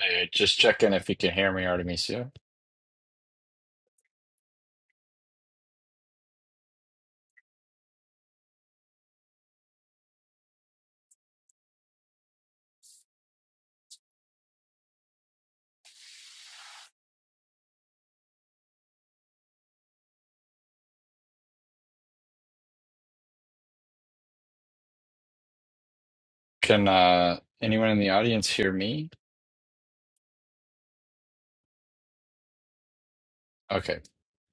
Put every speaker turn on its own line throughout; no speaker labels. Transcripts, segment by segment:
Hey, just checking if you can hear me, Artemisia. Can uh, anyone in the audience hear me? Okay,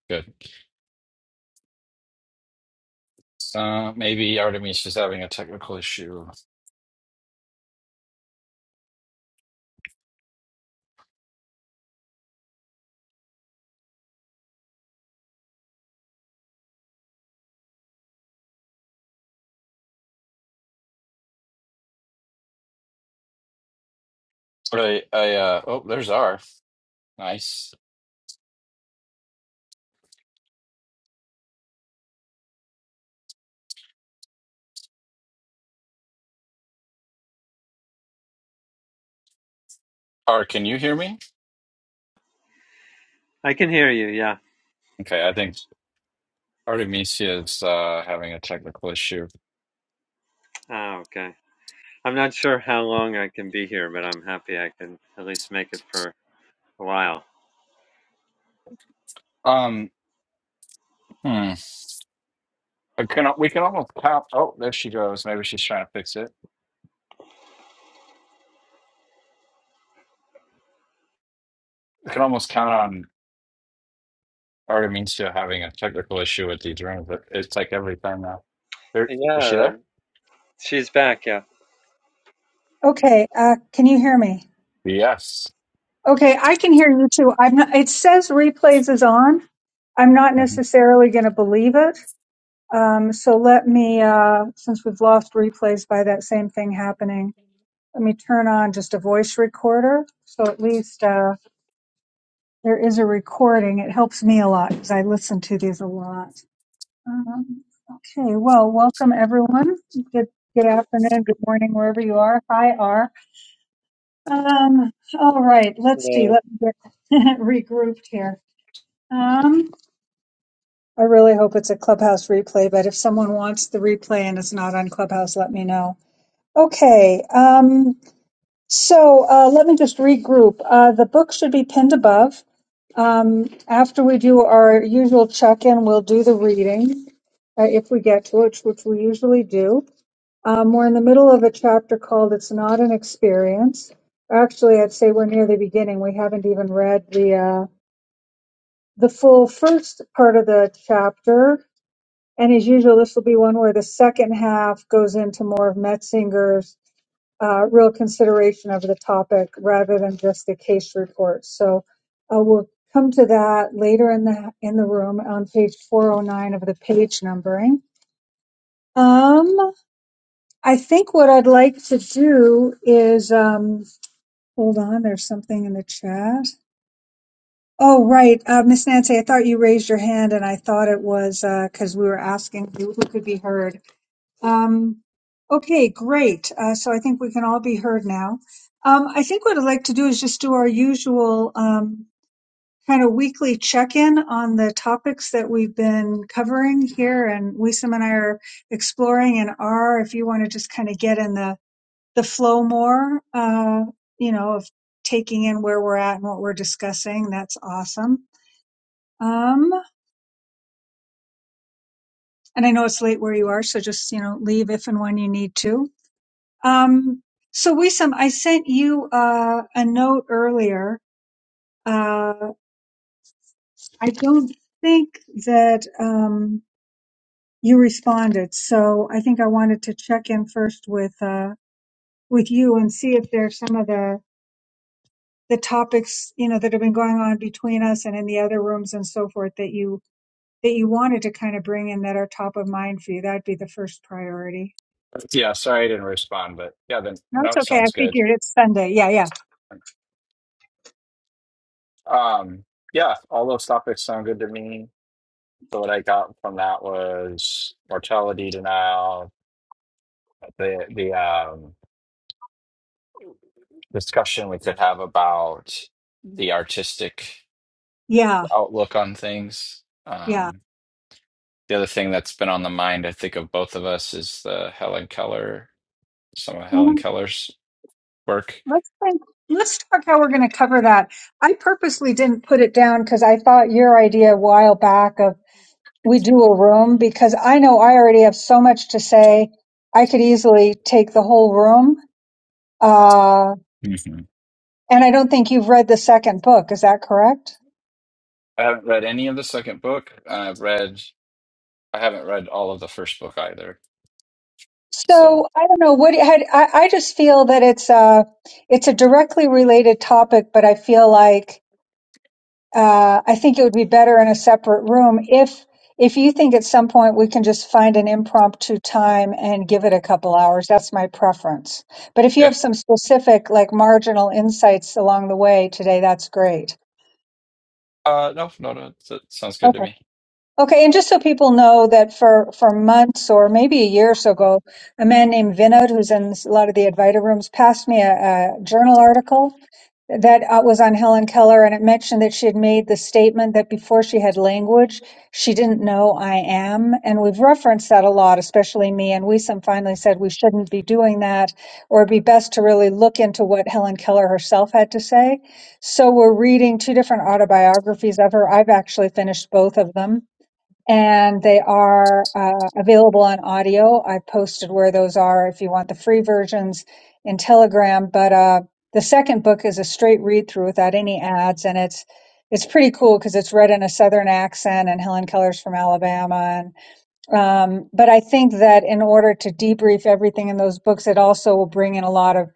good. Uh, maybe Artemisia's having a technical issue. I, I, uh, oh, there's R. Nice. R, can you hear me?
I can hear you, yeah.
Okay, I think Artemisia is uh, having a technical issue.
Ah, okay. I'm not sure how long I can be here, but I'm happy I can at least make it for a while.
Um, hmm. I can, we can almost count. Oh, there she goes. Maybe she's trying to fix it. We can almost count on Artemisia having a technical issue with these rooms. It- It's like every time now. There, is she
Yeah,
there?
she's back, yeah.
Okay, uh, can you hear me?
Yes.
Okay, I can hear you too. I'm not, it says replays is on. I'm not
Mhm.
necessarily going to believe it. Um, so let me, uh, since we've lost replays by that same thing happening, let me turn on just a voice recorder. So at least uh, there is a recording. It helps me a lot because I listen to these a lot. Um, okay, well, welcome everyone. Good, good afternoon, good morning, wherever you are. Hi, R. Um, all right, let's see.
Hello.
Let me get regrouped here. Um, I really hope it's a Clubhouse replay, but if someone wants the replay and it's not on Clubhouse, let me know. Okay, um, so uh, let me just regroup. Uh, the book should be pinned above. Um, after we do our usual check in, we'll do the reading uh, if we get to it, which we usually do. Um, we're in the middle of a chapter called It's Not an Experience. Actually, I'd say we're near the beginning. We haven't even read the, uh, the full first part of the chapter. And as usual, this will be one where the second half goes into more of Metzinger's uh, real consideration of the topic rather than just the case report. So uh, we'll come to that later in the in the room on page 409 of the page numbering. Um, I think what I'd like to do is um, hold on. There's something in the chat. Oh, right, uh, Miss Nancy. I thought you raised your hand, and I thought it was because we were asking who, who could be heard. Um, okay, great. Uh, so I think we can all be heard now. Um, I think what I'd like to do is just do our usual um, kind of weekly check-in on the topics that we've been covering here, and Wisam and I are exploring. And R, if you want to just kind of get in the the flow more, uh, you know, of taking in where we're at and what we're discussing. That's awesome. Um, and I know it's late where you are, so just, you know, leave if and when you need to. Um, so Wisam, I sent you, uh, a note earlier. Uh, I don't think that, um, you responded. So I think I wanted to check in first with, uh, with you and see if there's some of the the topics you know that have been going on between us and in the other rooms and so forth that you that you wanted to kind of bring in that are top of mind for you that'd be the first priority
Yeah, sorry I didn't respond, but yeah, then
no
no,
it's
it
okay i
sounds good.
figured it's sunday yeah yeah
Um, yeah, all those topics sound good to me. So what I got from that was mortality denial, the the um, discussion we could have about the artistic
yeah
outlook on things.
yeah
Um, the other thing that's been on the mind, I think, of both of us is the Helen Keller, some of
Mm-hmm.
Helen Keller's work.
Let's think. Let's talk how we're going to cover that. I purposely didn't put it down because I thought your idea a while back of we do a room because I know I already have so much to say. I could easily take the whole room. Uh,
Mhm.
and I don't think you've read the second book. Is that correct?
I haven't read any of the second book. I've read I haven't read all of the first book either.
So
So
I don't know what had, I, I just feel that it's a it's a directly related topic, but I feel like uh, I think it would be better in a separate room. If if you think at some point we can just find an impromptu time and give it a couple hours, that's my preference. But if you
yeah.
have some specific, like marginal insights along the way today, that's great.
Uh no, no, no. That sounds good to
Okay.
me.
Okay, and just so people know that for for months or maybe a year or so ago, a man named Vinod, who's in a lot of the Advaita rooms, passed me a, a journal article that uh, was on Helen Keller, and it mentioned that she had made the statement that before she had language, she didn't know I am. And we've referenced that a lot, especially me. And Wisam finally said we shouldn't be doing that, or it'd be best to really look into what Helen Keller herself had to say. So we're reading two different autobiographies of her. I've actually finished both of them and they are uh, available on audio. I posted where those are if you want the free versions in Telegram. But uh, the second book is a straight read through without any ads, and it's it's pretty cool because it's read in a Southern accent, and Helen Keller's from Alabama. And um, but I think that in order to debrief everything in those books, it also will bring in a lot of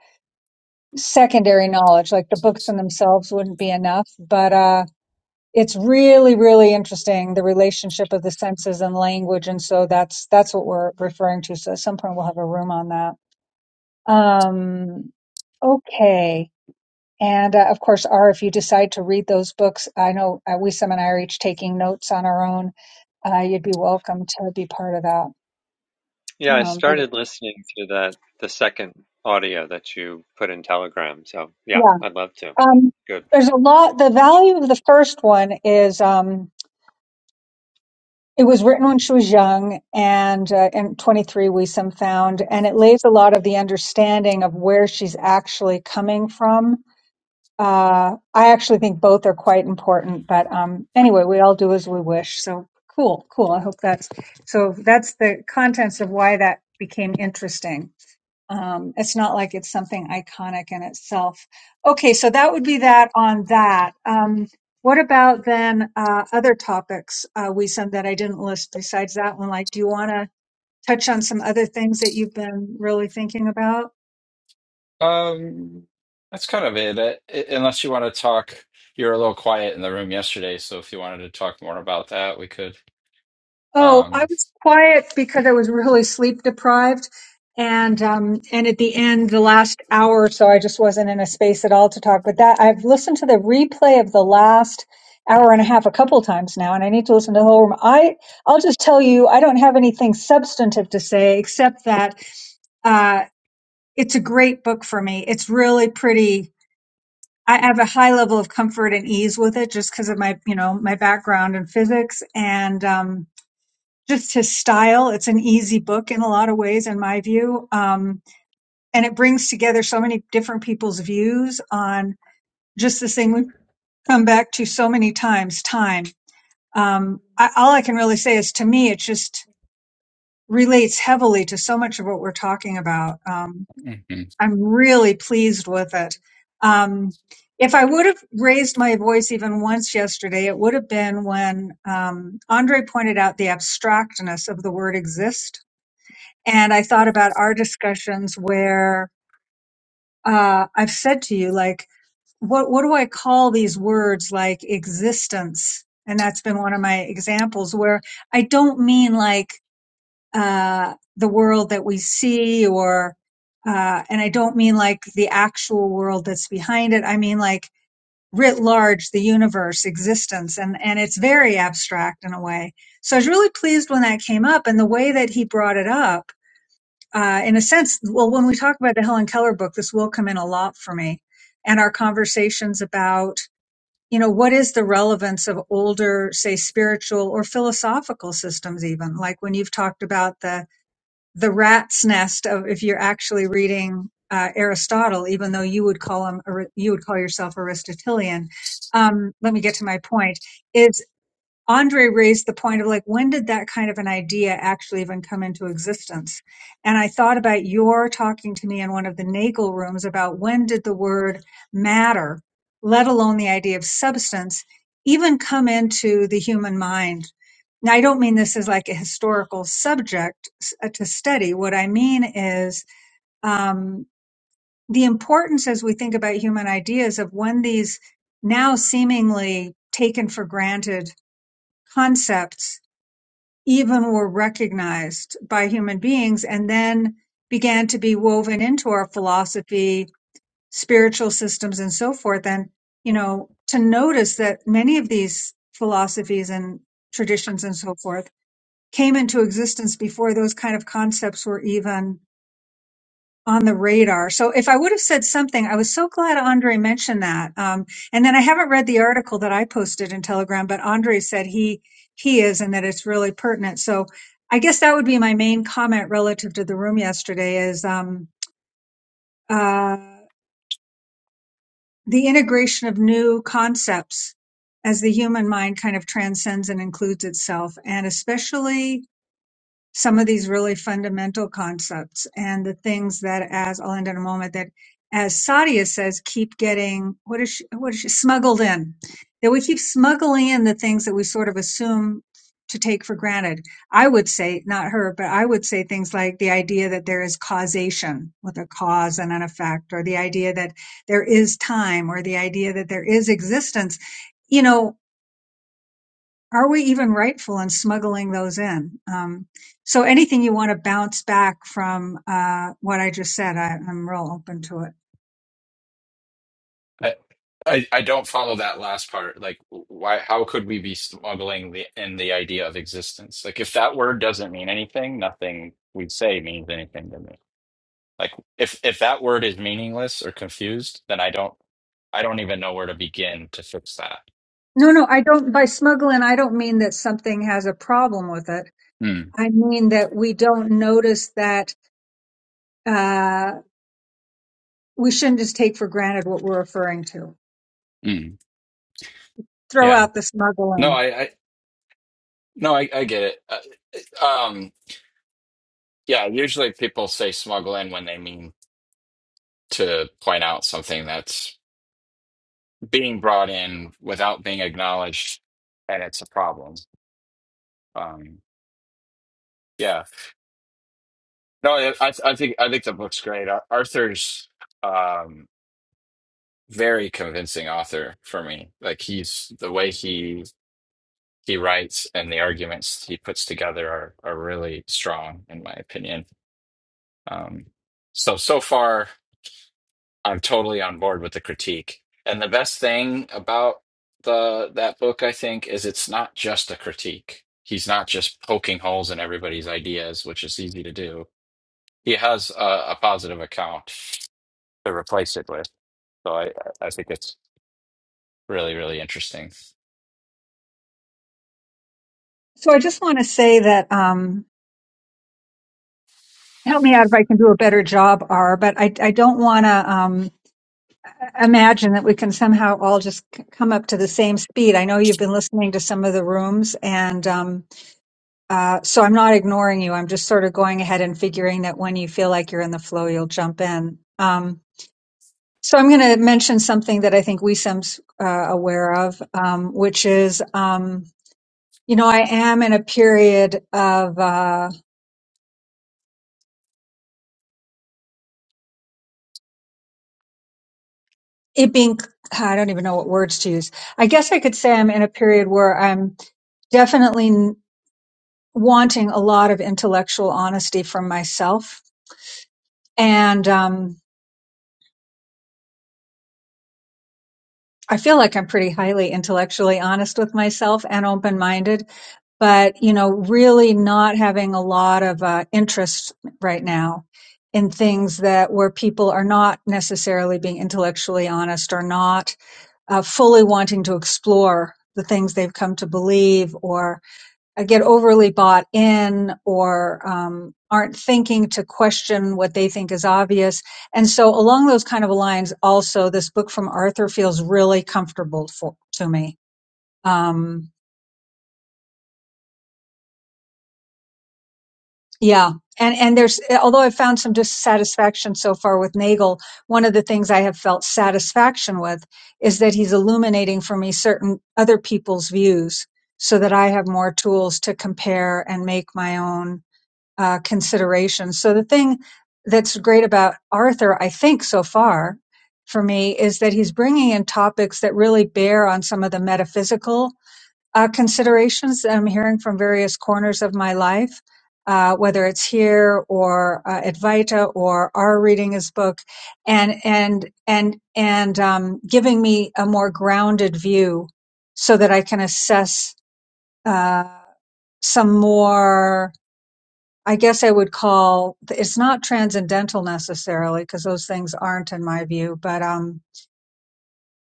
secondary knowledge. Like the books in themselves wouldn't be enough, but. Uh, it's really really interesting the relationship of the senses and language and so that's that's what we're referring to so at some point we'll have a room on that um okay and uh, of course r if you decide to read those books i know uh, we some and i are each taking notes on our own uh, you'd be welcome to be part of that
Yeah, I
um but
started listening to that the second audio that you put in Telegram, so yeah,
yeah
I'd love to.
um
Good.
there's a lot the value of the first one is um It was written when she was young, and uh, and 23 we some found, and it lays a lot of the understanding of where she's actually coming from uh, I actually think both are quite important, but um, anyway, we all do as we wish. So cool, cool. I hope that's so. That's the contents of why that became interesting. Um, it's not like it's something iconic in itself. Okay, so that would be that on that. Um, what about then uh, other topics uh, we send that I didn't list besides that one? Like, do you want to touch on some other things that you've been really thinking about?
Um that's kind of it. Uh, i- Unless you want to talk, you were a little quiet in the room yesterday, so if you wanted to talk more about that, we could.
Oh, I
Um
was quiet because I was really sleep deprived. And um and at the end, the last hour or so, I just wasn't in a space at all to talk. But that I've listened to the replay of the last hour and a half a couple times now, and I need to listen to the whole room. I I'll just tell you, I don't have anything substantive to say except that uh it's a great book for me. It's really pretty. I have a high level of comfort and ease with it just because of my, you know, my background in physics and um just his style. It's an easy book in a lot of ways, in my view. Um, and it brings together so many different people's views on just this thing we've come back to so many times time. Um, I, all I can really say is to me, it just relates heavily to so much of what we're talking about. Um,
mhm.
I'm really pleased with it. Um, if I would have raised my voice even once yesterday, it would have been when um, Andre pointed out the abstractness of the word exist And I thought about our discussions where uh, I've said to you, like, what what do I call these words like existence? And that's been one of my examples where I don't mean like uh, the world that we see or uh, and I don't mean like the actual world that's behind it. I mean like writ large, the universe, existence, and and it's very abstract in a way. So I was really pleased when that came up and the way that he brought it up uh, in a sense, well, when we talk about the Helen Keller book, this will come in a lot for me and our conversations about, you know, what is the relevance of older, say, spiritual or philosophical systems, even like when you've talked about the, the rat's nest of if you're actually reading uh, Aristotle, even though you would call him, Ari- you would call yourself Aristotelian. Um, let me get to my point Andre raised the point of like, when did that kind of an idea actually even come into existence? And I thought about your talking to me in one of the Nagel rooms about when did the word matter, let alone the idea of substance, even come into the human mind. Now, I don't mean this as like a historical subject s- uh, to study. What I mean is um, the importance as we think about human ideas of when these now seemingly taken for granted concepts even were recognized by human beings and then began to be woven into our philosophy, spiritual systems, and so forth. And, you know, to notice that many of these philosophies and traditions and so forth came into existence before those kind of concepts were even on the radar. So if I would have said something, I was so glad Andre mentioned that. Um, and then I haven't read the article that I posted in Telegram, but Andre said he he is and that it's really pertinent. So I guess that would be my main comment relative to the room yesterday is um, uh, the integration of new concepts as the human mind kind of transcends and includes itself, and especially some of these really fundamental concepts and the things that as I'll end in a moment that as Sadia says, keep getting what is she, what is she smuggled in that we keep smuggling in the things that we sort of assume to take for granted. I would say not her, but I would say things like the idea that there is causation with a cause and an effect or the idea that there is time or the idea that there is existence. You know, are we even rightful in smuggling those in? Um, so anything you want to bounce back from uh, what I just said, I, I'm real open to it.
I, I I don't follow that last part. Like why how could we be smuggling the in the idea of existence? Like if that word doesn't mean anything, nothing we say means anything to me. Like if if that word is meaningless or confused, then I don't I don't even know where to begin to fix that.
No, no, I don't. By smuggling, I don't mean that something has a problem with it.
Mm,
I mean that we don't notice that uh, we shouldn't just take for granted what we're referring to.
mm,
Throw
yeah.
out the
No,
smuggling.
I, I no, I, I get it. Uh, um, yeah, usually people say smuggle in when they mean to point out something that's being brought in without being acknowledged, and it's a problem. Um, yeah. No, I, I I think I think the book's great. Ar- Arthur's um, very convincing author for me. Like he's the way he he writes and the arguments he puts together are are really strong in my opinion. Um, so so far, I'm totally on board with the critique. And the best thing about the that book, I think, is it's not just a critique. He's not just poking holes in everybody's ideas, which is easy to do. He has a, a positive account to replace it with. So I I think it's really really interesting.
So I just want to say that um, help me out if I can do a better job, R. But I, I don't want to. um, imagine that we can somehow all just c- come up to the same speed. I know you've been listening to some of the rooms, and um, uh, so I'm not ignoring you. I'm just sort of going ahead and figuring that when you feel like you're in the flow, you'll jump in. Um, so I'm going to mention something that I think we some's uh, aware of, um, which is, um, you know, I am in a period of uh, it being. I don't even know what words to use. I guess I could say I'm in a period where I'm definitely wanting a lot of intellectual honesty from myself. And um, I feel like I'm pretty highly intellectually honest with myself and open minded, but, you know, really not having a lot of uh, interest right now in things that where people are not necessarily being intellectually honest or not uh, fully wanting to explore the things they've come to believe or. uh, get overly bought in or um, aren't thinking to question what they think is obvious. And so, along those kind of lines, also, this book from Arthur feels really comfortable for, to me. Um, yeah. And, and there's, although I've found some dissatisfaction so far with Nagel, one of the things I have felt satisfaction with is that he's illuminating for me certain other people's views so that I have more tools to compare and make my own uh, consideration. So the thing that's great about Arthur, I think so far for me, is that he's bringing in topics that really bear on some of the metaphysical uh, considerations that I'm hearing from various corners of my life. Uh, whether it's here or uh, at or our reading his book, and and and and um, giving me a more grounded view, so that I can assess uh, some more I guess I would call it's not transcendental necessarily because those things aren't in my view, but um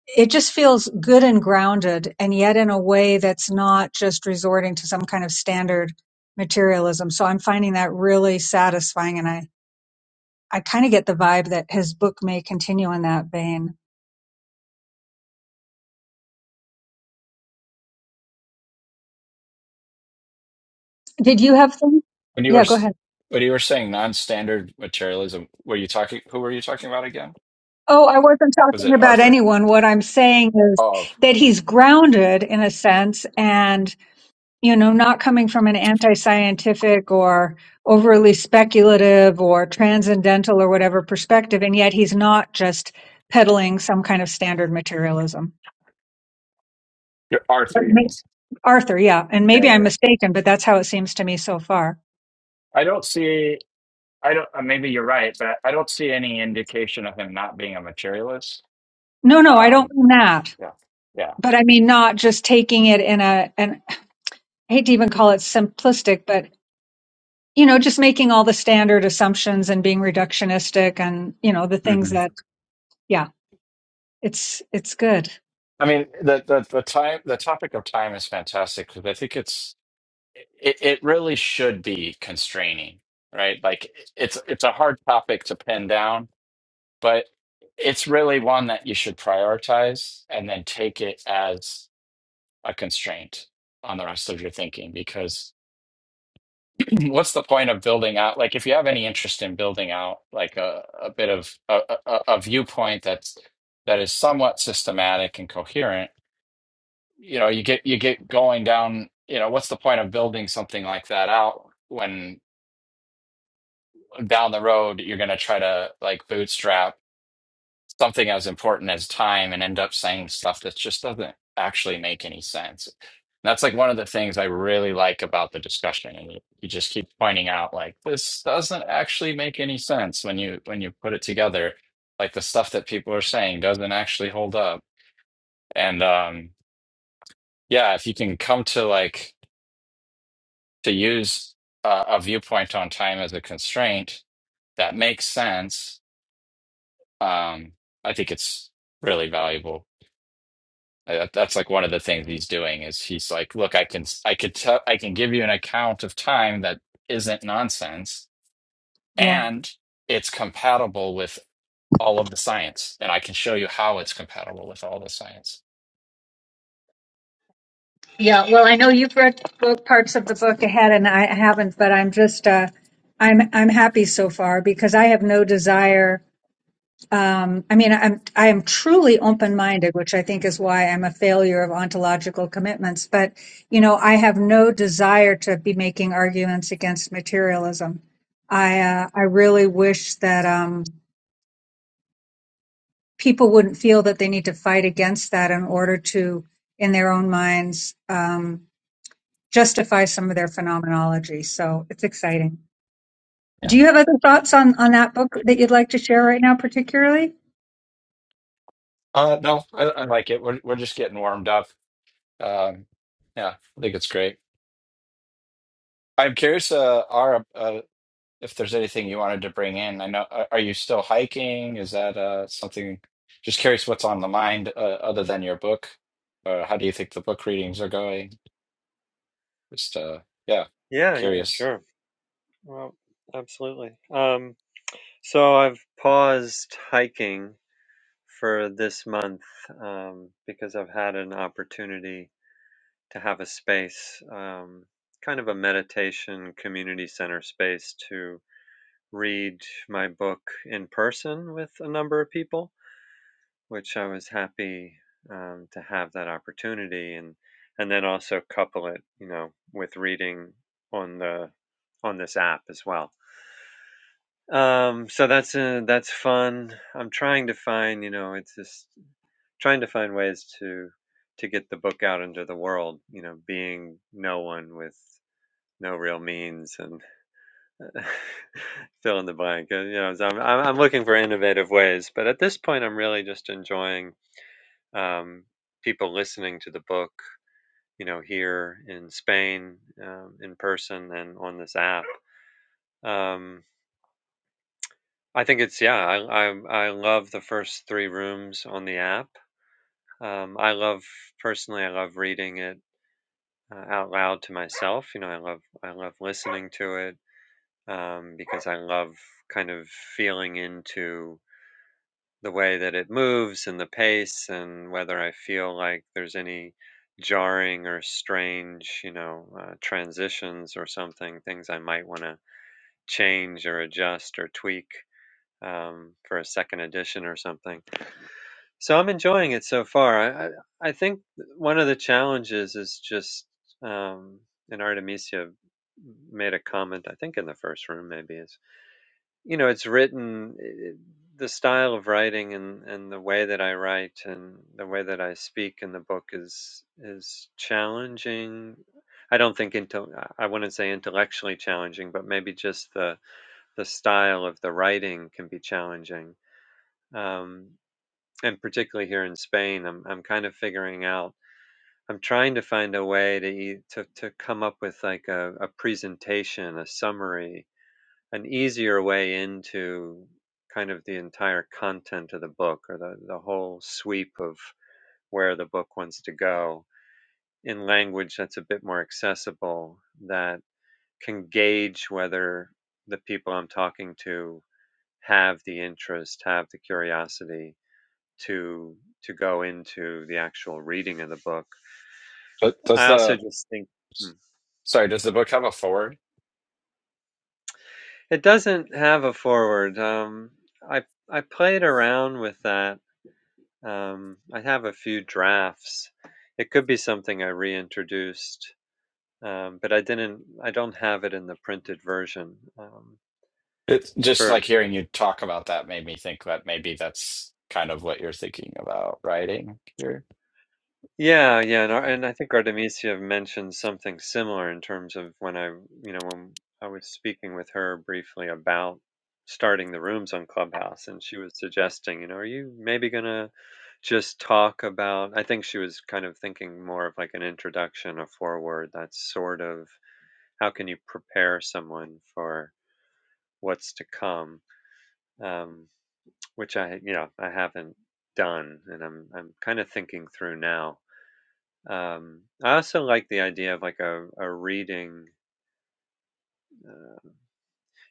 it just feels good and grounded and yet in a way that's not just resorting to some kind of standard materialism. So I'm finding that really satisfying and I I kind of get the vibe that his book may continue in that vein. Did you have things?
When you were
Yeah, go
s-
ahead.
when you were saying non-standard materialism, were you talking? Who were you talking about again?
Oh, I wasn't
Was
talking
it
about
Arthur?
anyone. What I'm saying is
Oh,
that he's grounded in a sense and. you know, not coming from an anti-scientific or overly speculative or transcendental or whatever perspective, and yet he's not just peddling some kind of standard materialism.
you're
But
Arthur, you
ma-
mean?
Arthur, yeah, and
Yeah,
maybe
yeah,
I'm
yeah.
mistaken, but that's how it seems to me so far.
I don't see, I don't, uh, maybe you're right, but I don't see any indication of him not being a materialist.
No, no, I don't
Um,
mean that,
yeah, yeah.
but I mean not just taking it in a, and I hate to even call it simplistic, but you know, just making all the standard assumptions and being reductionistic and you know the things
hmm
that, yeah, it's it's good.
I mean, the, the the time the topic of time is fantastic because I think it's it, it really should be constraining, right? Like it's it's a hard topic to pin down. but it's really one that you should prioritize and then take it as a constraint on the rest of your thinking because what's the point of building out like if you have any interest in building out like a, a bit of a, a, a viewpoint that's that is somewhat systematic and coherent you know you get you get going down you know what's the point of building something like that out when down the road you're going to try to like bootstrap something as important as time and end up saying stuff that just doesn't actually make any sense. That's like one of the things I really like about the discussion. And you you just keep pointing out like this doesn't actually make any sense when you when you put it together. Like the stuff that people are saying doesn't actually hold up. And um yeah, if you can come to like to use uh, a viewpoint on time as a constraint that makes sense, um I think it's really valuable. Uh, that- That's like one of the things he's doing is he's like, look, I can I could tell I can give you an account of time that isn't nonsense
Yeah.
and it's compatible with all of the science, and I can show you how it's compatible with all the science.
Yeah, well, I know you've read both parts of the book ahead and I haven't, but I'm just uh I'm I'm happy so far because I have no desire um I mean I'm I am truly open-minded, which I think is why I'm a failure of ontological commitments, but you know, I have no desire to be making arguments against materialism. I uh, I really wish that um people wouldn't feel that they need to fight against that in order to in their own minds Um, justify some of their phenomenology. So it's exciting. Do
Yeah.
you have other thoughts on, on that book that you'd like to share right now, particularly?
Uh, no, I, I like it. We're we're just getting warmed up. Um, yeah, I think it's great. I'm curious, uh, our uh. if there's anything you wanted to bring in. I know, are are you still hiking? Is that uh, something? Just curious what's on the mind uh, other than your book. Uh, how do you think the book readings are going? Just uh, yeah,
Yeah, yeah,
curious.
sure. Well, absolutely. Um, so I've paused hiking for this month um, because I've had an opportunity. to have a space, um, kind of a meditation community center space to read my book in person with a number of people, which I was happy um, to have that opportunity and and then also couple it, you know, with reading on the on this app as well. Um, so that's uh that's fun. I'm trying to find, you know, it's just trying to find ways to to get the book out into the world, you know, being no one with no real means and fill in the blank. you know, so I'm, I'm I'm looking for innovative ways, but at this point, I'm really just enjoying um, people listening to the book. You know, here in Spain, um, in person, and on this app. Um, I think it's yeah. I, I I love the first three rooms on the app. Um, I love personally. I love reading it uh, out loud to myself. You know, I love I love listening to it. um, because I love kind of feeling into the way that it moves and the pace and whether I feel like there's any jarring or strange, you know, uh, transitions or something, things I might want to change or adjust or tweak um, for a second edition or something. So I'm enjoying it so far. I, I, I think one of the challenges is just, um, and Artemisia made a comment, I think in the first room maybe, is you know it's written i- the style of writing and and the way that I write and the way that I speak in the book is is challenging. I don't think into I I wouldn't say intellectually challenging, but maybe just the the style of the writing can be challenging. Um, and particularly here in Spain, I'm I'm kind of figuring out. I'm trying to find a way to e- to to come up with like a, a presentation, a summary, an easier way into kind of the entire content of the book or the, the whole sweep of where the book wants to go in language that's a bit more accessible that can gauge whether the people I'm talking to have the interest, have the curiosity to to go into the actual reading of the book.
But does
I also
the
just think hmm.
sorry, does the book have a forward?
it doesn't have a forward. Um, I I played around with that Um, I have a few drafts. It could be something I reintroduced, um, but I didn't. I don't have it in the printed version. Um,
It's just like
for
hearing
for-
you talk about that made me think that maybe that's kind of what you're thinking about writing here.
yeah, yeah, and, Ar-
Yeah.
and I think Artemisia mentioned something similar in terms of when I, you know, when I was speaking with her briefly about starting the rooms on Clubhouse, and she was suggesting, you know, are you maybe gonna just talk about? I think she was kind of thinking more of like an introduction, a foreword, that sort of how can you prepare someone for what's to come um, which i you know i haven't done and i'm i'm kind of thinking through now um, i also like the idea of like a, a reading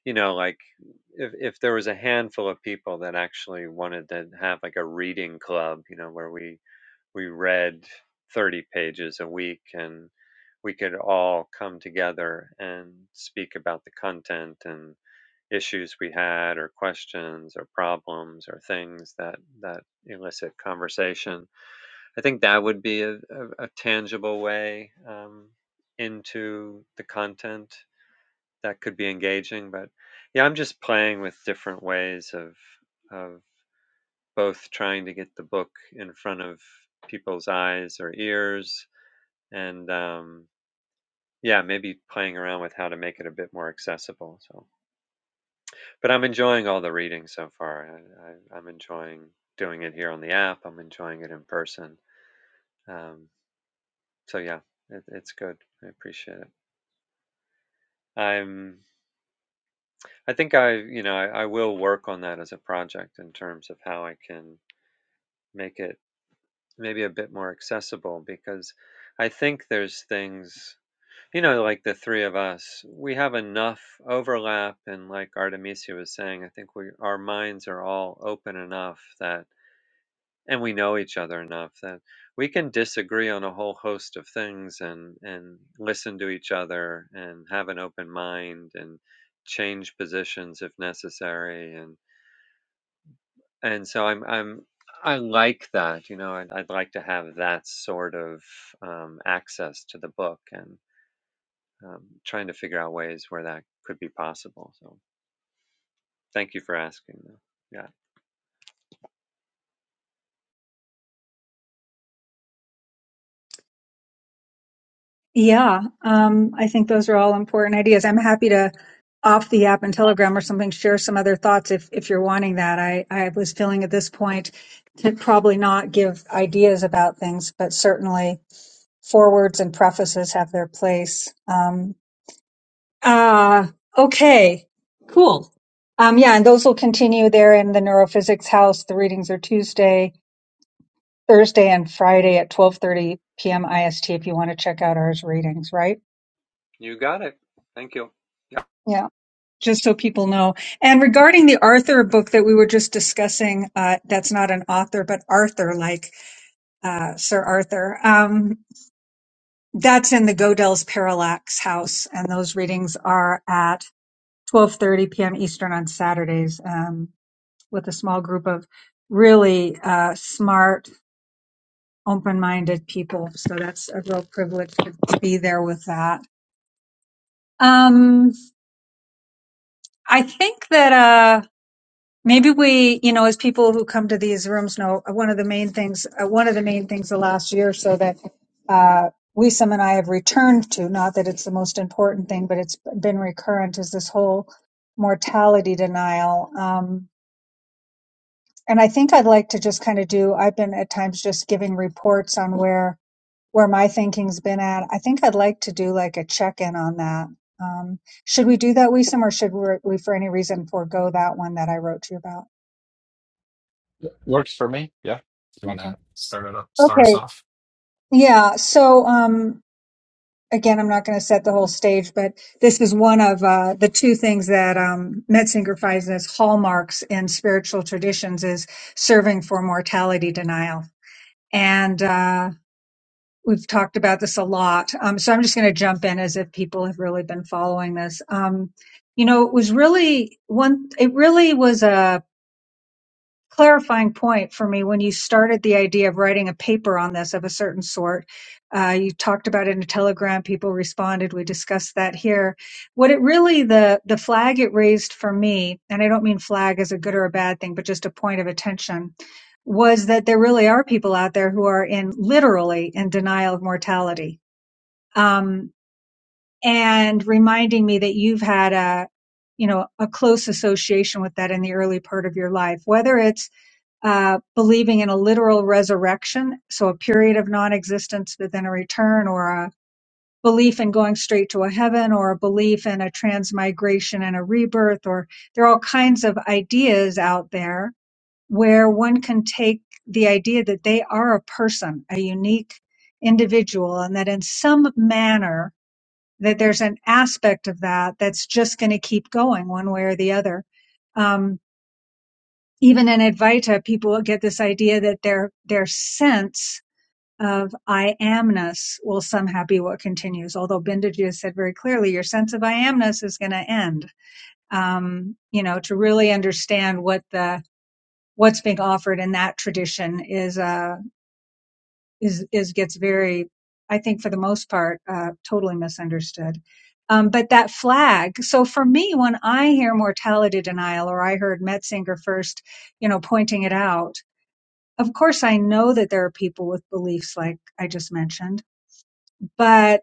you know like if, if there was a handful of people that actually wanted to have like a reading club you know where we we read 30 pages a week and we could all come together and speak about the content and issues we had or questions or problems or things that that elicit conversation i think that would be a, a, a tangible way um, into the content that could be engaging but yeah i'm just playing with different ways of of both trying to get the book in front of people's eyes or ears and um, yeah maybe playing around with how to make it a bit more accessible so But I'm enjoying all the reading so far. I, I, I'm enjoying doing it here on the app. I'm enjoying it in person. Um, so yeah, it, it's good. I appreciate it. I'm. I think I, you know, I, I will work on that as a project in terms of how I can make it maybe a bit more accessible because I think there's things, you know, like the three of us, we have enough overlap, and like Artemisia was saying, I think we our minds are all open enough that and we know each other enough that we can disagree on a whole host of things and and listen to each other and have an open mind and change positions if necessary and and so i'm i'm I like that, you know, I'd, I'd like to have that sort of um, access to the book and um, trying to figure out ways where that could be possible. So thank you for asking. though. Yeah,
Yeah, um, I think those are all important ideas. I'm happy to off the app and Telegram or something, share some other thoughts if if you're wanting that. I I was feeling at this point to probably not give ideas about things, but certainly forwards and prefaces have their place. Um, ah, okay, cool. Um, yeah, and those will continue there in the neurophysics house. The readings are Tuesday, Thursday, and Friday at 12:30 p.m. IST if you want to check out ours readings, right?
you got it. Thank you. Yeah.
Yeah. just so people know. And regarding the Arthur book that we were just discussing, uh, that's not an author, but Arthur, like uh, Sir Arthur. Um, that's in the Godel's Parallax House, and those readings are at 12:30 p.m. Eastern on Saturdays, um, with a small group of really uh, smart, open-minded people. So that's a real privilege to, to be there with that. Um, I think that. uh, Maybe we, you know, as people who come to these rooms know, uh, one of the main things, uh, one of the main things the last year, or so that uh, Wisam and I have returned to, not that it's the most important thing, but it's been recurrent, is this whole mortality denial. Um, and I think I'd like to just kind of do, I've been at times just giving reports on where where my thinking's been at. I think I'd like to do like a check in on that. Um, should we do that, Wisam, or should we, we for any reason forego that one that I wrote to you about?
Works for me. Yeah. You want
Okay.
to start it up? Start
Okay.
us off.
Yeah. So, um, again, I'm not going to set the whole stage, but this is one of uh, the two things that um, Metzinger finds as hallmarks in spiritual traditions is serving for mortality denial. And uh, we've talked about this a lot. Um, so I'm just going to jump in as if people have really been following this. Um, you know, it was really one, it really was clarifying point for me when you started the idea of writing a paper on this of a certain sort. Uh, you talked about it in a telegram. People responded. We discussed that here. What it really the the flag it raised for me, and I don't mean flag as a good or a bad thing, but just a point of attention, was that there really are people out there who are in literally in denial of mortality. Um, and reminding me that you've had a you know a close association with that in the early part of your life, whether it's uh, believing in a literal resurrection, so a period of non-existence, but then a return, or a belief in going straight to a heaven, or a belief in a transmigration and a rebirth, or there are all kinds of ideas out there where one can take the idea that they are a person, a unique individual, and that in some manner that there's an aspect of that that's just going to keep going one way or the other. Um, even in Advaita, people get this idea that their their sense of I amness will somehow be what continues. Although Bindaji said very clearly, your sense of I amness is going to end. Um, you know, to really understand what the what's being offered in that tradition is uh, is is gets very, I think, for the most part, uh, totally misunderstood. Um, but that flag. So for me, when I hear mortality denial, or I heard Metzinger first, you know, pointing it out of course I know that there are people with beliefs like I just mentioned, but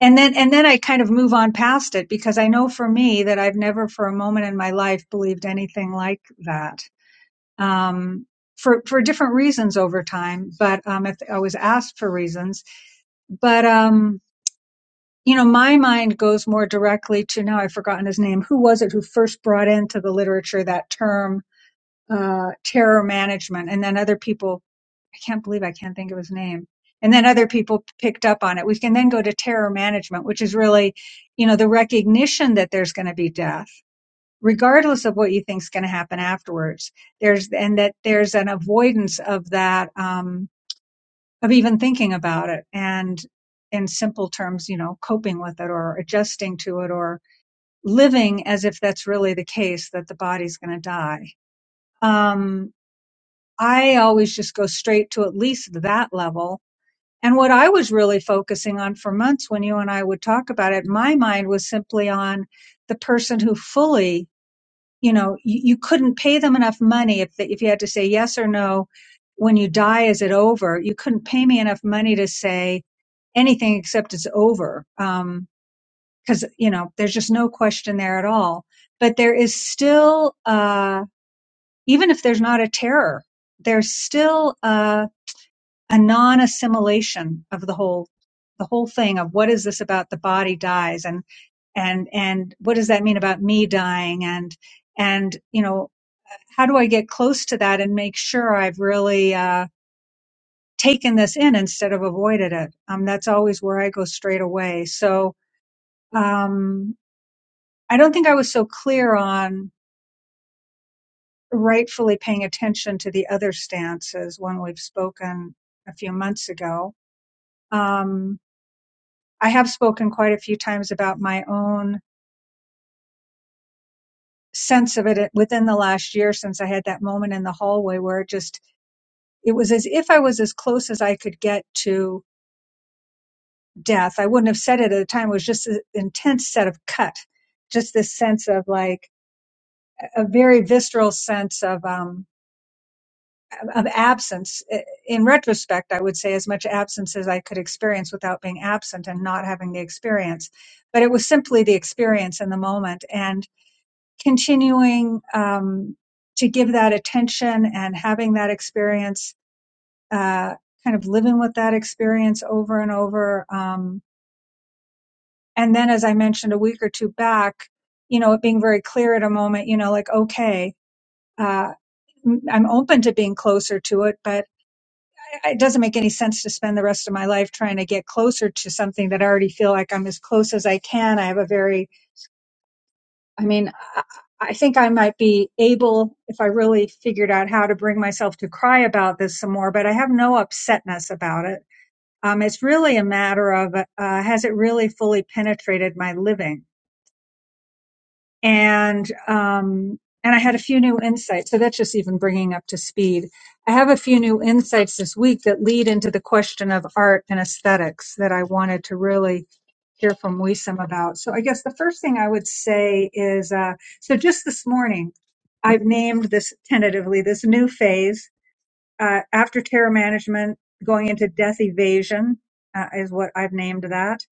and then and then I kind of move on past it because I know for me that I've never for a moment in my life believed anything like that. Um for, for different reasons over time, but um, if I was asked for reasons, but um, you know, my mind goes more directly to now I've forgotten his name. Who was it who first brought into the literature that term uh, terror management. And then other people, I can't believe I can't think of his name. And then other people picked up on it. We can then go to terror management, which is really, you know, the recognition that there's going to be death, regardless of what you think is going to happen afterwards. There's, and that there's an avoidance of that, um, of even thinking about it and in simple terms, you know, coping with it or adjusting to it or living as if that's really the case that the body's going to die. Um, I always just go straight to at least that level. And what I was really focusing on for months when you and I would talk about it, my mind was simply on the person who fully, you know, you, you couldn't pay them enough money if, they, if you had to say yes or no. When you die, is it over? You couldn't pay me enough money to say anything except it's over. Um, cause, you know, there's just no question there at all. But there is still, uh, even if there's not a terror, there's still, uh, a non-assimilation of the whole the whole thing of what is this about the body dies and and and what does that mean about me dying and and you know how do i get close to that and make sure i've really uh taken this in instead of avoided it um that's always where i go straight away so um i don't think i was so clear on rightfully paying attention to the other stances when we've spoken a few months ago Um, I have spoken quite a few times about my own sense of it within the last year since I had that moment in the hallway where it just, it was as if I was as close as I could get to death. I wouldn't have said it at the time. It was just an intense set of cut, just this sense of like a very visceral sense of, um, of absence. In retrospect, I would say as much absence as I could experience without being absent and not having the experience. But it was simply the experience in the moment. And continuing um, to give that attention and having that experience, uh, kind of living with that experience over and over. Um, and then, as I mentioned a week or two back, you know, it being very clear at a moment, you know, like, okay, uh, m- I'm open to being closer to it, but it doesn't make any sense to spend the rest of my life trying to get closer to something that I already feel like I'm as close as I can. I have a very I mean, I I think I might be able, if I really figured out how to bring myself to cry about this some more, but I have no upsetness about it. Um, it's really a matter of, uh, has it really fully penetrated my living? And, um, and I had a few new insights. So that's just even bringing up to speed. I have a few new insights this week that lead into the question of art and aesthetics that I wanted to really hear from Wisam about. So I guess the first thing I would say is, uh, so just this morning, I've named this tentatively, this new phase, uh, after terror management, going into death evasion, uh, is what I've named that.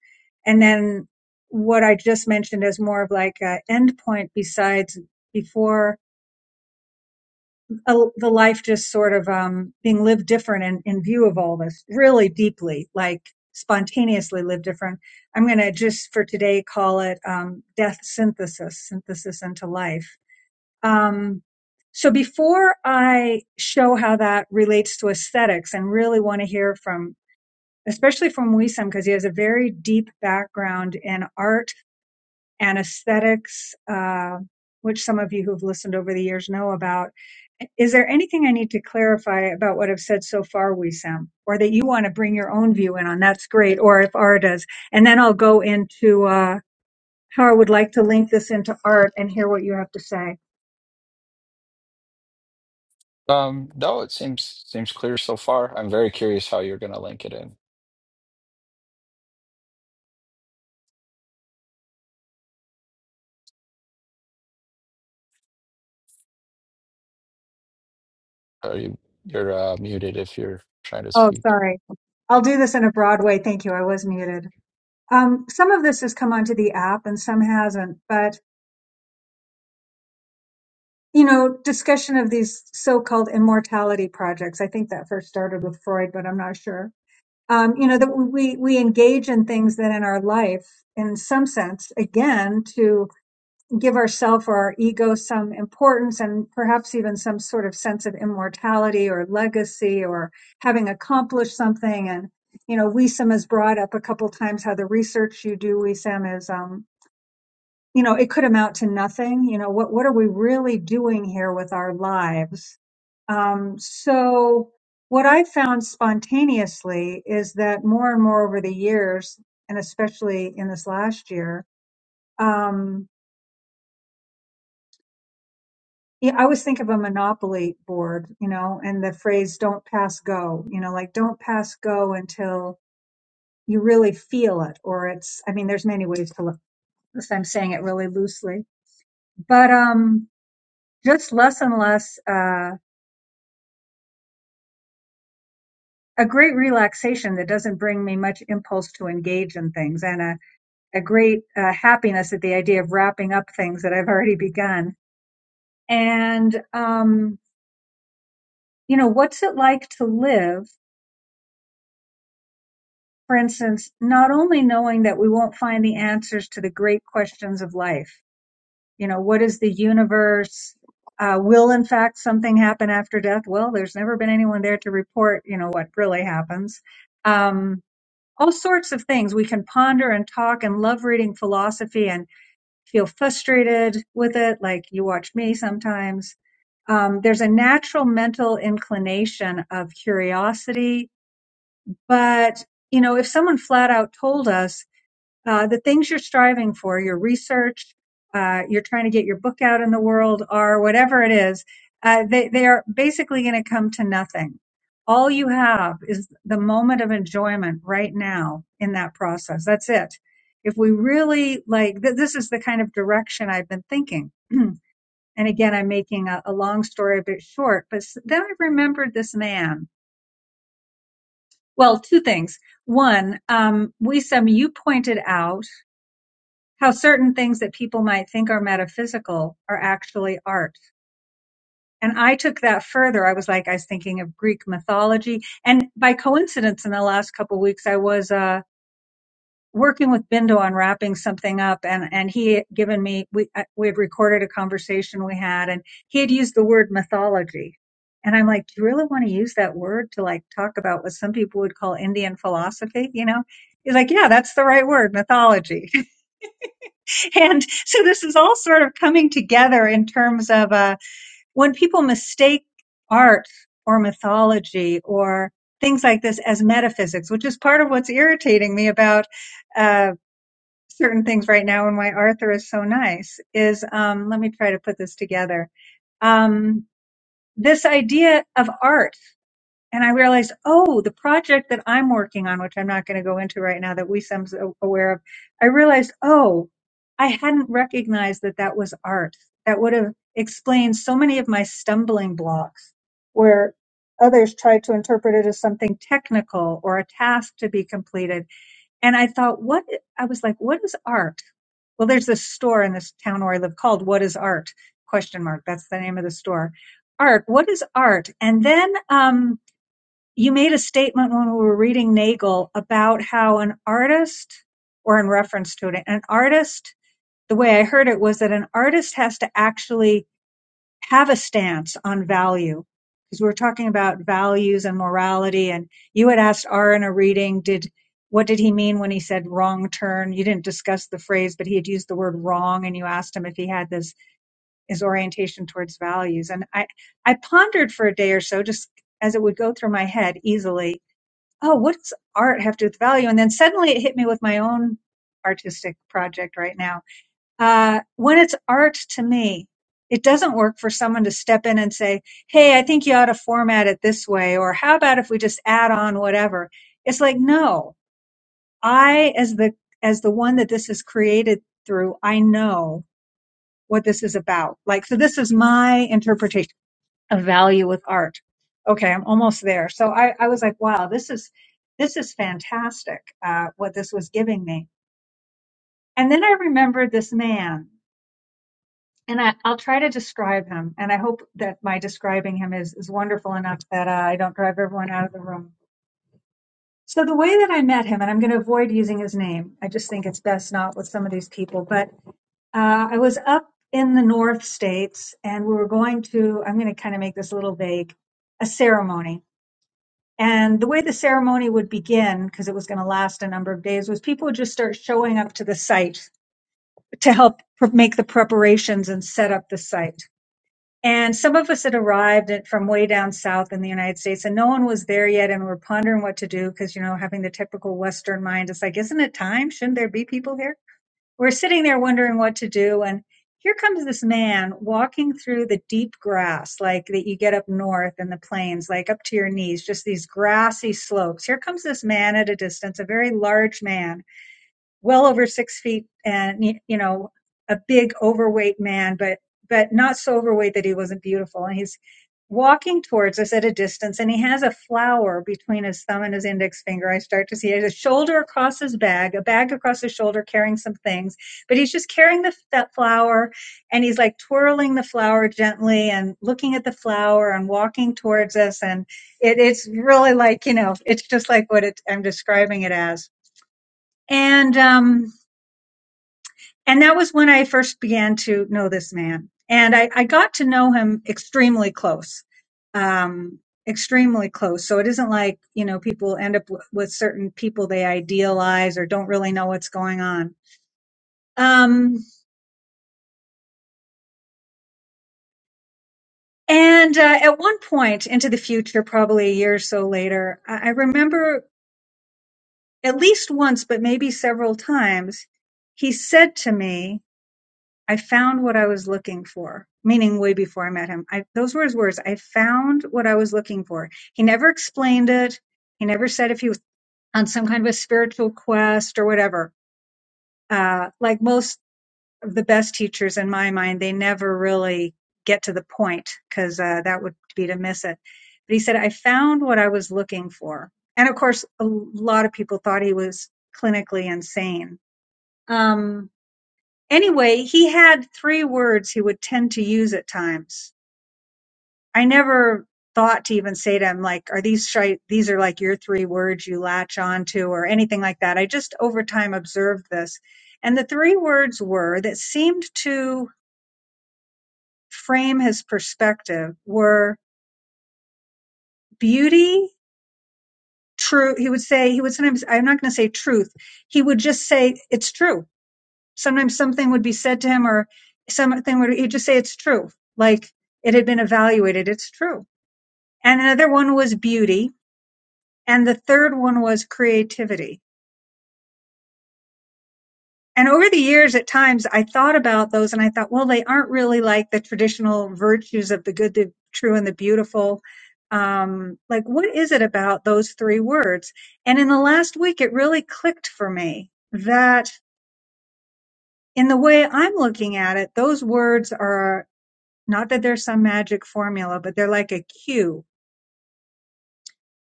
And then what I just mentioned as more of like an endpoint besides before a, the life just sort of um, being lived different in, in view of all this really deeply like spontaneously lived different i'm going to just for today call it um, death synthesis synthesis into life um, so before i show how that relates to aesthetics and really want to hear from especially from wisam because he has a very deep background in art anesthetics, uh, which some of you who've listened over the years know about. Is there anything I need to clarify about what I've said so far, Wissam, or that you want to bring your own view in on? That's great. Or if Ara does, and then I'll go into uh, how I would like to link this into art and hear what you have to say.
Um, no, it seems seems clear so far. I'm very curious how you're gonna link it in. Are you you're uh, muted if you're trying to
Oh,
speak?
sorry. I'll do this in a broad way. Thank you. I was muted. Um, some of this has come onto the app and some hasn't, but you know, discussion of these so-called immortality projects. I think that first started with Freud, but I'm not sure. Um, you know, that we, we engage in things that in our life, in some sense, again, to give ourselves or our ego some importance and perhaps even some sort of sense of immortality or legacy or having accomplished something. And, you know, WISM has brought up a couple times how the research you do, WISM, is, um, you know, it could amount to nothing. You know, what what are we really doing here with our lives? Um, so, what I found spontaneously is that more and more over the years, and especially in this last year, um, yeah, I always think of a monopoly board, you know, and the phrase "don't pass go," you know, like don't pass go until you really feel it, or it's. I mean, there's many ways to look. I'm saying it really loosely, but um, just less and less. Uh, a great relaxation that doesn't bring me much impulse to engage in things and a, a great uh, happiness at the idea of wrapping up things that I've already begun. And, um, you know, what's it like to live, for instance, not only knowing that we won't find the answers to the great questions of life, you know, what is the universe? Uh, will in fact something happen after death? Well, there's never been anyone there to report, you know, what really happens. Um, all sorts of things. We can ponder and talk and love reading philosophy and feel frustrated with it, like you watch me sometimes. Um, there's a natural mental inclination of curiosity, but you know, if someone flat out told us uh, the things you're striving for, your research, uh, you're trying to get your book out in the world, or whatever it is, uh, they, they are basically going to come to nothing. All you have is the moment of enjoyment right now in that process. That's it. If we really like, th- this is the kind of direction I've been thinking. and again, I'm making a, a long story a bit short, but s- then I remembered this man. Well, two things. One, um, Wisam, you pointed out how certain things that people might think are metaphysical are actually art. And I took that further. I was like, I was thinking of Greek mythology. And by coincidence, in the last couple of weeks, I was, uh, working with Bindo on wrapping something up and, and he had given me, we, I- we had recorded a conversation we had and he had used the word mythology. And I'm like, do you really want to use that word to like talk about what some people would call Indian philosophy? You know, he's like, yeah, that's the right word, mythology. And so this is all sort of coming together in terms of uh, when people mistake art or mythology or things like this as metaphysics, which is part of what's irritating me about uh, certain things right now and why Arthur is so nice is um, let me try to put this together. Um, this idea of art and I realized, oh, the project that I'm working on, which I'm not going to go into right now, that WeSem's a- aware of, I realized, oh, I hadn't recognized that that was art. That would have explained so many of my stumbling blocks, where others tried to interpret it as something technical or a task to be completed. And I thought, what? I was like, what is art? Well, there's this store in this town where I live called "What Is Art?" Question mark. That's the name of the store. Art. What is art? And then. Um, you made a statement when we were reading Nagel about how an artist, or in reference to it, an artist, the way I heard it was that an artist has to actually have a stance on value. Because we were talking about values and morality, and you had asked R in a reading, did what did he mean when he said wrong turn? You didn't discuss the phrase, but he had used the word wrong, and you asked him if he had this his orientation towards values. And I I pondered for a day or so, just as it would go through my head easily, oh, what does art have to do with value? And then suddenly it hit me with my own artistic project right now. Uh, when it's art to me, it doesn't work for someone to step in and say, Hey, I think you ought to format it this way. Or how about if we just add on whatever? It's like, no, I, as the, as the one that this is created through, I know what this is about. Like, so this is my interpretation of value with art. Okay, I'm almost there. So I, I was like, wow, this is this is fantastic. Uh, what this was giving me, and then I remembered this man, and I, I'll try to describe him, and I hope that my describing him is is wonderful enough that uh, I don't drive everyone out of the room. So the way that I met him, and I'm going to avoid using his name. I just think it's best not with some of these people. But uh, I was up in the North States, and we were going to. I'm going to kind of make this a little vague. A ceremony And the way the ceremony would begin, because it was going to last a number of days, was people would just start showing up to the site to help pr- make the preparations and set up the site. And some of us had arrived at- from way down south in the United States, and no one was there yet, and we were pondering what to do because, you know, having the typical Western mind, it's like, isn't it time? Shouldn't there be people here? We're sitting there wondering what to do. And here comes this man walking through the deep grass, like that you get up north in the plains, like up to your knees, just these grassy slopes. Here comes this man at a distance, a very large man well over six feet and you know a big overweight man but but not so overweight that he wasn't beautiful and he's walking towards us at a distance and he has a flower between his thumb and his index finger i start to see it a shoulder across his bag a bag across his shoulder carrying some things but he's just carrying the, that flower and he's like twirling the flower gently and looking at the flower and walking towards us and it, it's really like you know it's just like what it, i'm describing it as and um and that was when I first began to know this man. And I, I got to know him extremely close, um, extremely close. So it isn't like, you know, people end up w- with certain people they idealize or don't really know what's going on. Um, and uh, at one point into the future, probably a year or so later, I, I remember at least once, but maybe several times, he said to me, I found what I was looking for, meaning way before I met him. I, those were his words. I found what I was looking for. He never explained it. He never said if he was on some kind of a spiritual quest or whatever. Uh, like most of the best teachers in my mind, they never really get to the point because uh, that would be to miss it. But he said, I found what I was looking for. And of course, a lot of people thought he was clinically insane. Um, Anyway, he had three words he would tend to use at times. I never thought to even say to him like, "Are these shi these are like your three words you latch on to or anything like that." I just over time observed this, and the three words were that seemed to frame his perspective were beauty, true. He would say he would sometimes I'm not going to say truth. He would just say it's true sometimes something would be said to him or something would he'd just say it's true like it had been evaluated it's true and another one was beauty and the third one was creativity and over the years at times i thought about those and i thought well they aren't really like the traditional virtues of the good the true and the beautiful um like what is it about those three words and in the last week it really clicked for me that in the way i'm looking at it those words are Not that there's some magic formula, but they're like a cue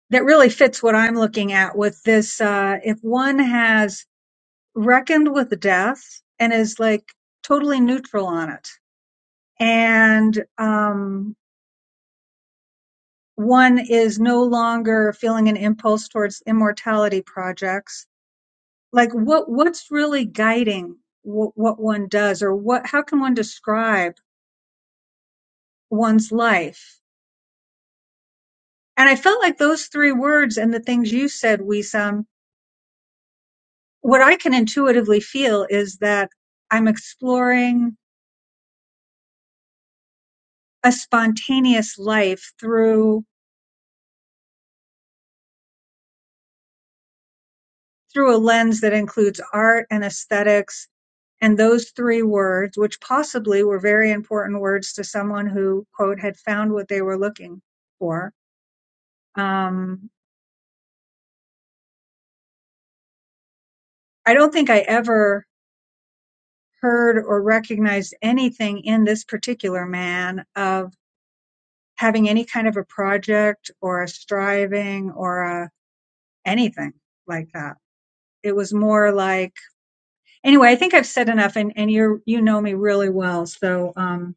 that really fits what I'm looking at with this. Uh, if one has reckoned with death and is like totally neutral on it, and um, one is no longer feeling an impulse towards immortality projects, like what what's really guiding what, what one does, or what how can one describe one's life? And I felt like those three words and the things you said, Wisam, what I can intuitively feel is that I'm exploring a spontaneous life through through a lens that includes art and aesthetics and those three words, which possibly were very important words to someone who quote had found what they were looking for. Um, I don't think I ever heard or recognized anything in this particular man of having any kind of a project or a striving or a anything like that. it was more like anyway i think i've said enough and, and you you know me really well so um,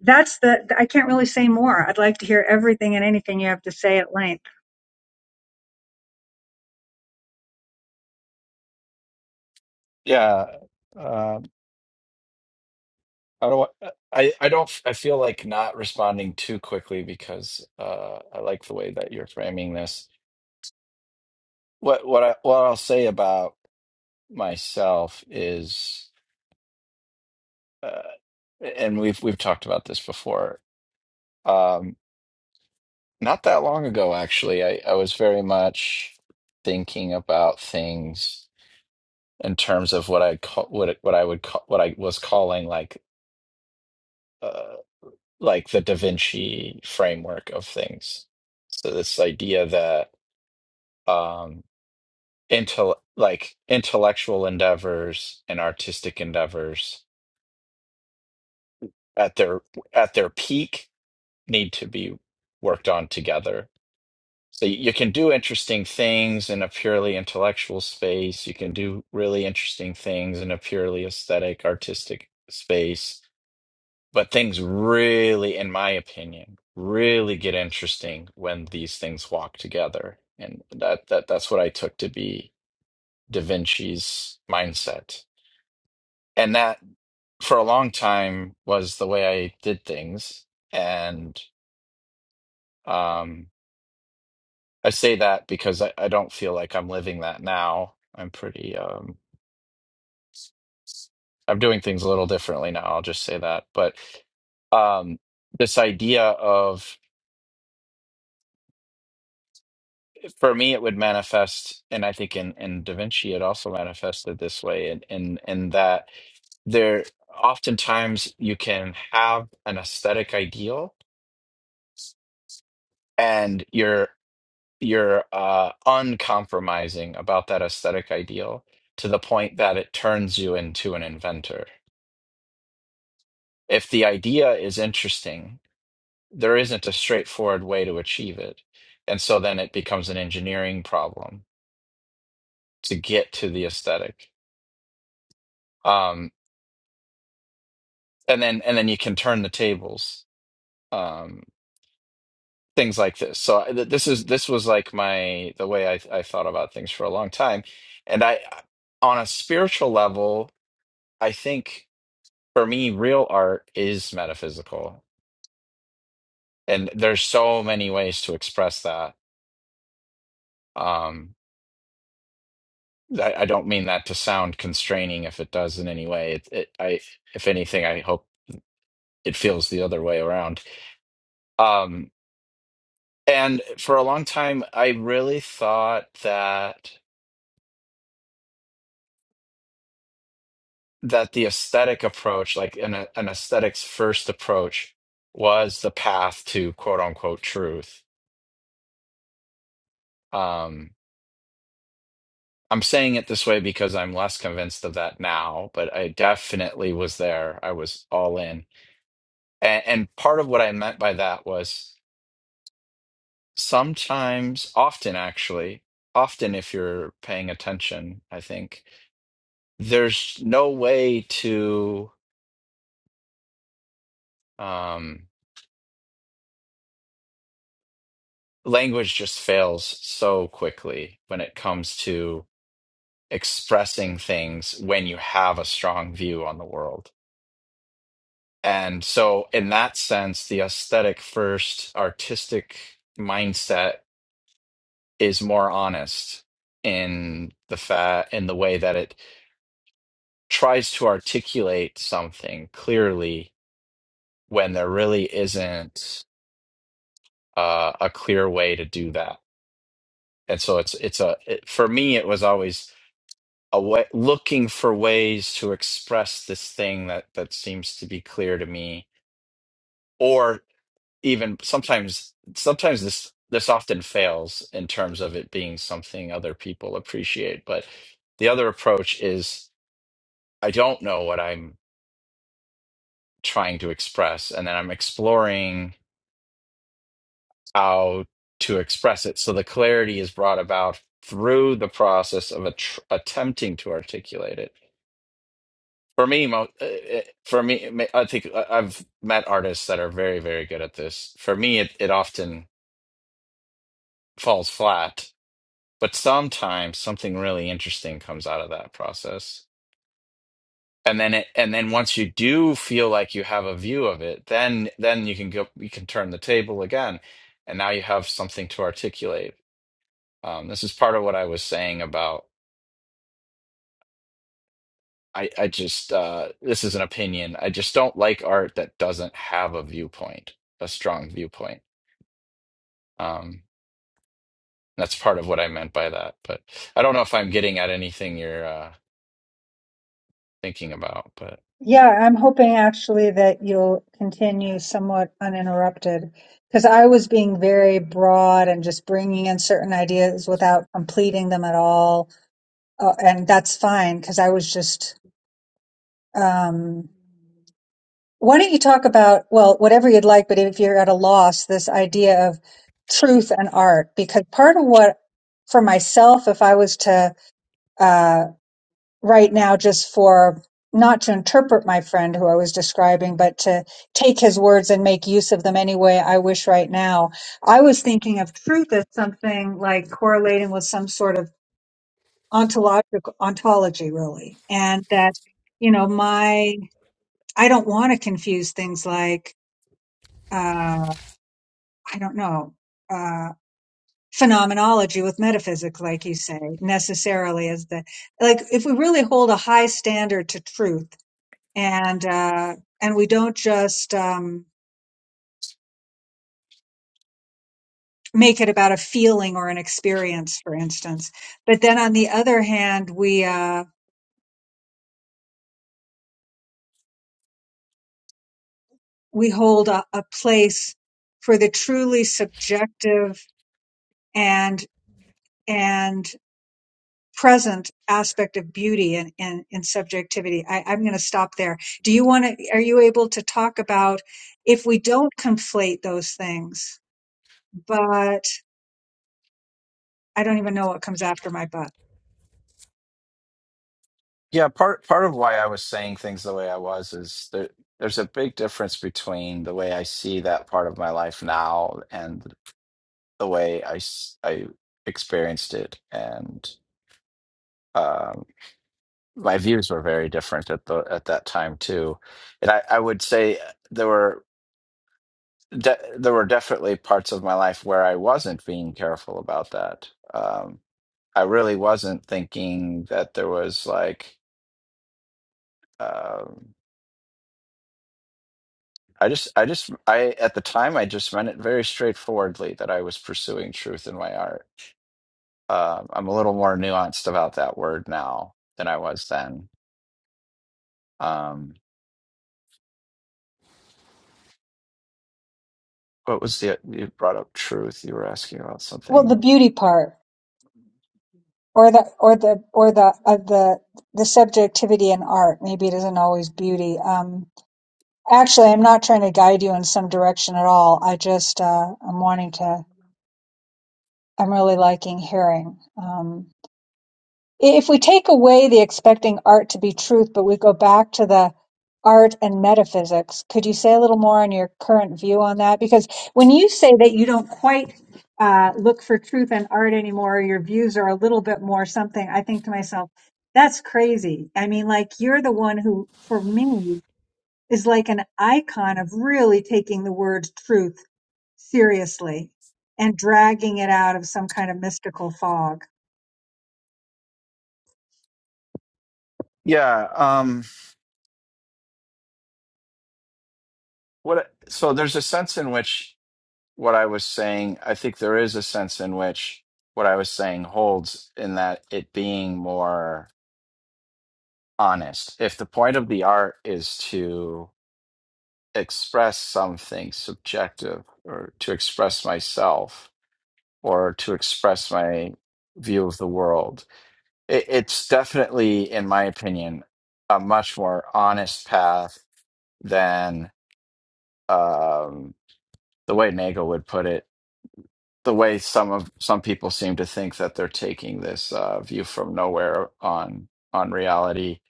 that's the i can't really say more i'd like to hear everything and anything you have to say at length
Yeah. Um, I don't. wa- I I don't. I feel like not responding too quickly because uh, I like the way that you're framing this. What what I what I'll say about myself is, uh, and we've we've talked about this before. Um, not that long ago, actually, I I was very much thinking about things in terms of what I call what it- what I would call what I was calling like uh, like the Da Vinci framework of things. So this idea that um, intel like intellectual endeavors and artistic endeavors at their at their peak need to be worked on together. So you you can do interesting things in a purely intellectual space. You can do really interesting things in a purely aesthetic, artistic space But things really, in my opinion, really get interesting when these things walk together. And that that that's what I took to be Da Vinci's mindset. And that for a long time was the way I did things. And um I say that because I, I don't feel like I'm living that now. I'm pretty um I'm doing things a little differently now, I'll just say that. But um this idea of for me it would manifest and i think in in da vinci it also manifested this way and in, in, in that there oftentimes you can have an aesthetic ideal and you're you're uh uncompromising about that aesthetic ideal to the point that it turns you into an inventor if the idea is interesting there isn't a straightforward way to achieve it and so then it becomes an engineering problem to get to the aesthetic Um, and then and then you can turn the tables um things like this so I- th- this is this was like my the way I, I thought about things for a long time and i on a spiritual level i think for me real art is metaphysical and there's so many ways to express that um I, I don't mean that to sound constraining if it does in any way it, it i if anything i hope it feels the other way around um And for a long time, I really thought that that the aesthetic approach, like an an aesthetics first approach, was the path to quote unquote truth. Um, I'm saying it this way because I'm less convinced of that now, but I definitely was there. I was all in. And, and part of what I meant by that was sometimes, often actually, often if you're paying attention, I think there's no way to. um, language just fails so quickly when it comes to expressing things when you have a strong view on the world. And so, in that sense, the aesthetic first artistic mindset is more honest in the fa- in the way that it tries to articulate something clearly when there really isn't uh, a clear way to do that. And so it's it's a it, for me it was always a way, looking for ways to express this thing that that seems to be clear to me or even sometimes sometimes this this often fails in terms of it being something other people appreciate but the other approach is i don't know what i'm trying to express and then i'm exploring how to express it so the clarity is brought about through the process of a tr- attempting to articulate it For me, mo uh, uh, for me, ma- I think I- I've met artists that are very, very good at this. For me, it, it often falls flat, but sometimes something really interesting comes out of that process. And then it, and then once you do feel like you have a view of it, then then you can go, you can turn the table again, and now you have something to articulate. Um, this is part of what I was saying about I, I just uh, this is an opinion. I just don't like art that doesn't have a viewpoint, a strong viewpoint Um, that's part of what I meant by that. But I don't know if I'm getting at anything you're uh, thinking about. But
Yeah, I'm hoping actually that you'll continue somewhat uninterrupted because I was being very broad and just bringing in certain ideas without completing them at all. Uh, and that's fine because I was just, um, Why don't you talk about, well, whatever you'd like, but if you're at a loss, this idea of truth and art? Because part of what, for myself, if I was to, uh, right now, just for not to interpret my friend who I was describing, but to take his words and make use of them any way I wish right now, I was thinking of truth as something like correlating with some sort of ontological ontology, really. And that, you know, my, I don't want to confuse things like, uh, I don't know, uh, phenomenology with metaphysics, like you say, necessarily is the like if we really hold a high standard to truth and uh, and we don't just um, make it about a feeling or an experience, for instance, but then on the other hand, we uh, we hold a, a place for the truly subjective and and present aspect of beauty and and, and subjectivity. I, I'm going to stop there. Do you want to? Are you able to talk about if we don't conflate those things? But I don't even know what comes after my butt.
Yeah, part part of why I was saying things the way I was is there, there's a big difference between the way I see that part of my life now and the way I s- I experienced it, and um, my views were very different at the at that time too. And I, I would say there were de there were definitely parts of my life where I wasn't being careful about that. Um, I really wasn't thinking that there was like um I just I just I at the time I just meant it very straightforwardly that I was pursuing truth in my art. Um I'm a little more nuanced about that word now than I was then. Um, what was the you brought up truth? You were asking about
Well, the
something.
beauty part, or the or the or the uh, the the subjectivity in art. Maybe it isn't always beauty. Um, actually, I'm not trying to guide you in some direction at all. I just uh, I'm wanting to. I'm really liking hearing. Um, if we take away the expecting art to be truth, but we go back to the art and metaphysics, could you say a little more on your current view on that? Because when you say that you don't quite uh, look for truth and art anymore, your views are a little bit more something, I think to myself, that's crazy. I mean, like, you're the one who, for me, is like an icon of really taking the word truth seriously and dragging it out of some kind of mystical fog.
Yeah. Um, what? So there's a sense in which what I was saying. I think there is a sense in which what I was saying holds in that it being more. honest. If the point of the art is to express something subjective or to express myself or to express my view of the world, it, it's definitely, in my opinion, a much more honest path than um, the way Nagel would put it. the way some of some people seem to think that they're taking this uh, view from nowhere on on reality,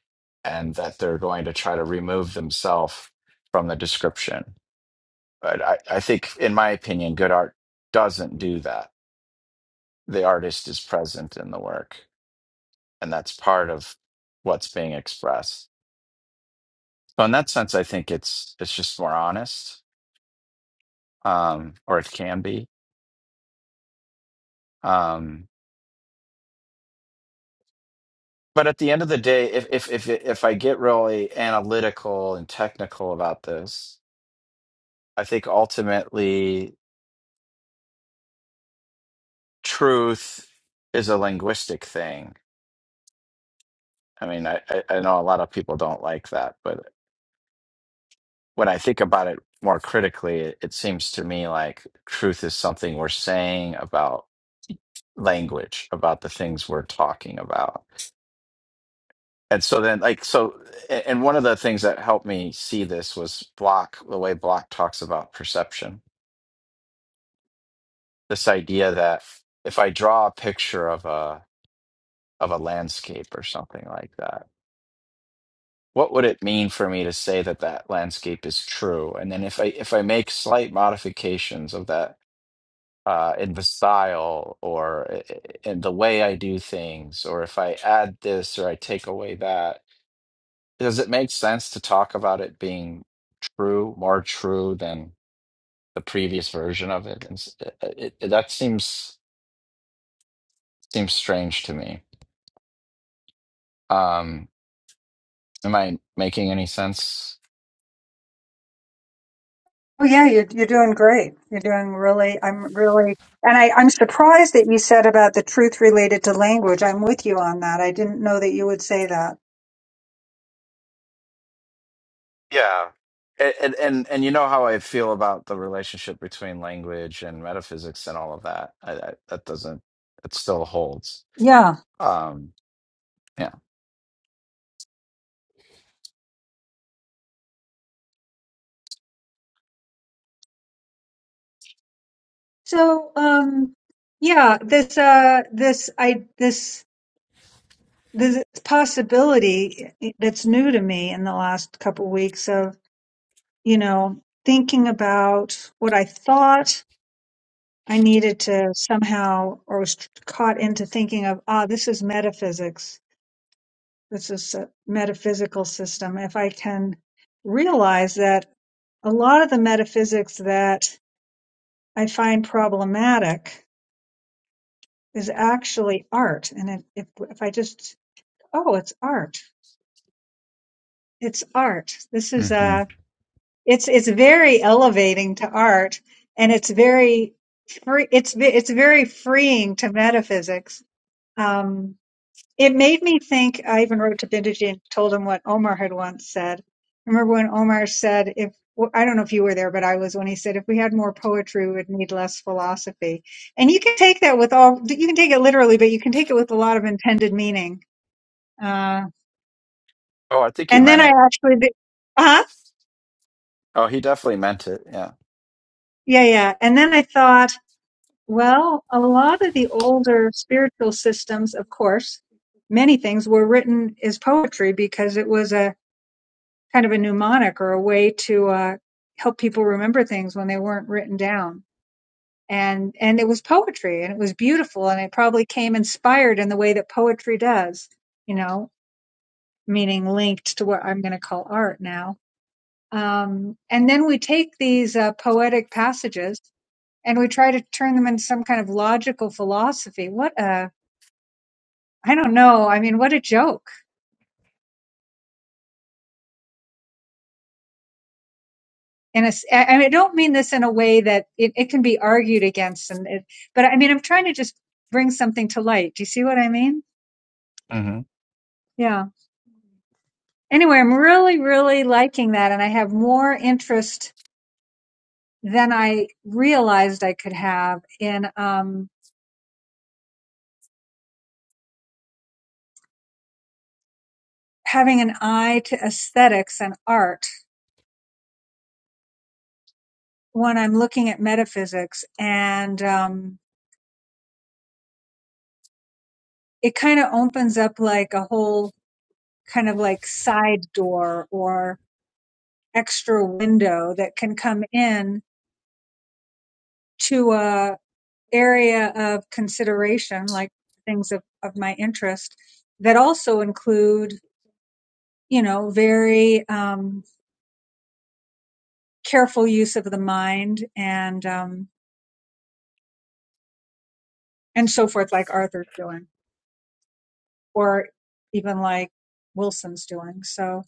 and that they're going to try to remove themselves from the description. But I, I think, in my opinion, good art doesn't do that. The artist is present in the work, and that's part of what's being expressed. So, in that sense, I think it's it's just more honest, um, or it can be. Um, But at the end of the day, if if if if I get really analytical and technical about this, I think ultimately truth is a linguistic thing. I mean, I, I I know a lot of people don't like that, but when I think about it more critically, it, it seems to me like truth is something we're saying about language, about the things we're talking about. And so then, like, so, a- and one of the things that helped me see this was Block, the way Block talks about perception this idea that if I draw a picture of a of a landscape or something like that, what would it mean for me to say that that landscape is true? And then if I if I make slight modifications of that uh, in the style or i- i- in the way I do things, or if I add this or I take away that, does it make sense to talk about it being true, more true than the previous version of it? And s- it, it, it- that seems seems strange to me. Um, Am I making any sense?
Oh yeah, you're you're doing great. You're doing really. I'm really, and I I'm surprised that you said about the truth related to language. I'm with you on that. I didn't know that you would say that.
Yeah. And, and and and you know how I feel about the relationship between language and metaphysics and all of that. I, I, that doesn't. It still holds.
Yeah.
Um. Yeah.
So um, yeah, this uh this I this this possibility that's new to me in the last couple weeks of you know thinking about what I thought I needed to somehow or was caught into thinking of ah this is metaphysics this is a metaphysical system, if I can realize that a lot of the metaphysics that I find problematic is actually art, and if if I just oh, it's art, it's art. This is
hmm
a it's it's very elevating to art, and it's very free. It's it's very freeing to metaphysics. Um, It made me think. I even wrote to Bindiji and told him what Omar had once said. Remember when Omar said, "If well, I don't know if you were there, but I was when he said, if we had more poetry, we would need less philosophy." And you can take that with all. You can take it literally, but you can take it with a lot of intended meaning. Uh,
Oh, I think he
and then
meant
I
it.
actually, uh
Oh, he definitely meant it. Yeah.
yeah, yeah. And then I thought, well, a lot of the older spiritual systems, of course, many things were written as poetry because it was a kind of a mnemonic or a way to uh, help people remember things when they weren't written down. And and it was poetry, and it was beautiful, and it probably came inspired in the way that poetry does, you know, meaning linked to what I'm going to call art now. Um, and then we take these uh, poetic passages and we try to turn them into some kind of logical philosophy. What a I don't know. I mean, what a joke in a s- I I I don't mean this in a way that it, it can be argued against, and it, but I mean, I'm trying to just bring something to light. Do you see what I mean?
hmm
Yeah. Anyway, I'm really, really liking that, and I have more interest than I realized I could have in um, having an eye to aesthetics and art when I'm looking at metaphysics, and um, it kind of opens up like a whole kind of like side door or extra window that can come in to a area of consideration, like things of, of my interest that also include, you know, very um, careful use of the mind and um, and so forth, like Arthur's doing, or even like Wilson's doing. So,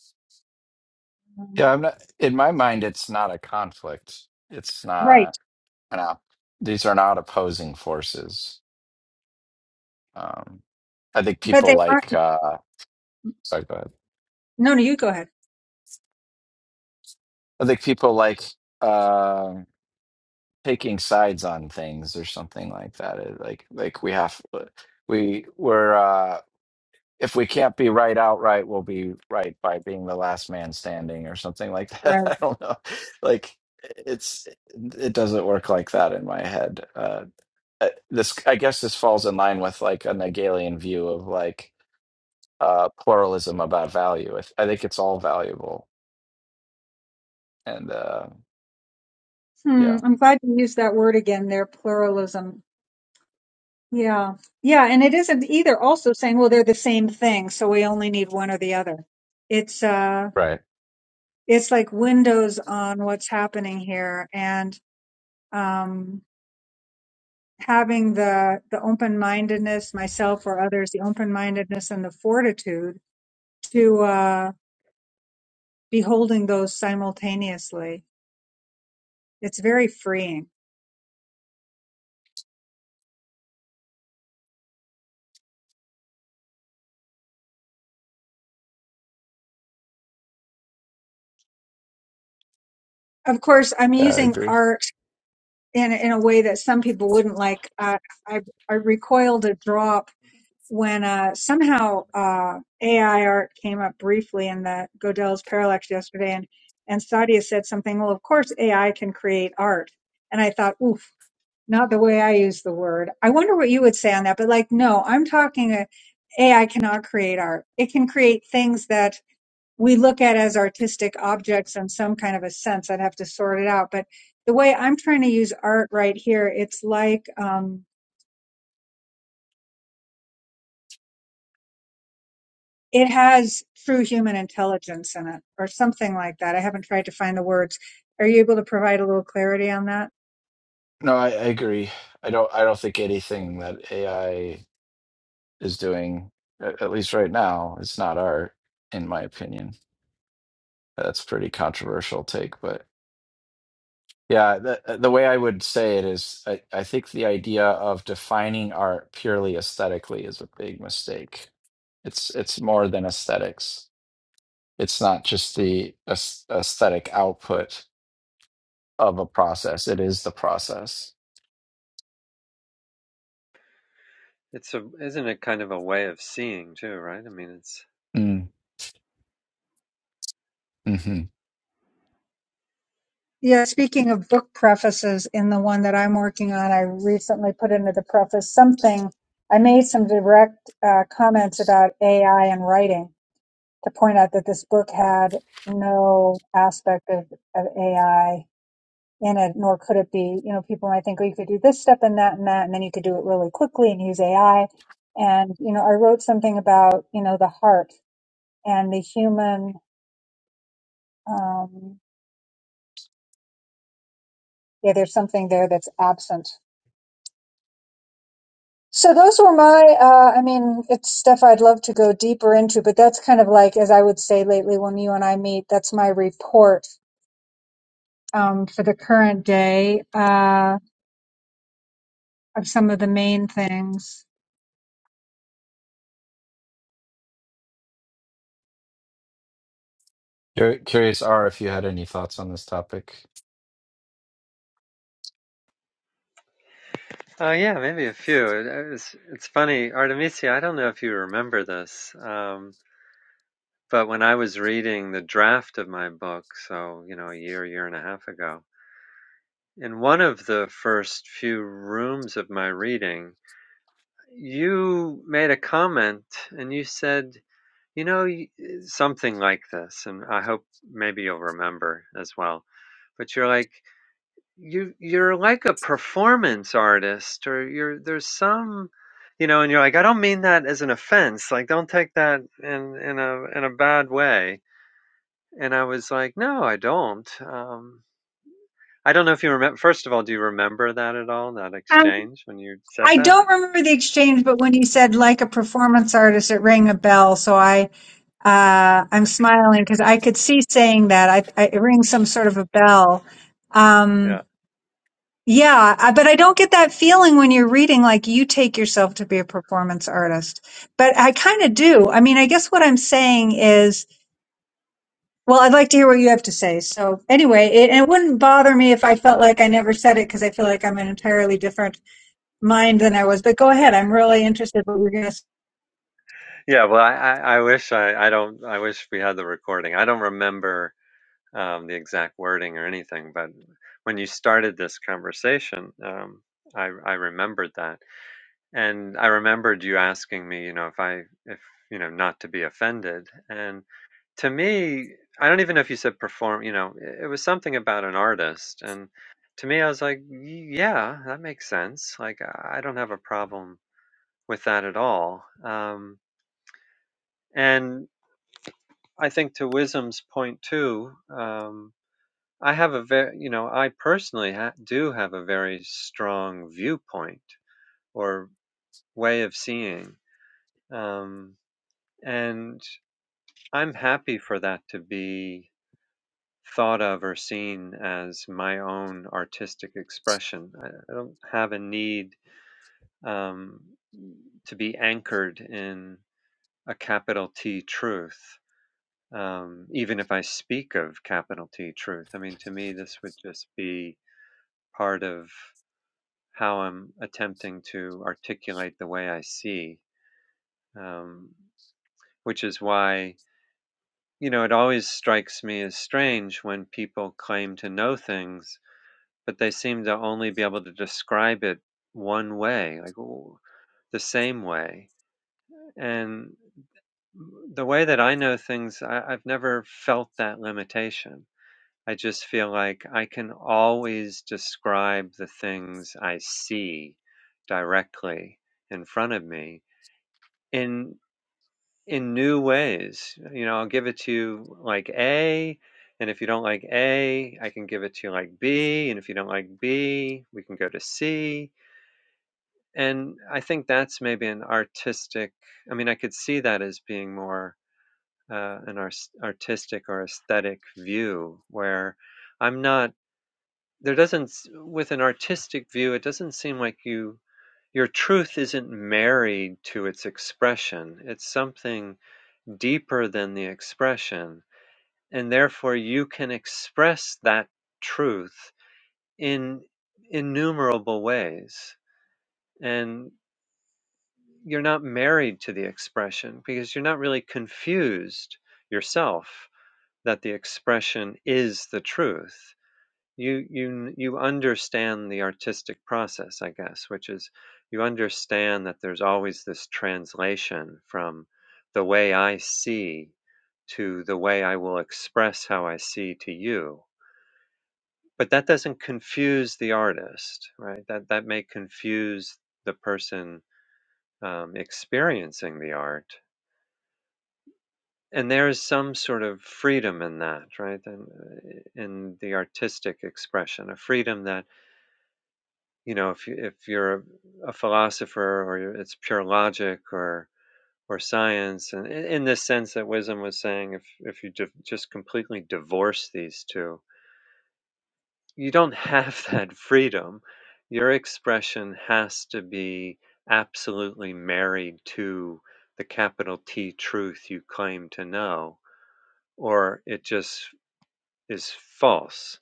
um,
Yeah. I'm not. In my mind, it's not a conflict. It's
right,
not an. op- These are not opposing forces. Um. I think
but
people
they aren't.
like. Uh, sorry. Go ahead.
No, no, you go ahead.
I think people like. uh, taking sides on things or something like that. It- Like like we have uh, we we're uh if we can't be right outright, we'll be right by being the last man standing or something like that.
Right.
I don't know. Like it's it doesn't work like that in my head. Uh uh, this I guess this falls in line with like a Hegelian view of like uh pluralism about value. I th- I think it's all valuable and uh
Hmm,
yeah.
I'm glad you used that word again. There, pluralism. Yeah. Yeah. And it isn't either also saying, well, they're the same thing. So we only need one or the other. It's, uh,
Right.
it's like windows on what's happening here and, um, having the, the open mindedness, myself or others, the open mindedness and the fortitude to, uh, be holding those simultaneously. It's very freeing. Of course, I'm
Yeah, I
using
agree.
art in, in a way that some people wouldn't like. Uh, I, I recoil to draw when uh, somehow uh, AI art came up briefly in the Godel's Parallax yesterday, and and Sadia said something. Well, of course AI can create art, and I thought, oof, not the way I use the word. I wonder what you would say on that. But like, no, I'm talking uh AI cannot create art. It can create things that we look at as artistic objects in some kind of a sense. I'd have to sort it out, but the way I'm trying to use art right here, it's like. Um, It has true human intelligence in it, or something like that. I haven't tried to find the words. Are you able to provide a little clarity on that?
No, I, I agree. I don't. I don't think anything that AI is doing, at, at least right now, it's not art, in my opinion. That's a pretty controversial take, but yeah, the uh, the way I would say it is, I, I think the idea of defining art purely aesthetically is a big mistake. It's it's more than aesthetics. It's not just the aes- aesthetic output of a process. It is the process.
It's a, isn't it kind of a way of seeing too, right? I mean, it's,
Mm, Mm-hmm.
Yeah, speaking of book prefaces, in the one that I'm working on, I recently put into the preface something. I made some direct uh, comments about AI and writing to point out that this book had no aspect of, of AI In it, nor could it be, you know, people might think, oh, you could do this step and that and that, and then you could do it really quickly and use AI. And, you know, I wrote something about, you know, the heart and the human. Um, yeah, there's something there that's absent. So those were my, uh, I mean, it's stuff I'd love to go deeper into, but that's kind of like, as I would say lately when you and I meet, that's my report, um, for the current day, uh, of some of the main things.
Cur- Curious, R, if you had any thoughts on this topic.
oh yeah, maybe a few. It, it's, it's funny, Artemisia, I don't know if you remember this, um, but when I was reading the draft of my book, so, you know, a year, year and a half ago, in one of the first few rooms of my reading, you made a comment and you said, you know, something like this, and I hope maybe you'll remember as well. But you're like, you you're like a performance artist or you're there's some you know and you're like I don't mean that as an offense like don't take that in in a in a bad way and I was like no I don't um I don't know if you remember first of all do you remember that at all that
Um,
exchange when you said
I
that
don't remember the exchange, but when you said like a performance artist, it rang a bell. So I, uh, I'm
okay
smiling because I could see saying that. I, I it rings some sort of a bell.
yeah
Um, yeah, I, but I don't get that feeling when you're reading like you take yourself to be a performance artist. But I kind of do. I mean, I guess what I'm saying is, well, I'd like to hear what you have to say. So anyway, it, and it wouldn't bother me if I felt like I never said it because I feel like I'm an entirely different mind than I was. But go ahead. I'm really interested what you're going to
yeah well I I, I wish I I don't I wish we had the recording I don't remember um the exact wording or anything but when you started this conversation um I I remembered that And I remembered you asking me, you know, if I if, you know, not to be offended, and to me, I don't even know if you said perform, you know, i- it was something about an artist, and to me, I was like, "Y- yeah, that makes sense. Like, I I don't have a problem with that at all. Um, and I think to Wisdom's point too, um, I have a very, you know, I personally ha- do have a very strong viewpoint or way of seeing. Um, and I'm happy for that to be thought of or seen as my own artistic expression. I I don't have a need um, to be anchored in a capital T truth, um, even if I speak of capital T truth. I mean, to me, this would just be part of how I'm attempting to articulate the way I see, um, which is why You know, it always strikes me as strange when people claim to know things, but they seem to only be able to describe it one way, like w- the same way. And the way that I know things, I, I've never felt that limitation. I just feel like I can always describe the things I see directly in front of me. In in new ways. You know, I'll give it to you like A, and if you don't like A, I can give it to you like B, and if you don't like B, we can go to C. And I think that's maybe an artistic, I mean, I could see that as being more uh, an ars- artistic or aesthetic view where I'm not, there doesn't, with an artistic view, it doesn't seem like you. Your truth isn't married to its expression. It's something deeper than the expression and therefore you can express that truth in innumerable ways and you're not married to the expression because you're not really confused yourself that the expression is the truth you you you understand the artistic process i guess which is you understand that there's always this translation from the way i see to the way i will express how i see to you but that doesn't confuse the artist right that that may confuse the person um, experiencing the art and there is some sort of freedom in that right In in the artistic expression a freedom that you know if you, if you're a, philosopher or you're, it's pure logic or or science and in, in this sense that wisdom was saying if if you div just completely divorce these two you don't have that freedom your expression has to be absolutely married to the capital T truth you claim to know or it just is false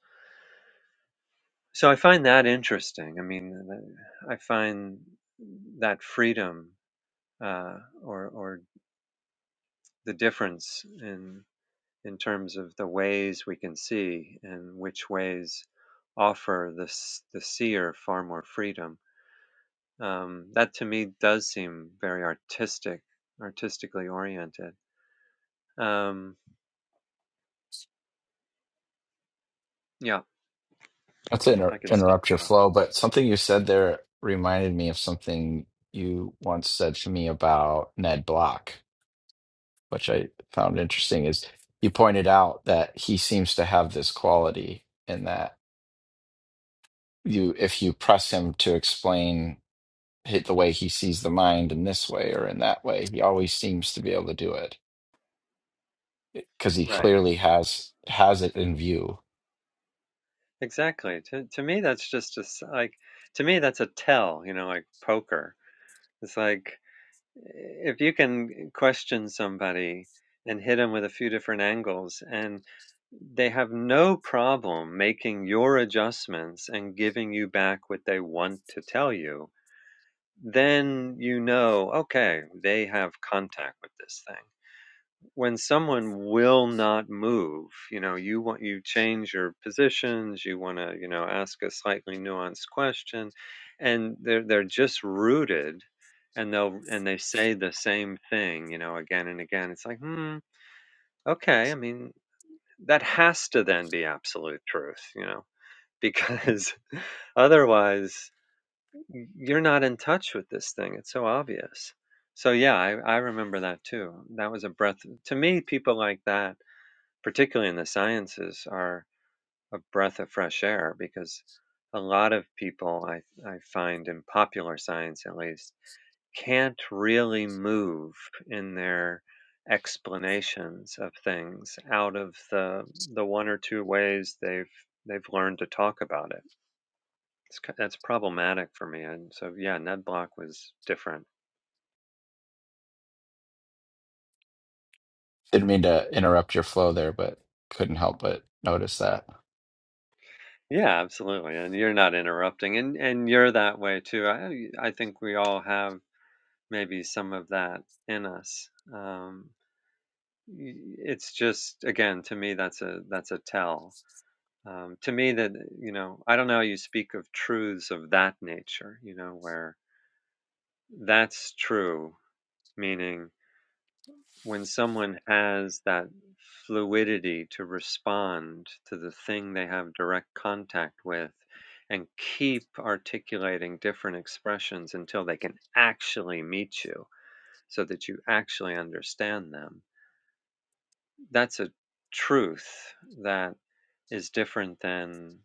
so i find that interesting i mean i find that freedom uh, or or the difference in in terms of the ways we can see and which ways offer the the seer far more freedom. Um, that to me does seem very artistic, artistically oriented. Um, yeah, I
Not to
can I
inter
can stop
interrupt your
there.
flow, but something you said there reminded me of something you once said to me about Ned Block, which I found interesting. Is you pointed out that he seems to have this quality in that you, if you press him to explain hit the way he sees the mind in this way or in that way, he always seems to be able to do it because he
Right.
clearly has has it in view
Exactly. To to me, that's just just like to me that's a tell. You know, like poker. It's like if you can question somebody and hit them with a few different angles and they have no problem making your adjustments and giving you back what they want to tell you then you know okay they have contact with this thing when someone will not move, you know, you want you change your positions, you want to, you know, ask a slightly nuanced question, and they're they're just rooted, and they'll and they say the same thing, you know, again and again. It's like, hmm, okay. I mean, that has to then be absolute truth, you know, because otherwise you're not in touch with this thing. It's so obvious. So yeah, I, I remember that too. That was a breath to me. People like that particularly in the sciences, are a breath of fresh air because a lot of people I, I find in popular science at least can't really move in their explanations of things out of the the one or two ways they've they've learned to talk about it. It's, that's problematic for me. And so yeah, Ned Block was different.
Didn't mean to interrupt your flow there, but couldn't help but notice that.
Yeah, absolutely. And you're not interrupting and and you're that way too. I I think we all have maybe some of that in us. Um, it's just again to me that's a that's a tell. Um, to me that you know I don't know how you speak of truths of that nature. You know where that's true, meaning when someone has that fluidity to respond to the thing they have direct contact with. And keep articulating different expressions until they can actually meet you so that you actually understand them That's a truth that is different than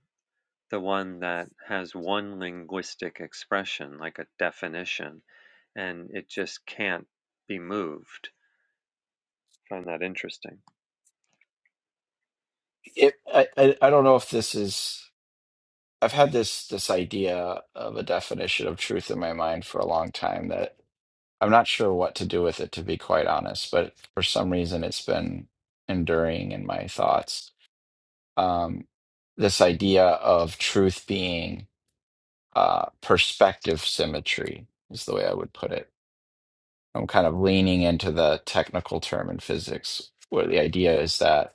the one that has one linguistic expression, like a definition, and it just can't be moved. I find that interesting.
If I, I, I don't know if this is, I've had this this idea of a definition of truth in my mind for a long time that I'm not sure what to do with it, to be quite honest. But for some reason, it's been enduring in my thoughts. Um, this idea of truth being uh, perspective symmetry is the way I would put it. I'm kind of leaning into the technical term in physics, where the idea is that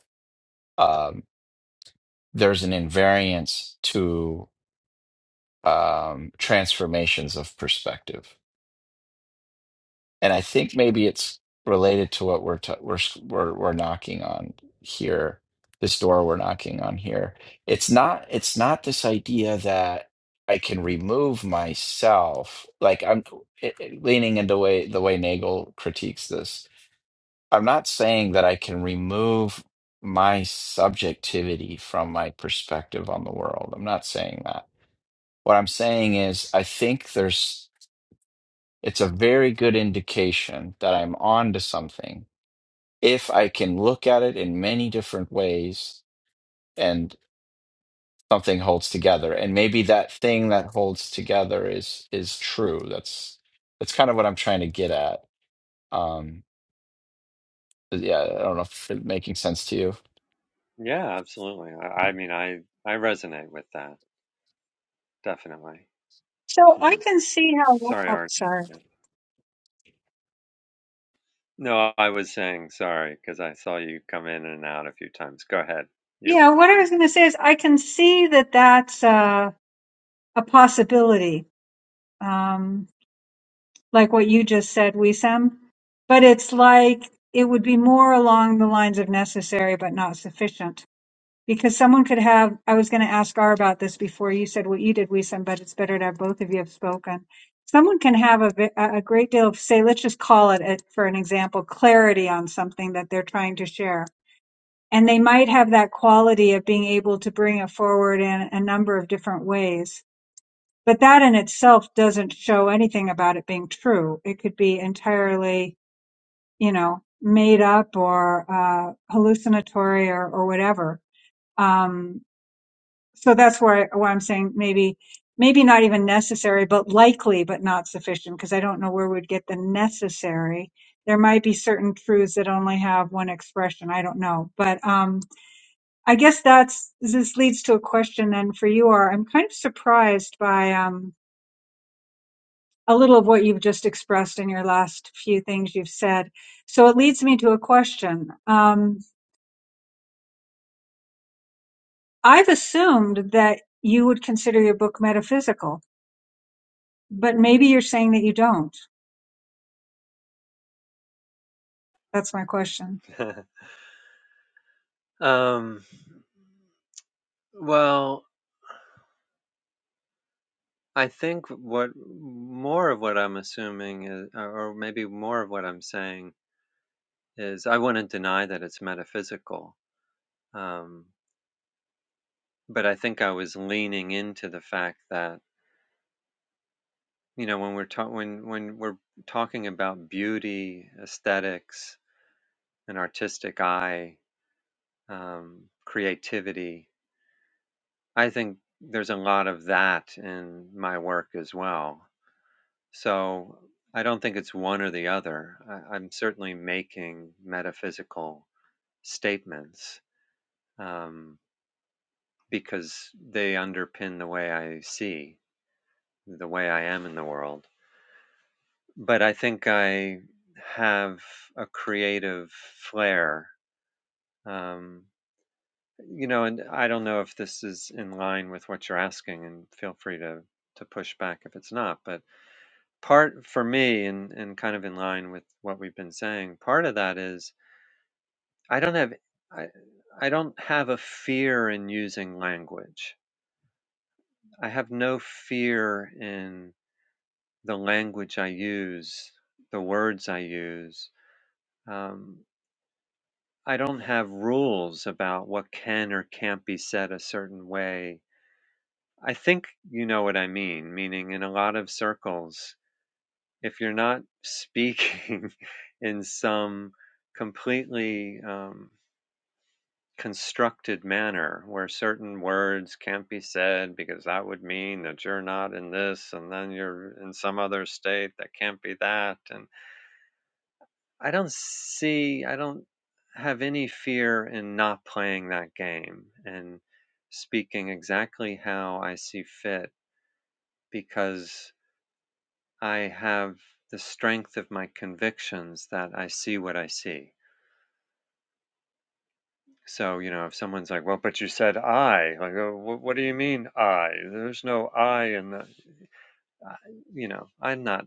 um, there's an invariance to um, transformations of perspective, and I think maybe it's related to what we're t- we're we're we're knocking on here. This door we're knocking on here. It's not. It's not this idea that I can remove myself. Like I'm it, it- leaning into way the way Nagel critiques this. I'm not saying that I can remove my subjectivity from my perspective on the world. I'm not saying that. What I'm saying is, I think there's, it's a very good indication that I'm on to something if I can look at it in many different ways and something holds together. And maybe that thing that holds together is is true. That's that's kind of what I'm trying to get at. Um, yeah, I don't know if it's making sense to you.
Yeah, absolutely. I, I mean, I, I resonate with that, definitely.
So I
hmm
can see how.
Sorry,
Oh,
Arnie.
sorry.
Yeah. No, I was saying sorry because I saw you come in and out a few times. Go ahead, you.
Yeah, what I was going to say is I can see that that's uh, a possibility, um, like what you just said, Wisam. But it's like it would be more along the lines of necessary but not sufficient, because someone could have. I was going to ask R about this before you said what you did, Wisam, but it's better to have both of you have spoken. Someone can have a, ve- a a great deal of, say, let's just call it, uh, for an example, clarity on something that they're trying to share and they might have that quality of being able to bring it forward in a number of different ways. But that in itself doesn't show anything about it being true. It could be entirely, you know, made up or uh, hallucinatory or, or whatever. Um, so that's where, I, where I'm saying maybe, maybe not even necessary, but likely, but not sufficient, because I don't know where we'd get the necessary. There might be certain truths that only have one expression. I don't know, but um, I guess that's this leads to a question then for you, or I'm kind of surprised by um, a little of what you've just expressed in your last few things you've said. So it leads me to a question. Um, I've assumed that you would consider your book metaphysical, but maybe you're saying that you don't. That's my question.
um, well, I think what more of what I'm assuming is, or or maybe more of what I'm saying is, I wouldn't deny that it's metaphysical. Um, but I think I was leaning into the fact that, you know, when we're talking, when, when we're talking about beauty, aesthetics, an artistic eye, um, creativity, I think there's a lot of that in my work as well. So I don't think it's one or the other. I, I'm certainly making metaphysical statements um, because they underpin the way I see, the way I am in the world. But I think I have a creative flair. Um, you know, and I don't know if this is in line with what you're asking, and feel free to, to push back if it's not. But part for me, and, and kind of in line with what we've been saying, part of that is I don't have I, I don't have a fear in using language. I have no fear in the language I use, the words I use. Um, I don't have rules about what can or can't be said a certain way. I think you know what I mean, meaning in a lot of circles, if you're not speaking in some completely um, constructed manner where certain words can't be said because that would mean that you're not in this and then you're in some other state that can't be that and i don't see i don't have any fear in not playing that game and speaking exactly how i see fit because i have the strength of my convictions that i see what i see So, you know, if someone's like, "Well, but you said I," like, "Oh, wh- what do you mean I? There's no I in the, I, you know, I'm not,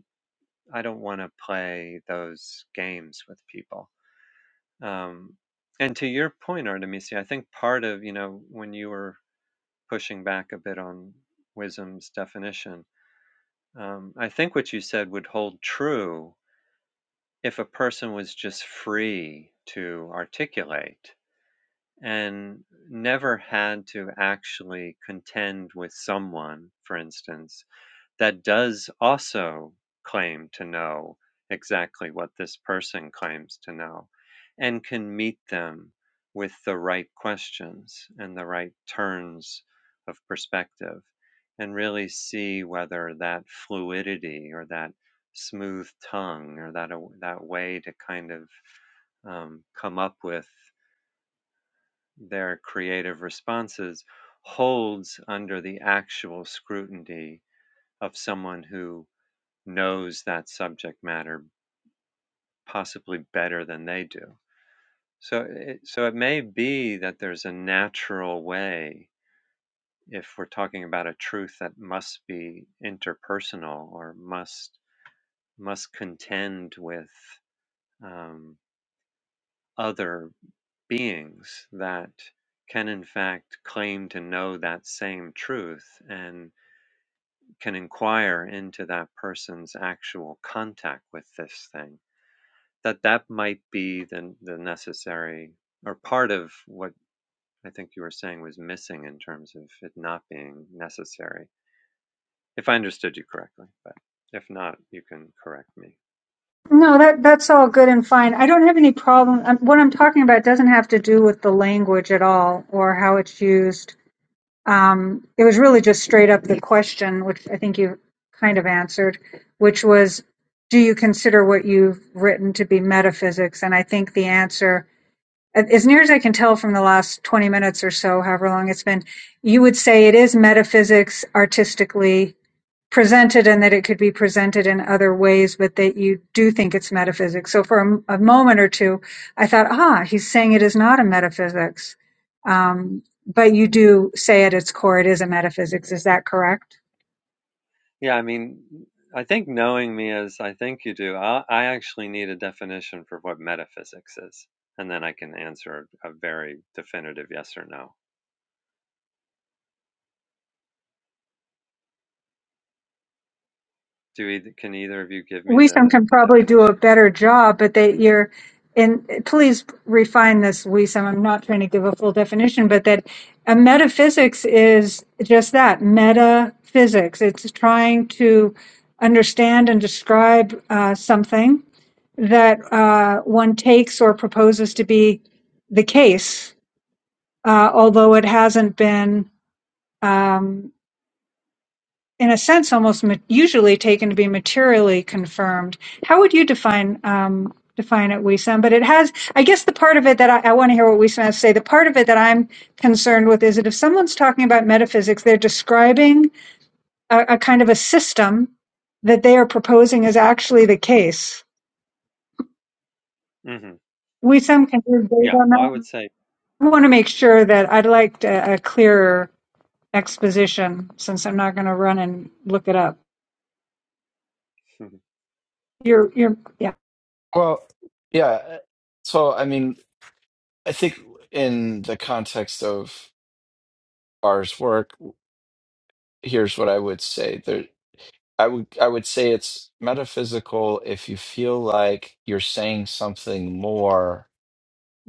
I don't want to play those games with people. Um, and to your point, Artemisia, I think part of, you know, when you were pushing back a bit on wisdom's definition, um, I think what you said would hold true if a person was just free to articulate and never had to actually contend with someone, for instance, that does also claim to know exactly what this person claims to know and can meet them with the right questions and the right turns of perspective and really see whether that fluidity or that smooth tongue or that that way to kind of um, come up with their creative responses holds under the actual scrutiny of someone who knows that subject matter possibly better than they do. So it, so it may be that there's a natural way if we're talking about a truth that must be interpersonal or must must contend with um, other beings that can in fact claim to know that same truth and. can inquire into that person's actual contact with this thing that that might be the, the necessary or part of what i think you were saying was missing in terms of it not being necessary if i understood you correctly but if not you can correct me
No, that that's all good and fine. I don't have any problem. Um, what I'm talking about doesn't have to do with the language at all or how it's used Um, it was really just straight up the question, which I think you kind of answered, which was, do you consider what you've written to be metaphysics? And I think the answer, as near as I can tell from the last 20 minutes or so, however long it's been, you would say it is metaphysics artistically presented and that it could be presented in other ways, but that you do think it's metaphysics. So for a a moment or two, I thought, ah, he's saying it is not a metaphysics. Um, but you do say at its core, it is a metaphysics. Is that correct?
yeah i mean i think knowing me as i think you do i, I actually need a definition for what metaphysics is and then i can answer a very definitive yes or no do either, can either of you give me
Wisam
the,
can
the
probably do a
definition
better job, but that you're and please refine this, Wisam. I'm not trying to give a full definition, but that a metaphysics is just that metaphysics. It's trying to understand and describe uh, something that uh, one takes or proposes to be the case, uh, although it hasn't been. um, in a sense, almost ma- usually taken to be materially confirmed. How would you define um, define it, Wisam? But it has, I guess, the part of it that I, I want to hear what Wisam has to say. The part of it that I'm concerned with is that if someone's talking about metaphysics, they're describing a, a kind of a system that they are proposing is actually the case.
hmm
Wisam, can you build
Yeah.
on
Well, I
that?
would say,
I want to make sure that I'd like a, a clearer exposition since I'm not going to run and look it up.
Mhm.
Your your yeah
Well, yeah. So, I mean, I think in the context of R's work, here's what I would say. There, I would I would say it's metaphysical if you feel like you're saying something more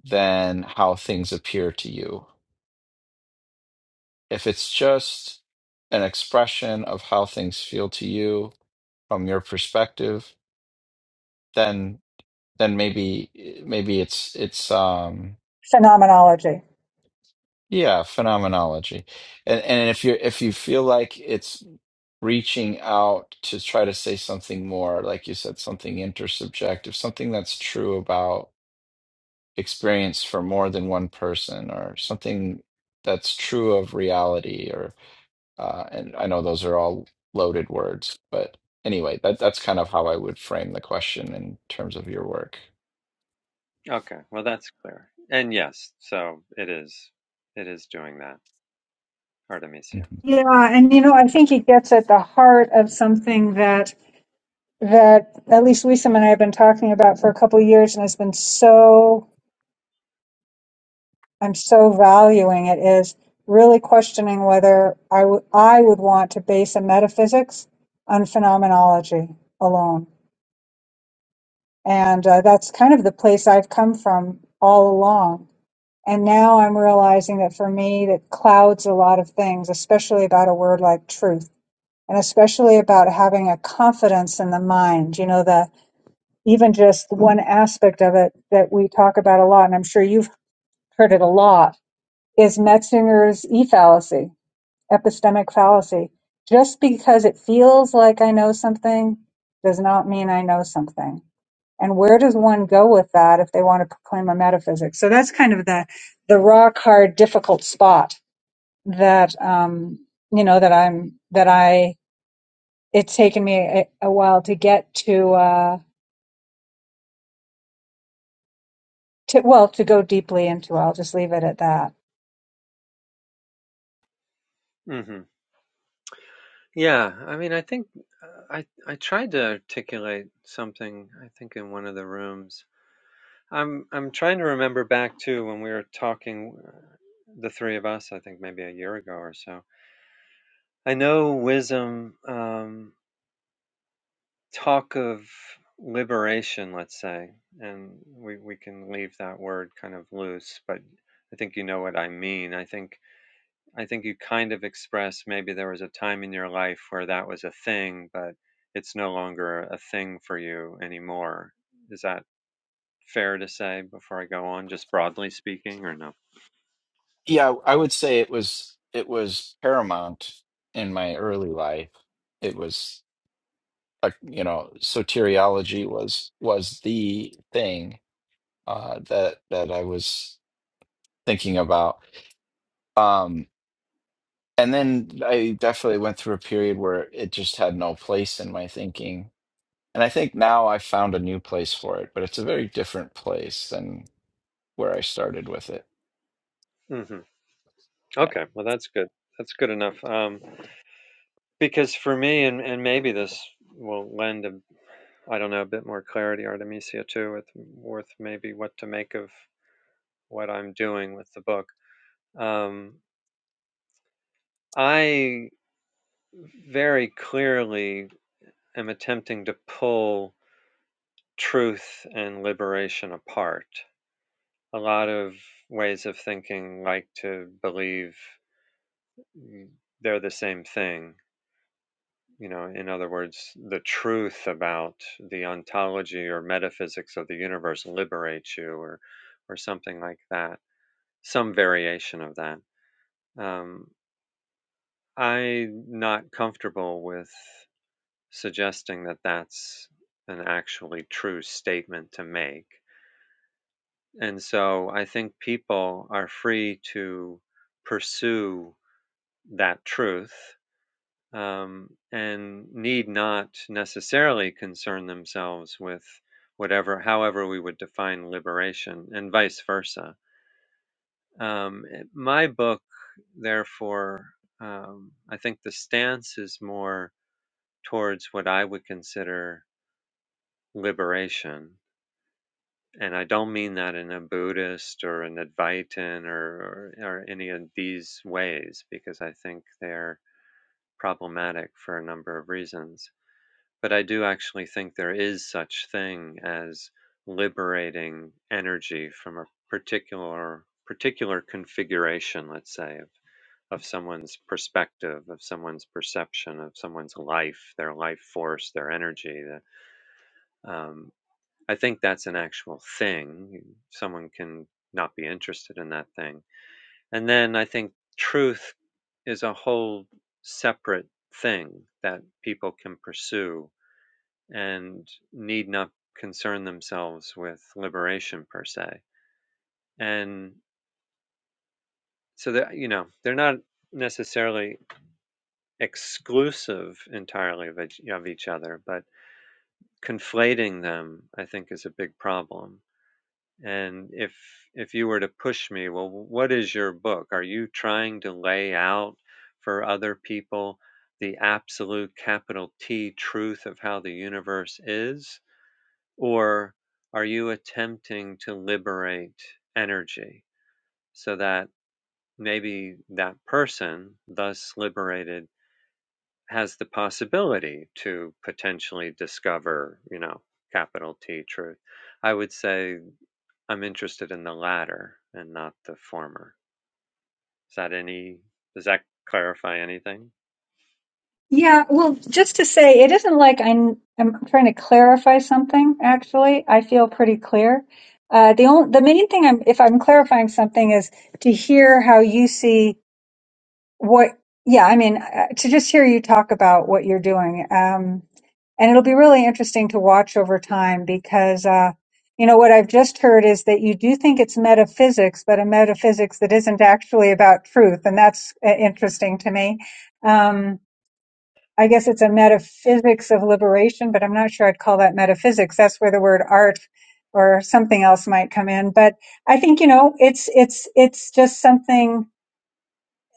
than how things appear to you. If it's just an expression of how things feel to you from your perspective, then then maybe maybe it's it's um
phenomenology.
Yeah, phenomenology. And and if you if you feel like it's reaching out to try to say something more, like you said, something intersubjective, something that's true about experience for more than one person, or something that's true of reality, or uh, and I know those are all loaded words, but anyway, that that's kind of how I would frame the question in terms of your work.
okay. Well, that's clear. And yes, so it is. It is doing that,
Mm-hmm.
Artemisia.
Yeah, and you know, I think it gets at the heart of something that that at least Wisam and I have been talking about for a couple of years, and has been so I'm so valuing it is really questioning whether I w- I would want to base a metaphysics on phenomenology alone, and uh, that's kind of the place I've come from all along. And now I'm realizing that for me, that clouds a lot of things, especially about a word like truth and especially about having a confidence in the mind. You know, the even just one aspect of it that we talk about a lot, and I'm sure you've heard it a lot, is Metzinger's E fallacy, epistemic fallacy. Just because it feels like I know something does not mean I know something. And where does one go with that if they want to proclaim a metaphysic? So that's kind of the the rock hard, difficult spot that um, you know that I'm that I it's taken me a, a while to get to uh to well to go deeply into i'll just leave it at that
hmm Yeah. I mean, I think uh, I I tried to articulate something. I think in one of the rooms. I'm I'm trying to remember back to when we were talking, uh, the three of us. I think maybe a year ago or so. I know wisdom. Um, talk of liberation, let's say, and we, we can leave that word kind of loose, but I think you know what I mean. I think I think you kind of express maybe there was a time in your life where that was a thing, but it's no longer a thing for you anymore. Is that fair to say before I go on, just broadly speaking, or no?
Yeah, I would say it was it was paramount in my early life. It was like, you know, soteriology was was the thing uh that that I was thinking about. Um and then I definitely went through a period where it just had no place in my thinking. And I think now I found a new place for it, but it's a very different place than where I started with it.
hmm
Yeah.
Okay, well that's good. That's good enough. Um, because for me, and, and maybe this will lend a I don't know, a bit more clarity, Artemisia, too, with with maybe what to make of what I'm doing with the book. Um, I very clearly am attempting to pull truth and liberation apart. A lot of ways of thinking like to believe they're the same thing. You know, in other words, the truth about the ontology or metaphysics of the universe liberates you or, or something like that Some variation of that. Um, I'm not comfortable with suggesting that that's an actually true statement to make. And so I think people are free to pursue that truth um, and need not necessarily concern themselves with whatever, however, we would define liberation and vice versa. Um, it- my book, therefore, um, I think the stance is more towards what I would consider liberation. And I don't mean that in a Buddhist or an Advaitin or, or, or any of these ways, because I think they're problematic for a number of reasons. But I do actually think there is such thing as liberating energy from a particular particular configuration, let's say, of of someone's perspective, of someone's perception, of someone's life, their life force, their energy. The, um, I think that's an actual thing. Someone can not be interested in that thing. And then I think truth is a whole separate thing that people can pursue and need not concern themselves with liberation per se. And so that you know, they're not necessarily exclusive entirely of each, of each other, but conflating them, I think, is a big problem. And if if you were to push me, well, what is your book? Are you trying to lay out for other people the absolute capital T truth of how the universe is, or are you attempting to liberate energy so that maybe that person, thus liberated, has the possibility to potentially discover, you know, capital T truth. I would say I'm interested in the latter and not the former. Is that any, does that clarify anything?
yeah well just to say it isn't like i'm i'm trying to clarify something actually i feel pretty clear uh the only the main thing i'm if i'm clarifying something is to hear how you see what yeah i mean uh, to just hear you talk about what you're doing um and it'll be really interesting to watch over time because uh you know what i've just heard is that you do think it's metaphysics but a metaphysics that isn't actually about truth and that's uh, interesting to me um i guess it's a metaphysics of liberation but i'm not sure i'd call that metaphysics that's where the word art or something else might come in but i think you know it's it's it's just something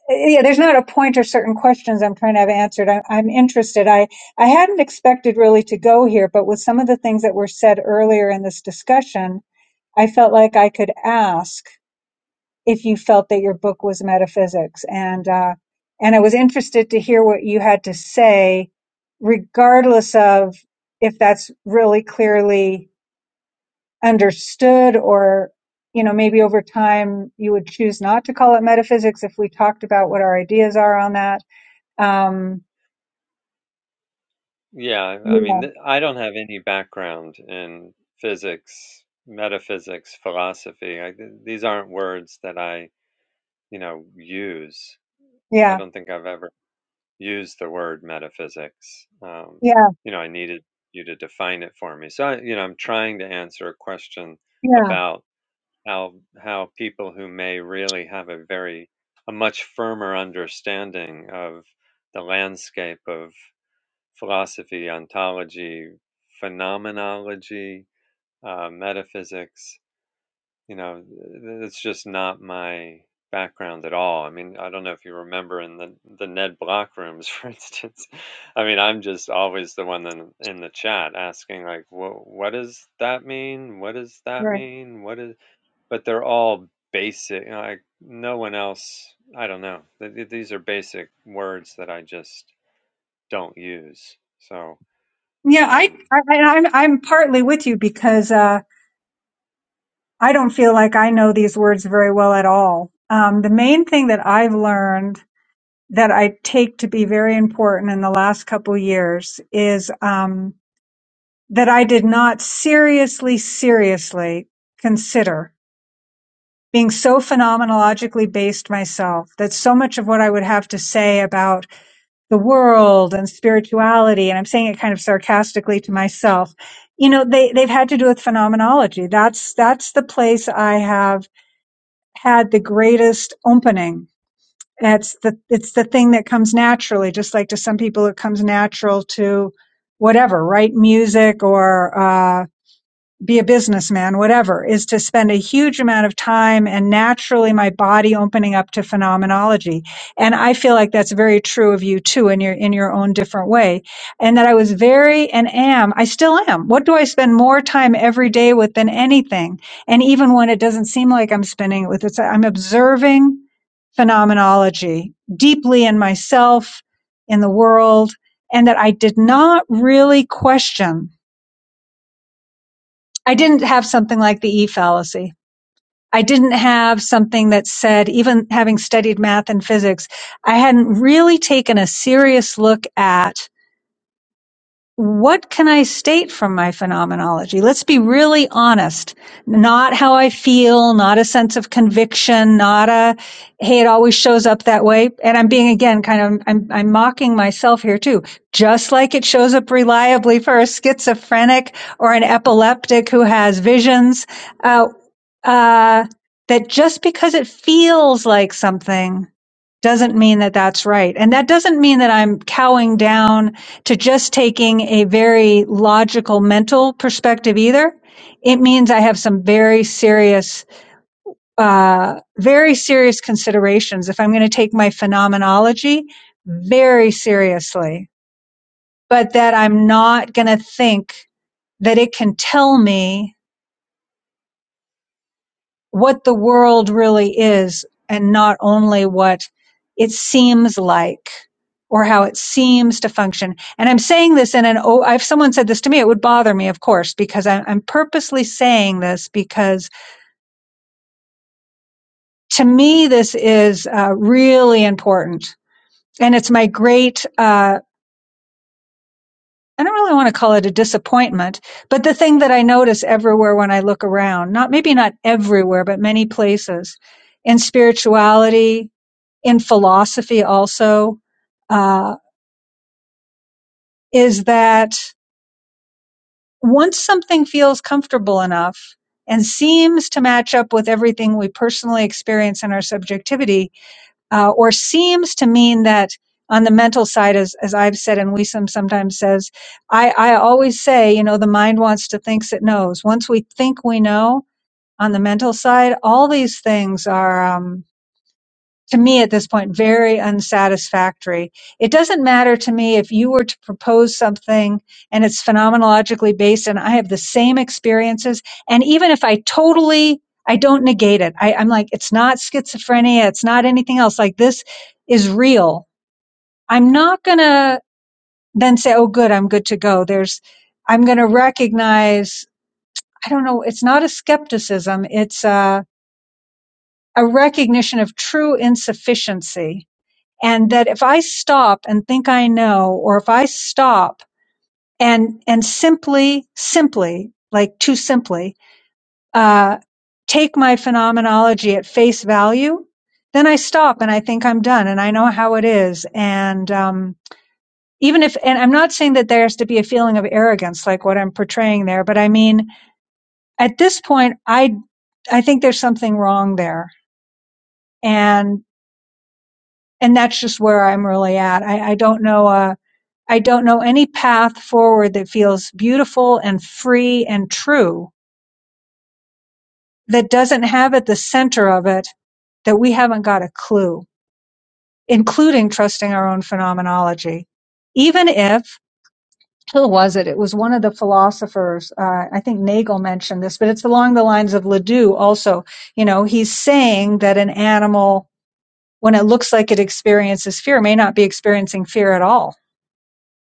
yeah there's not a point or certain questions i'm trying to have answered I, i'm interested i i hadn't expected really to go here but with some of the things that were said earlier in this discussion i felt like i could ask if you felt that your book was metaphysics and uh and i was interested to hear what you had to say regardless of if that's really clearly understood or you know maybe over time you would choose not to call it metaphysics if we talked about what our ideas are on that um,
Yeah, I
yeah,
mean, th- I don't have any background in physics, metaphysics, philosophy. I, th- these aren't words that I, you know, use. I
yeah,
don't think I've ever use the word metaphysics. Um,
yeah,
you know, I needed you to define it for me. So, I, you know, I'm trying to answer a question
yeah,
about how how people who may really have a very a much firmer understanding of the landscape of philosophy, ontology, phenomenology, uh, metaphysics you know, th- it's just not my background at all. I mean, I don't know if you remember in the the Ned Block rooms, for instance. I mean, I'm just always the one in, in the chat asking like, what what does that mean? What does that
right.
mean? What is? But they're all basic. you know, Like no one else. I don't know. Th- th- These are basic words that I just don't use. So,
Yeah, I,
um,
I, I- I'm, I'm partly with you because uh, I don't feel like I know these words very well at all. Um, the main thing that I've learned that I take to be very important in the last couple years is um, that I did not seriously, seriously consider being so phenomenologically based myself that so much of what I would have to say about the world and spirituality, and I'm saying it kind of sarcastically to myself, you know, they, they've had to do with phenomenology. That's, that's the place I have had the greatest opening. It's the, it's the thing that comes naturally, just like to some people, it comes natural to whatever, write music or, uh, be a businessman, whatever, is to spend a huge amount of time and naturally my body opening up to phenomenology. And I feel like that's very true of you too in your in your own different way. And that I was very and am, I still am. What do I spend more time every day with than anything? And even when it doesn't seem like I'm spending it with it's I'm observing phenomenology deeply in myself, in the world, and that I did not really question I didn't have something like the E fallacy. I didn't have something that said, even having studied math and physics, I hadn't really taken a serious look at what can I state from my phenomenology? Let's be really honest. Not how I feel, not a sense of conviction, not a, hey, it always shows up that way. And I'm being again kind of, I'm, I'm mocking myself here too. Just like it shows up reliably for a schizophrenic or an epileptic who has visions, uh, uh, that just because it feels like something doesn't mean that that's right. And that doesn't mean that I'm cowing down to just taking a very logical mental perspective either. It means I have some very serious, uh, very serious considerations if I'm going to take my phenomenology very seriously, but that I'm not going to think that it can tell me what the world really is and not only what it seems like or how it seems to function. And I'm saying this in an, oh, if someone said this to me, it would bother me, of course, because I'm, I'm purposely saying this because to me, this is uh, really important. And it's my great, uh, I don't really want to call it a disappointment, but the thing that I notice everywhere when I look around, not maybe not everywhere, but many places in spirituality, in philosophy also uh, is that once something feels comfortable enough and seems to match up with everything we personally experience in our subjectivity, uh, or seems to mean that on the mental side, as, as I've said and Wiesem sometimes says, I, I always say, you know, the mind wants to thinks it knows. Once we think we know on the mental side, all these things are. Um, to me at this point very unsatisfactory. It doesn't matter to me if you were to propose something and it's phenomenologically based and I have the same experiences. And even if I totally, I don't negate it. I, I'm like, it's not schizophrenia. It's not anything else. Like this is real. I'm not going to then say, oh, good, I'm good to go. There's, I'm going to recognize, I don't know, it's not a skepticism. It's a, a recognition of true insufficiency and that if I stop and think I know, or if I stop and and simply, simply, like too simply, uh, take my phenomenology at face value, then I stop and I think I'm done and I know how it is. And um, even if, and I'm not saying that there has to be a feeling of arrogance like what I'm portraying there, but I mean, at this point, I I think there's something wrong there, and and that's just where I'm really at. I, I don't know. Uh, I don't know any path forward that feels beautiful and free and true that doesn't have at the center of it that we haven't got a clue, including trusting our own phenomenology. Even if, who was it? It was one of the philosophers. Uh, I think Nagel mentioned this, but it's along the lines of Ledoux also. You know, he's saying that an animal, when it looks like it experiences fear, may not be experiencing fear at all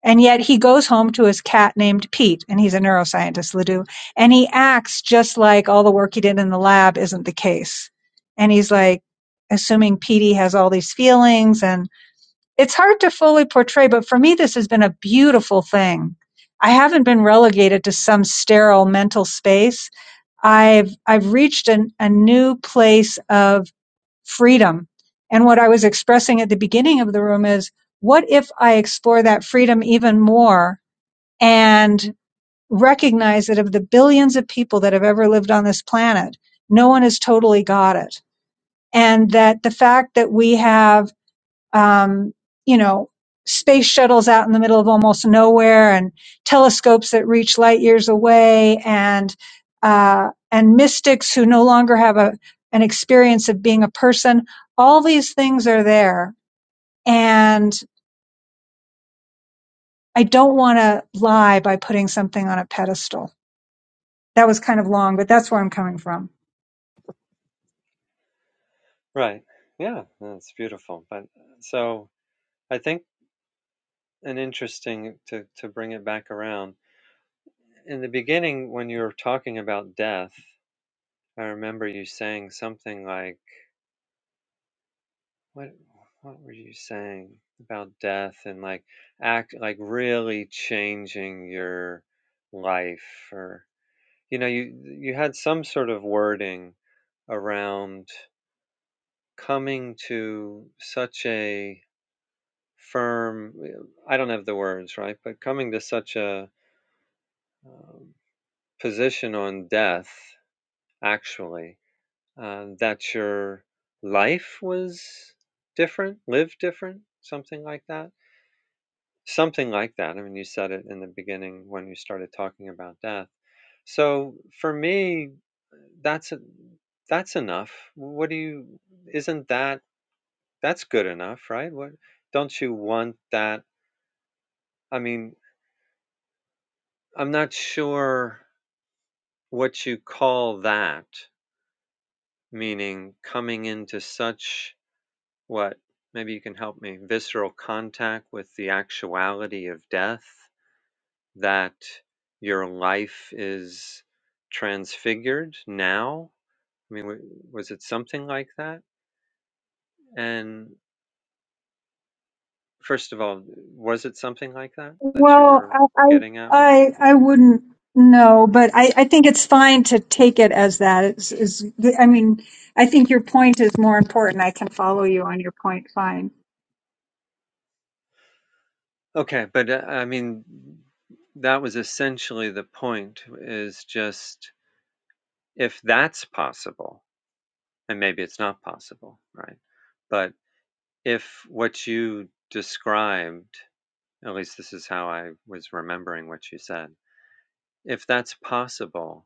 And yet he goes home to his cat named Pete, and he's a neuroscientist, Ledoux, and he acts just like all the work he did in the lab isn't the case. And he's like, assuming Petey has all these feelings, and it's hard to fully portray, but for me, this has been a beautiful thing. I haven't been relegated to some sterile mental space. I've I've reached an, a new place of freedom. And what I was expressing at the beginning of the room is what if I explore that freedom even more and recognize that of the billions of people that have ever lived on this planet, no one has totally got it. And that the fact that we have um, you know, space shuttles out in the middle of almost nowhere and telescopes that reach light years away and, uh, and mystics who no longer have a, an experience of being a person. All these things are there. And I don't want to lie by putting something on a pedestal. That was kind of long, but that's where I'm coming from.
right. Yeah, that's beautiful. But so I think an interesting to, to bring it back around. In the beginning, when you were talking about death, I remember you saying something like, "What? What were you saying about death and like act like really changing your life?" Or you know, you you had some sort of wording around coming to such a firm. I don't have the words right, but coming to such a um, position on death actually, um, that your life was different, lived different, something like that. Something like that. I mean, you said it in the beginning when you started talking about death. So for me, that's a, that's enough. What do you? Isn't that that's good enough, right? What don't you want that? I mean, I'm not sure what you call that. Meaning, coming into such what maybe you can help me visceral contact with the actuality of death that your life is transfigured now i mean was it something like that and first of all was it something like that that you
Well,
were
I
getting at when you
I I I wouldn't know, but I I think it's fine to take it as that. It's, is I mean, I think your point is more important. I can follow you on your point. Fine.
okay but uh, i mean that was essentially the point is just if that's possible and maybe it's not possible right But. if what you described, at least this is how I was remembering what you said, if that's possible,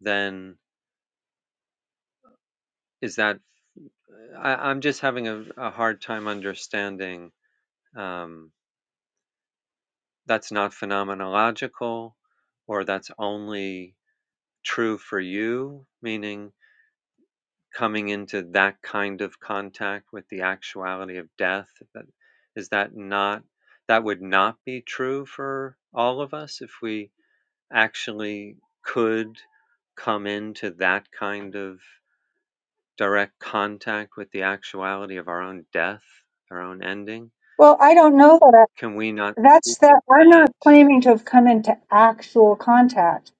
then is that, I, I'm just having a, a hard time understanding um, that's not phenomenological or that's only true for you, meaning coming into that kind of contact with the actuality of death. That, is that not, that would not be true for all of us if we actually could come into that kind of direct contact with the actuality of our own death, our own ending?
Well, I don't know that.
Can we not
I, that's
speak of
that. I'm not
that?
claiming to have come into actual contact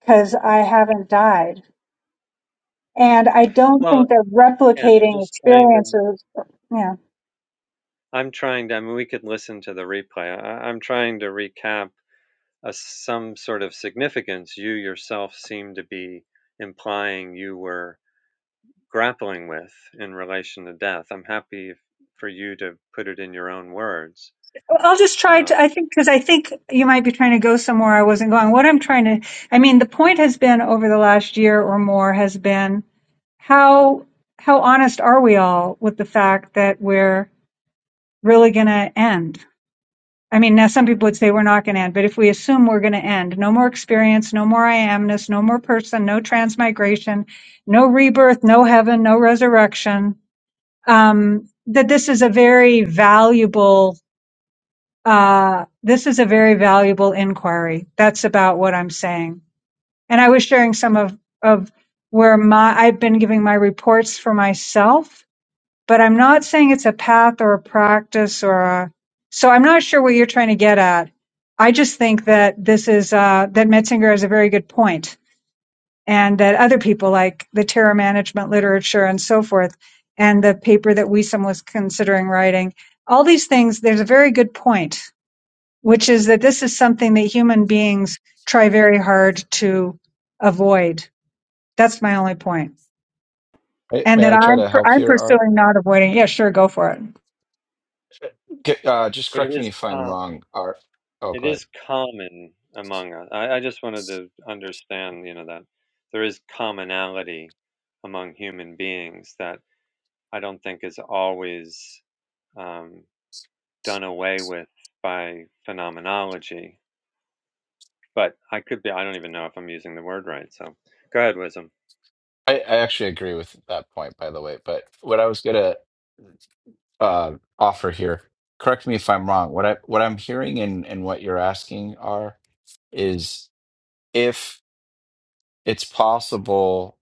because I haven't died. and I don't
Well,
think they're
again, I'm
replicating
just trying to.
experiences. Yeah,
I'm trying to. I mean, we could listen to the replay. I, I'm trying to recap a, some sort of significance you yourself seem to be implying you were grappling with in relation to death. I'm happy for you to put it in your own words.
Well, I'll just try
Um,
to. I think because I think you might be trying to go somewhere I wasn't going. What I'm trying to, I mean, the point has been over the last year or more has been how how honest are we all with the fact that we're really going to end. I mean, now some people would say we're not going to end, but if we assume we're going to end, no more experience, no more I amness, no more person, no transmigration, no rebirth, no heaven, no resurrection, um, that this is a very valuable uh, this is a very valuable inquiry. That's about what I'm saying. And I was sharing some of of where my I've been giving my reports for myself, but I'm not saying it's a path or a practice or a. So I'm not sure what you're trying to get at. I just think that this is uh, that Metzinger has a very good point and that other people like the terror management literature and so forth, and the paper that Wiesem was considering writing, all these things, there's a very good point, which is that this is something that human beings try very hard to avoid. That's my only point.
Right?
And
May
that
I try
I'm,
to
per-
help
I'm
here, Art?
pursuing not avoiding. Yeah, sure, go for it.
G- Uh, just
But it
correct me
is
if I'm
um,
wrong. Are oh,
it
go ahead.
is common among us. I, I just wanted to understand, you know, that there is commonality among human beings that I don't think is always um, done away with by phenomenology. But I could be, I don't even know if I'm using the word right. So go ahead, Wisdom.
I, I actually agree with that point, by the way. But what I was gonna uh, offer here, correct me if I'm wrong. What I what I'm hearing and and what you're asking are is if it's possible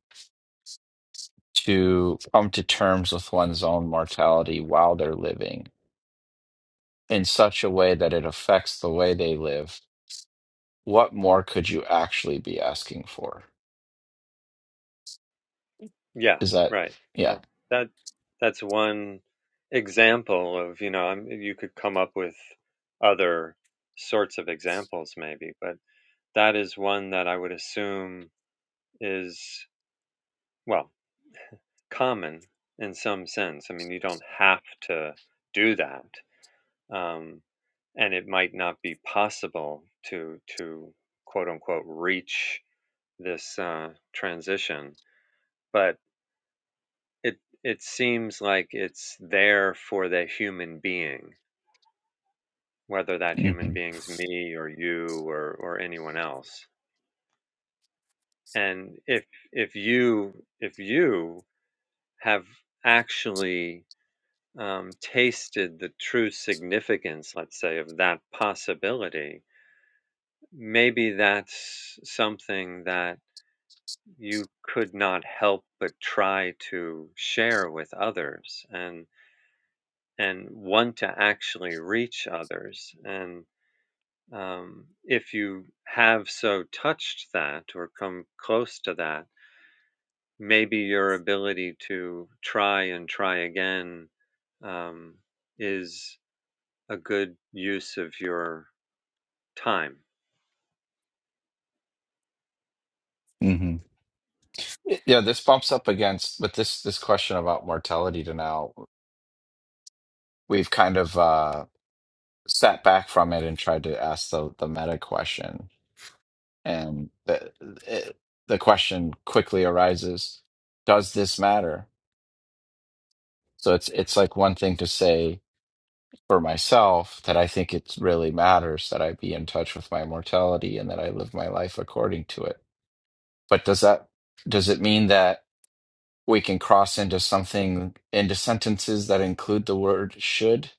to come to terms with one's own mortality while they're living in such a way that it affects the way they live. What more could you actually be asking for?
Yeah,
Is that
right. That,
yeah?
that that's one example of, you know, i you could come up with other sorts of examples maybe, but that is one that I would assume is, well, common in some sense. I mean, you don't have to do that. Um, and it might not be possible to, to quote unquote, reach this uh, transition. But it, it seems like it's there for the human being, whether that human
hmm
being's me or you or, or anyone else. And if, if you, if you have actually um, tasted the true significance, let's say, of that possibility, maybe that's something that you could not help but try to share with others and and want to actually reach others and um, if you have so touched that or come close to that maybe your ability to try and try again um, is a good use of your time.
Yeah, this bumps up against with this this question about mortality to now, we've kind of uh sat back from it and tried to ask the the meta question. And the it, the question quickly arises, does this matter? So it's it's like one thing to say for myself that I think it really matters that I be in touch with my mortality and that I live my life according to it. But does that does it mean that we can cross into something into sentences that include the word should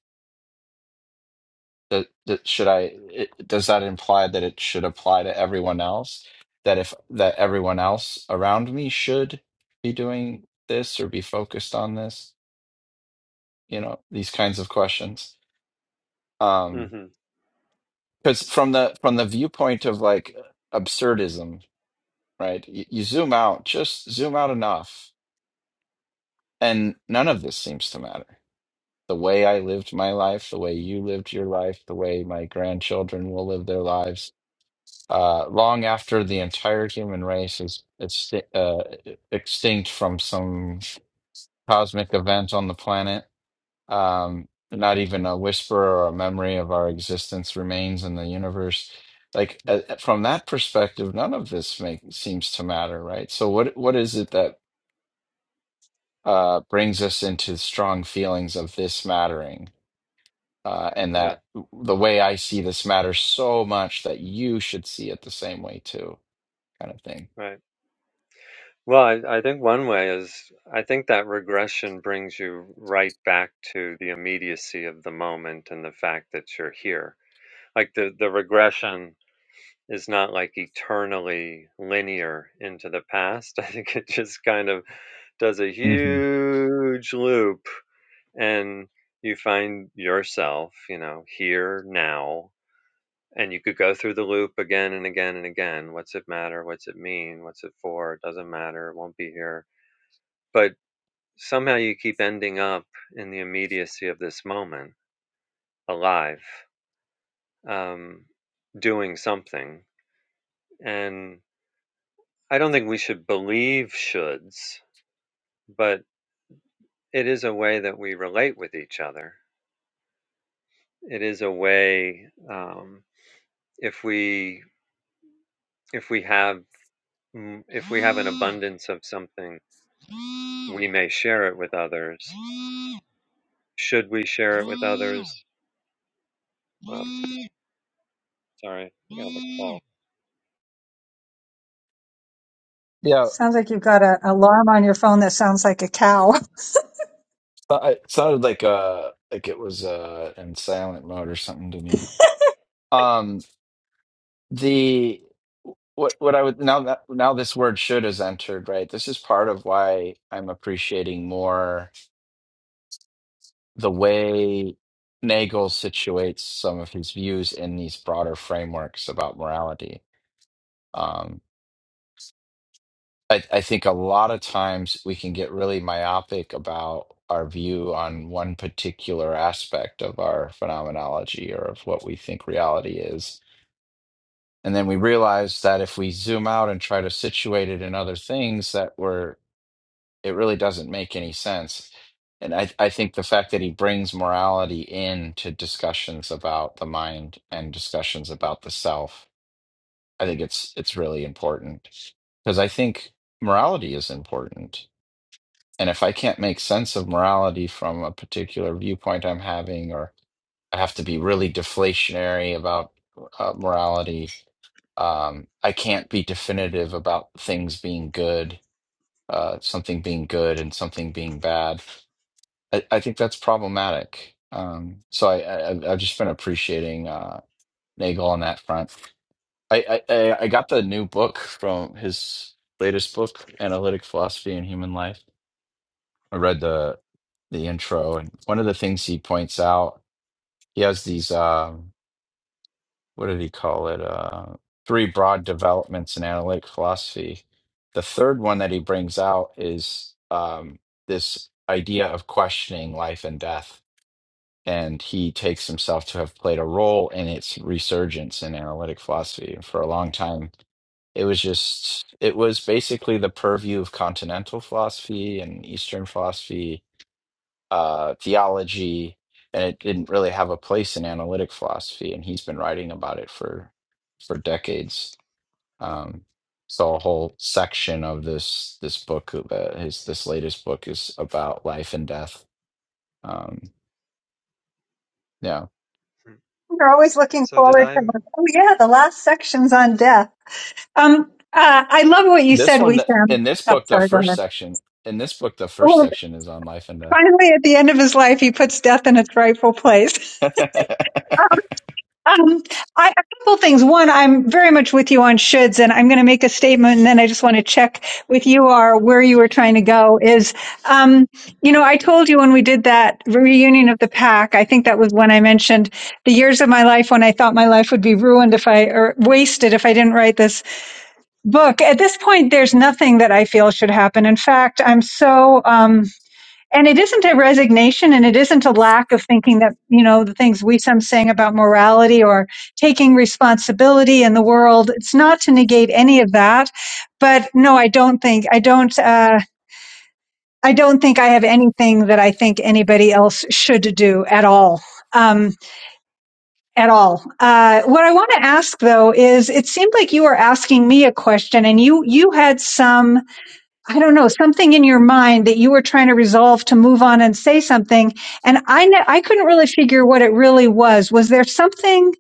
that, that should i it, does that imply that it should apply to everyone else that if that everyone else around me should be doing this or be focused on this you know these kinds of questions um
hmm
because from the from the viewpoint of like absurdism right you, you zoom out just zoom out enough and none of this seems to matter the way I lived my life, the way you lived your life, the way my grandchildren will live their lives, uh, long after the entire human race is exti- uh, extinct from some cosmic event on the planet. Um, not even a whisper or a memory of our existence remains in the universe. Like uh, uh, from that perspective, none of this make, seems to matter, right? So what what is it that uh, brings us into strong feelings of this mattering? uh, and
Yeah,
that the way I see this matters so much that you should see it the same way too, kind of thing.
right. Well, I, I think one way is I think that regression brings you right back to the immediacy of the moment and the fact that you're here. Like the, the regression is not like eternally linear into the past. I think it just kind of does a
hmm
huge loop and you find yourself, you know, here now and you could go through the loop again and again and again what's it matter what's it mean what's it for it doesn't matter it won't be here but somehow you keep ending up in the immediacy of this moment alive um, doing something and i don't think we should believe shoulds but it is a way that we relate with each other it is a way um, if we if we have Mm, If we have an abundance of something, we may share it with others. Should we share it with others? Well, sorry, I got a call.
Yeah,
Sounds like you've got an alarm on your phone that sounds like a cow.
so- it sounded like uh like it was uh in silent mode or something to me. Um, The what what I would now that now this word should is entered, right? This is part of why I'm appreciating more the way Nagel situates some of his views in these broader frameworks about morality. Um, I, I think a lot of times we can get really myopic about our view on one particular aspect of our phenomenology or of what we think reality is And then we realized that if we zoom out and try to situate it in other things, that we're it really doesn't make any sense. And I, I think the fact that he brings morality into discussions about the mind and discussions about the self, I think it's it's really important. Because I think morality is important. And if I can't make sense of morality from a particular viewpoint I'm having, or I have to be really deflationary about uh, morality, um, I can't be definitive about things being good, uh, something being good and something being bad. I, I think that's problematic. Um, so I, I, I've just been appreciating uh, Nagel on that front. I, I, I I got the new book from his latest book, Analytic Philosophy and Human Life. I read the the intro, and one of the things he points out, he has these. Um, what did he call it? Uh, three broad developments in analytic philosophy. The third one that he brings out is um, this idea of questioning life and death. And he takes himself to have played a role in its resurgence in analytic philosophy. For a long time, it was just, it was basically the purview of continental philosophy and Eastern philosophy uh, theology, and it didn't really have a place in analytic philosophy. And he's been writing about it for for decades. Um, so a whole section of this this book, uh, his this latest book, is about life and death. Um, yeah,
Mm.
You're always looking
So did
forward to,
I?
oh yeah, the last section's on death. Um, uh, I love what you
this
said, we
one
sound.
in this
Oh,
book, the
sorry, go
first
ahead.
section in this book, the first
Oh,
section is on life and
finally, at the end of his life, he puts death in its rightful place.
death.
Um, um, I, a couple things. One, I'm very much with you on shoulds, and I'm going to make a statement, and then I just want to check with you are where you were trying to go. Is um, you know, I told you when we did that reunion of the pack. I think that was when I mentioned the years of my life when I thought my life would be ruined if I or wasted if I didn't write this book. At this point, there's nothing that I feel should happen. In fact, I'm so, um, and it isn't a resignation and it isn't a lack of thinking that, you know, the things we some saying about morality or taking responsibility in the world. It's not to negate any of that. But no, I don't think, I don't, uh, I don't think I have anything that I think anybody else should do at all. Um, at all. Uh, what I want to ask though is, it seemed like you were asking me a question, and you you had some I don't know, something in your mind that you were trying to resolve to move on and say something. And I, ne- I couldn't really figure what it really was. Was there something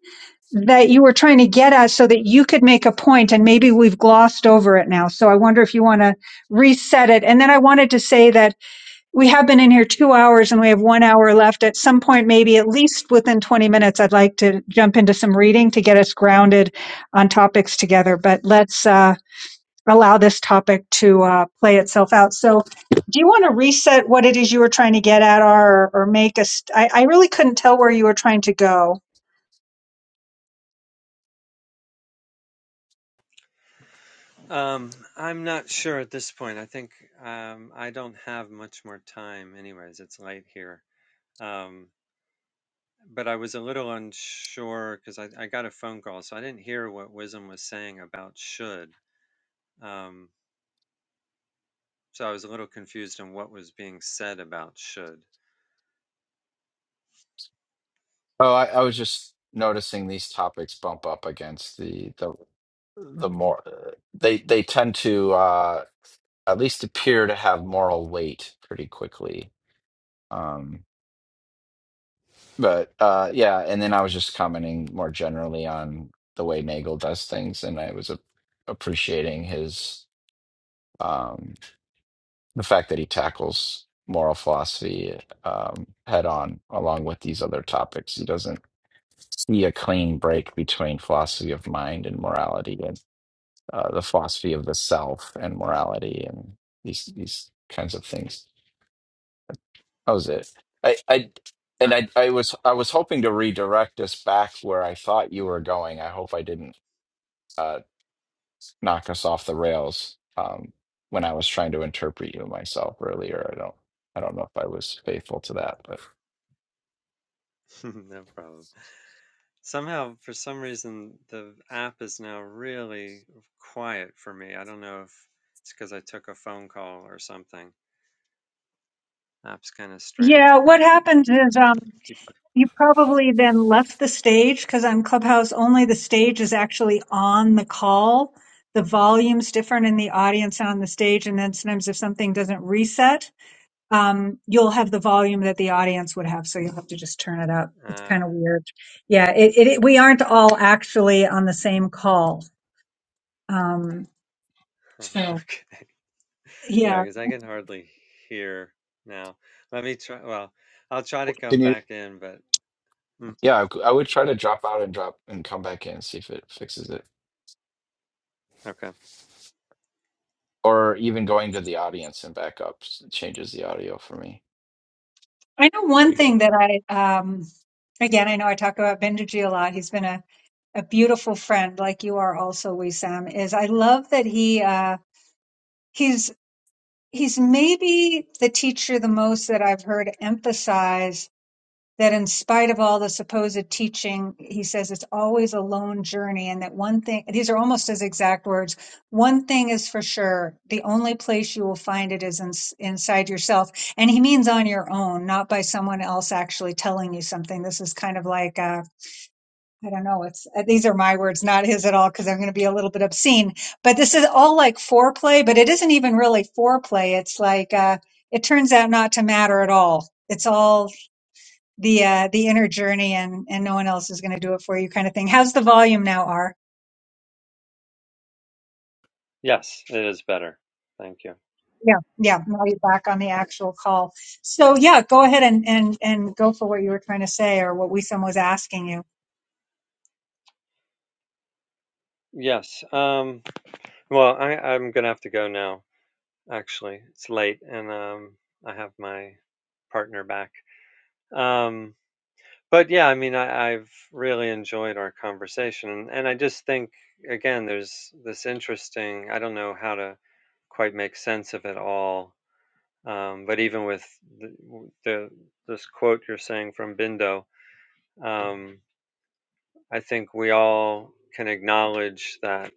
that you were trying to get at so that you could make a point and maybe we've glossed over it now? So I wonder if you want to reset it. And then I wanted to say that we have been in here two hours and we have one hour left. At some point, maybe at least within 20 minutes, I'd like to jump into some reading to get us grounded on topics together. But let's, uh, allow this topic to uh, play itself out. So, do you want to reset what it is you were trying to get at, or or make us? I, I really couldn't tell where you were trying to go.
Um, I'm not sure at this point. I think um, I don't have much more time. Anyways, it's late here. Um, but I was a little unsure because I, I got a phone call, so I didn't hear what Wisdom was saying about should. Um, so I was a little confused on what was being said about should.
Oh, I, I was just noticing these topics bump up against the the the more uh, they they tend to uh at least appear to have moral weight pretty quickly. Um, but uh, yeah, and then I was just commenting more generally on the way Nagel does things, and I was a- appreciating his um, the fact that he tackles moral philosophy um, head on, along with these other topics. He doesn't see a clean break between philosophy of mind and morality, and uh, the philosophy of the self and morality, and these these kinds of things. That was it. I, I and
Uh-huh.
I, I was I was hoping to redirect us back where I thought you were going. I hope I didn't uh, knock us off the rails um, when I was trying to interpret you myself earlier. I don't I don't know if I was faithful to that, but
No problem. Somehow, for some reason, the app is now really quiet for me. I don't know if it's because I took a phone call or something. App's kind of strange.
Yeah,
I
what
can
happens is um,
keep.
you probably then left the stage because on Clubhouse only the stage is actually on the call. The volume's different in the audience and on the stage, and then sometimes if something doesn't reset. um, you'll have the volume that the audience would have, so you'll have to just turn it up. It's
Uh,
kind of weird. Yeah, it, it, it- we aren't all actually on the same call. Um,
huh,
so
okay. Yeah,
yeah,
because I can hardly hear now. Let me try. Well, I'll try to
can
come
you?
back in, but mm,
Yeah, I, I would try to drop out and drop and come back in see if it fixes it,
okay.
or even going to the audience and back up s- changes the audio for me.
I know
There
one
you
thing
go.
that I um, again I know I talk about Benderji a lot. He's been a a beautiful friend, like you are also, Wissam. Is I love that he uh, he's he's maybe the teacher the most that I've heard emphasize that in spite of all the supposed teaching, he says it's always a lone journey, and that one thing, these are almost his exact words one thing is for sure, the only place you will find it is in, inside yourself. And he means on your own, not by someone else actually telling you something. This is kind of like, uh, I don't know. It's uh, these are my words, not his at all, because I'm going to be a little bit obscene. But this is all like foreplay, but it isn't even really foreplay. It's like uh, it turns out not to matter at all. It's all the uh, the inner journey and and no one else is going to do it for you kind of thing. How's the volume now, R?
Yes, it is better. Thank you.
Yeah, yeah. Now you're back on the actual call. So yeah, go ahead and and and go for what you were trying to say or what Wisam was asking you.
Yes. Um, well, I, I'm gonna have to go now. actually. It's late and um I have my partner back. Um but yeah, I mean I, I've really enjoyed our conversation and I just think again there's this interesting I don't know how to quite make sense of it all. Um, but even with the, the this quote you're saying from Bindo, um, I think we all can acknowledge that,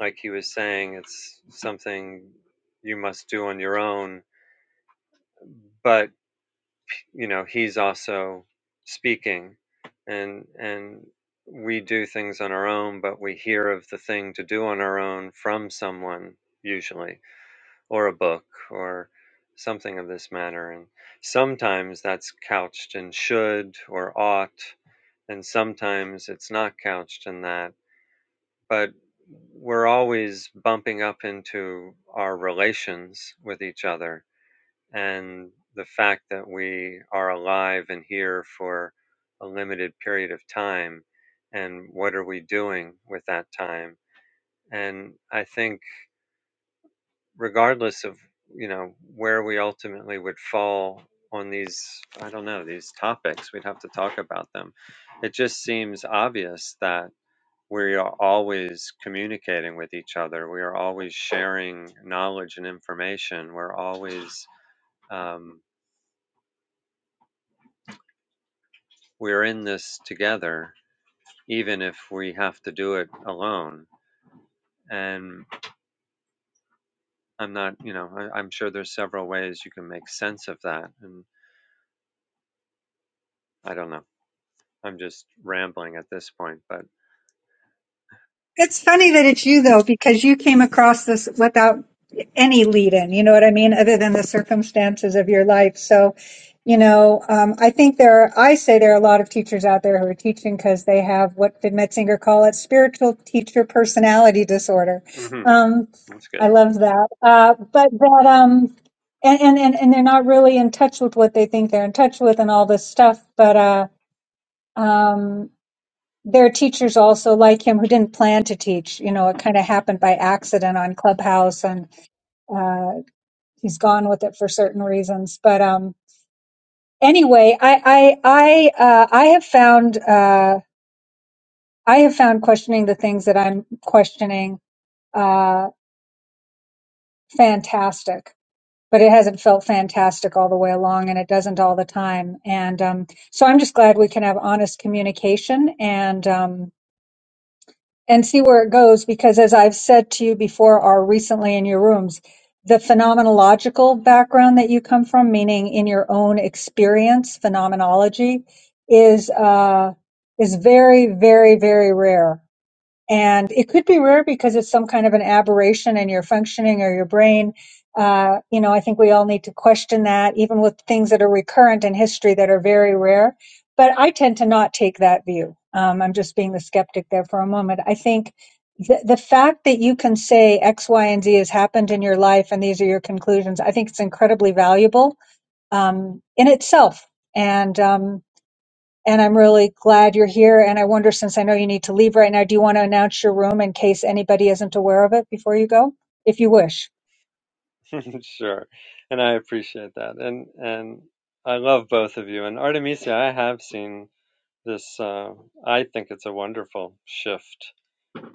like he was saying, it's something you must do on your own. But you know he's also speaking and and we do things on our own but we hear of the thing to do on our own from someone usually or a book or something of this matter and sometimes that's couched in should or ought and sometimes it's not couched in that but we're always bumping up into our relations with each other and the fact that we are alive and here for a limited period of time and what are we doing with that time and i think regardless of you know where we ultimately would fall on these i don't know these topics we'd have to talk about them it just seems obvious that we are always communicating with each other we are always sharing knowledge and information we're always um, we're in this together, even if we have to do it alone. And I'm not, you know, I, I'm sure there's several ways you can make sense of that. And I don't know. I'm just rambling at this point, but
It's funny that it's you though, because you came across this without any lead in, you know what I mean, other than the circumstances of your life. So, you know, um, I think there are, I say there are a lot of teachers out there who are teaching because they have what did Metzinger call it? Spiritual teacher personality disorder.
mhm,
Um,
that's
I love that. Uh, but that, um, and, and, and and they're not really in touch with what they think they're in touch with and all this stuff. But, uh, um, there are teachers also like him who didn't plan to teach. You know, it kind of happened by accident on Clubhouse, and uh, he's gone with it for certain reasons. But um, anyway, I I I, uh, I have found uh, I have found questioning the things that I'm questioning uh, fantastic. But it hasn't felt fantastic all the way along, and it doesn't all the time. And um, so I'm just glad we can have honest communication and um, and see where it goes because as I've said to you before or recently in your rooms, the phenomenological background that you come from, meaning in your own experience, phenomenology is uh is very, very, very rare. And it could be rare because it's some kind of an aberration in your functioning or your brain. Uh, you know, I think we all need to question that, even with things that are recurrent in history that are very rare. But I tend to not take that view. Um, I'm just being the skeptic there for a moment. I think the, the fact that you can say X, Y, and Z has happened in your life and these are your conclusions, I think it's incredibly valuable um, in itself. And um, and I'm really glad you're here. And I wonder, since I know you need to leave right now, do you want to announce your room in case anybody isn't aware of it before you go, if you wish?
good. sure. And I appreciate that. And, and I love both of you. And Artemisia, I have seen this, uh, I think it's a wonderful shift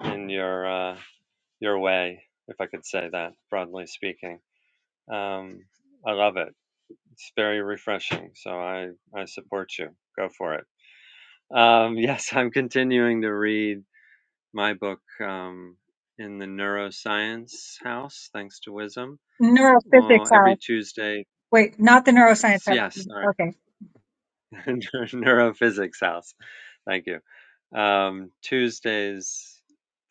in your, uh, your way, if I could say that, broadly speaking. Um, I love it It's very refreshing. So I, I support you. Go for it. Um, yes, I'm continuing to read my book um, in the neuroscience house, thanks to Wisdom.
Neurophysics
Oh, every
house.
Tuesday,
Wait, not the neuroscience house.
yes, sorry,
Okay,
neurophysics house. Thank you. Um, Tuesdays,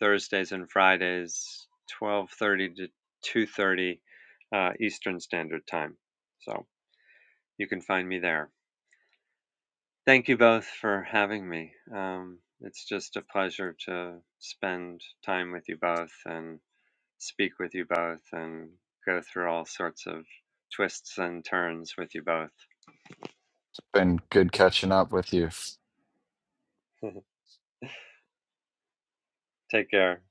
Thursdays, and Fridays, 12:30 to 2:30 uh, Eastern Standard Time. So you can find me there. Thank you both for having me. Um, it's just a pleasure to spend time with you both and speak with you both and go through all sorts of twists and turns with you both.
Been good catching up with you.
Take care.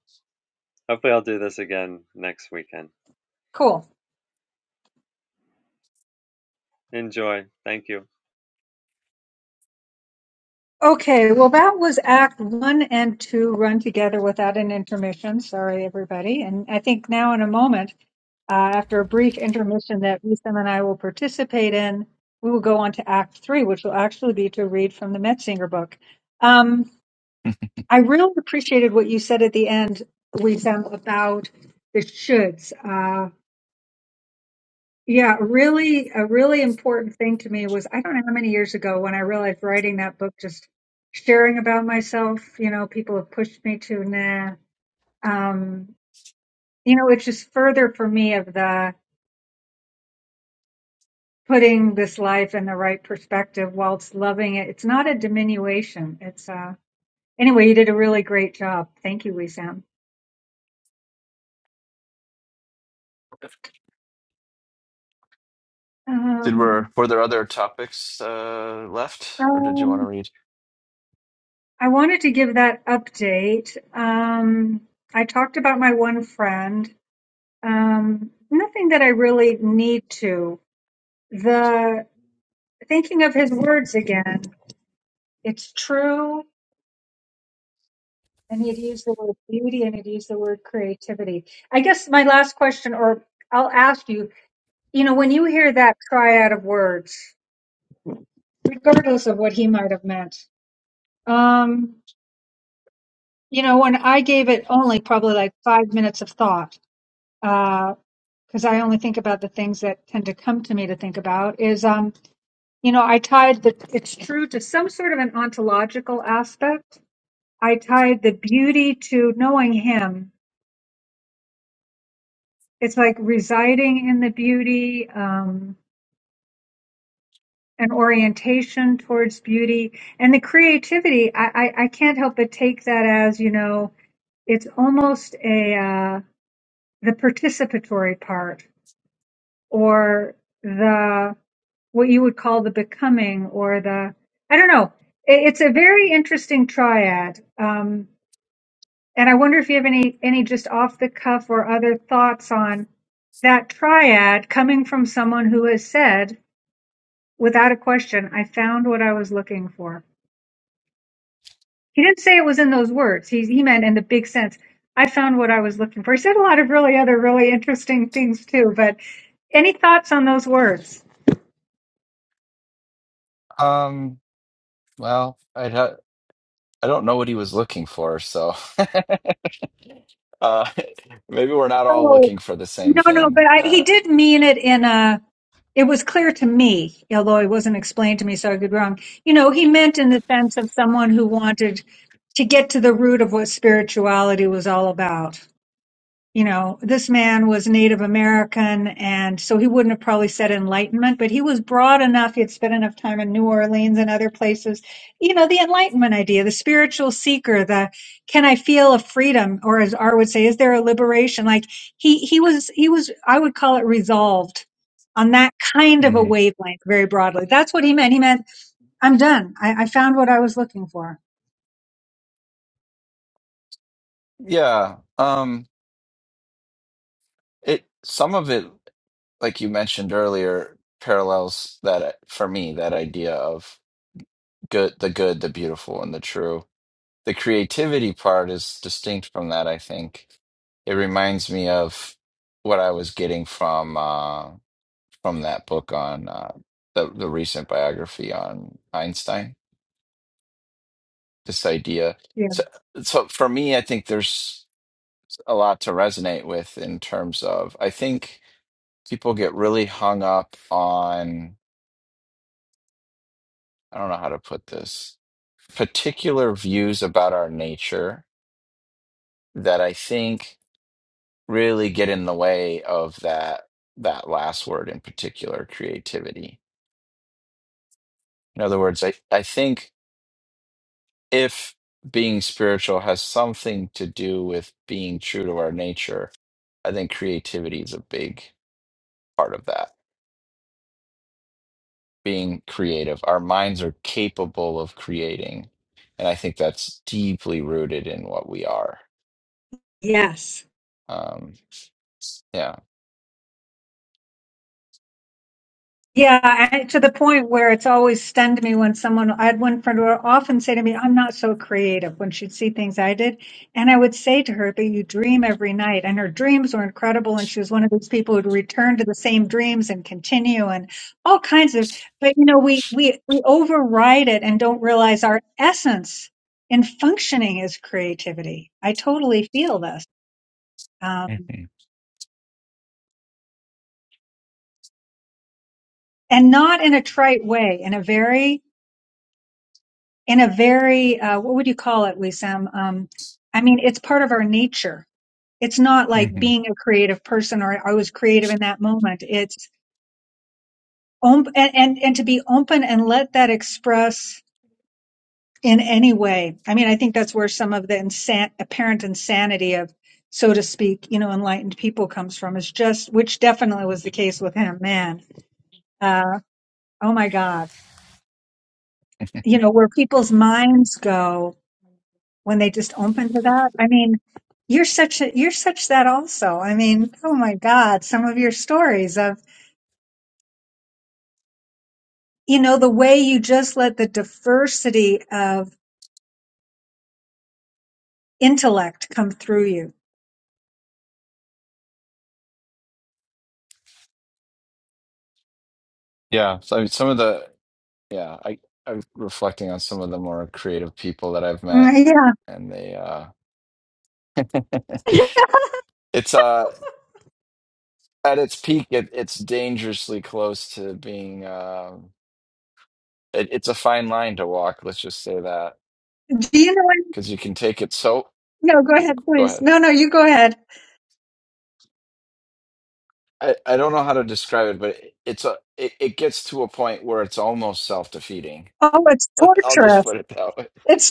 Hopefully, I'll do this again next weekend.
cool.
Enjoy. Thank you.
Okay, well, that was Act One and Two run together without an intermission. Sorry, everybody. And I think now, in a moment, uh, after a brief intermission that Wisam and I will participate in, we will go on to Act Three, which will actually be to read from the Metzinger book. Um, I really appreciated what you said at the end, Wisam, about the shoulds. Uh, yeah, really, a really important thing to me was I don't know how many years ago when I realized writing that book, just sharing about myself, you know, people have pushed me to, nah. Um, you know, it's just further for me of the putting this life in the right perspective whilst loving it. It's not a diminution. It's, uh, anyway, you did a really great job. Thank you, Wisam.
Did
Um,
were were there other topics uh, left, or did you want
um,
to read?
I wanted to give that update. Um, I talked about my one friend. Um, nothing that I really need to. The thinking of his words again. It's true, and he'd use the word beauty, and he'd use the word creativity. I guess my last question, or I'll ask you. You know, when you hear that triad of words, regardless of what he might have meant, um, you know, when I gave it only probably like five minutes of thought uh, because I only think about the things that tend to come to me to think about is, um, you know, I tied the, it's true to some sort of an ontological aspect. I tied the beauty to knowing him. It's like residing in the beauty, um, an orientation towards beauty and the creativity. I, I, I can't help but take that as, you know, it's almost a, uh, the participatory part or the what you would call the becoming or the I don't know. It, it's a very interesting triad, um, and I wonder if you have any any just off the cuff or other thoughts on that triad coming from someone who has said without a question, "I found what I was looking for." He didn't say it was in those words. He he meant in the big sense. I found what I was looking for. He said a lot of really other really interesting things too. But any thoughts on those words?
Um, well, I ha I don't know what he was looking for, so uh maybe we're not all looking for the same
No, no,
thing.
but I, he
Uh
did mean it in a. It was clear to me, although it wasn't explained to me, so I could be wrong. You know, he meant in the sense of someone who wanted to get to the root of what spirituality was all about you know, this man was Native American, and so he wouldn't have probably said Enlightenment, but he was broad enough. He had spent enough time in New Orleans and other places. You know, the Enlightenment idea, the spiritual seeker, the can I feel a freedom, or as R would say, is there a liberation? Like he he was he was I would call it resolved on that kind of a
hmm
wavelength, very broadly. That's what he meant. He meant I'm done. I, I found what I was looking for.
yeah, um it some of it like you mentioned earlier parallels that uh, for me that idea of good the good, the beautiful and the true. the creativity part is distinct from that, I think. It reminds me of what I was getting from uh, from that book on uh, the the recent biography on Einstein. This idea.
Yeah.
So, so for me, I think there's a lot to resonate with in terms of I think people get really hung up on I don't know how to put this particular views about our nature that I think really get in the way of that that last word in particular, creativity. In other words, I, I think if being spiritual has something to do with being true to our nature, I think creativity is a big part of that. Being creative. Our minds are capable of creating. And I think that's deeply rooted in what we are.
Yes.
Um, yeah.
Yeah, and to the point where it's always stunned me when someone, I had one friend who would often say to me, I'm not so creative when she'd see things I did. And I would say to her, but you dream every night. And her dreams were incredible. And she was one of those people who'd return to the same dreams and continue and all kinds of, but you know, we, we, we override it and don't realize our essence in functioning is creativity. I totally feel this.
hmm
Um, and not in a trite way, in a very, in a very uh, what would you call it, Wisam? Um, I mean, it's part of our nature. It's not like
hmm
being a creative person or I was creative in that moment. It's om- and, and and to be open and let that express in any way. I mean, I think that's where some of the insan- apparent insanity of, so to speak, you know, enlightened people comes from. Is just which definitely was the case with him. Man, uh, oh my God, you know, where people's minds go when they just open to that. I mean, you're such a, you're such that also. I mean, oh my God, some of your stories of, you know, the way you just let the diversity of intellect come through you.
yeah. So I mean, some of the Yeah, I I'm reflecting on some of the more creative people that I've met,
Mm, Yeah.
and they uh, it's uh at its peak, it, it's dangerously close to being um, it, it's a fine line to walk. Let's just say that
Do you know what?
because you can take it so.
No, go ahead,
Go
please.
ahead.
No, no, you go ahead.
I, I don't know how to describe it, but it, it's a it, it gets to a point where it's almost self defeating.
Oh, it's
I'll just
torturous.
put it that way.
It's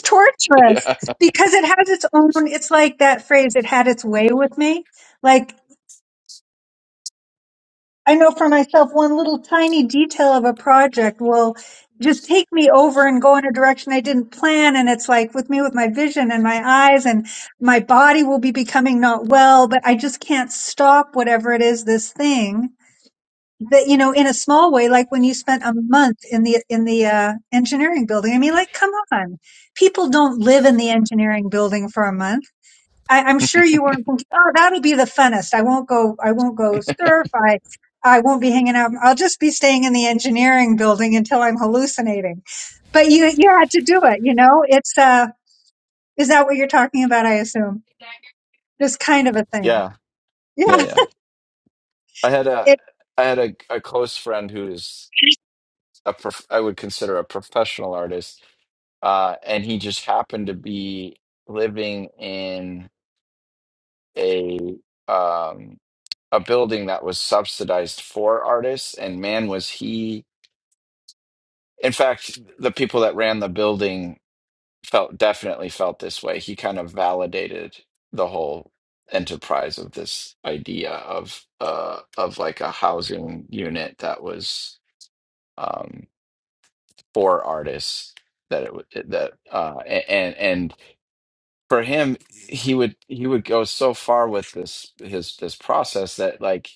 torturous
Yeah,
because it has its own, it's like that phrase, it had its way with me. like. I know for myself, one little tiny detail of a project will just take me over and go in a direction I didn't plan. And it's like with me, with my vision and my eyes and my body will be becoming not well, but I just can't stop whatever it is, this thing that, you know, in a small way, like when you spent a month in the, in the, uh, engineering building. I mean, like, come on. People don't live in the engineering building for a month I, I'm sure you weren't thinking, oh, that'll be the funnest. I won't go, I won't go surf. I, I won't be hanging out. I'll just be staying in the engineering building until I'm hallucinating. But you, you had to do it, you know? It's, uh, is that what you're talking about? I assume this kind of a thing.
yeah, yeah,
Yeah.
yeah. I had a I had a, a close friend who's a prof- I would consider a professional artist, uh, and he just happened to be living in a um, a building that was subsidized for artists. And man, was he! In fact, the people that ran the building felt definitely felt this way. He kind of validated the whole enterprise of this idea of uh, of like a housing unit that was. Um, for artists that it, would- that uh and and for him he would he would go so far with this his this process that like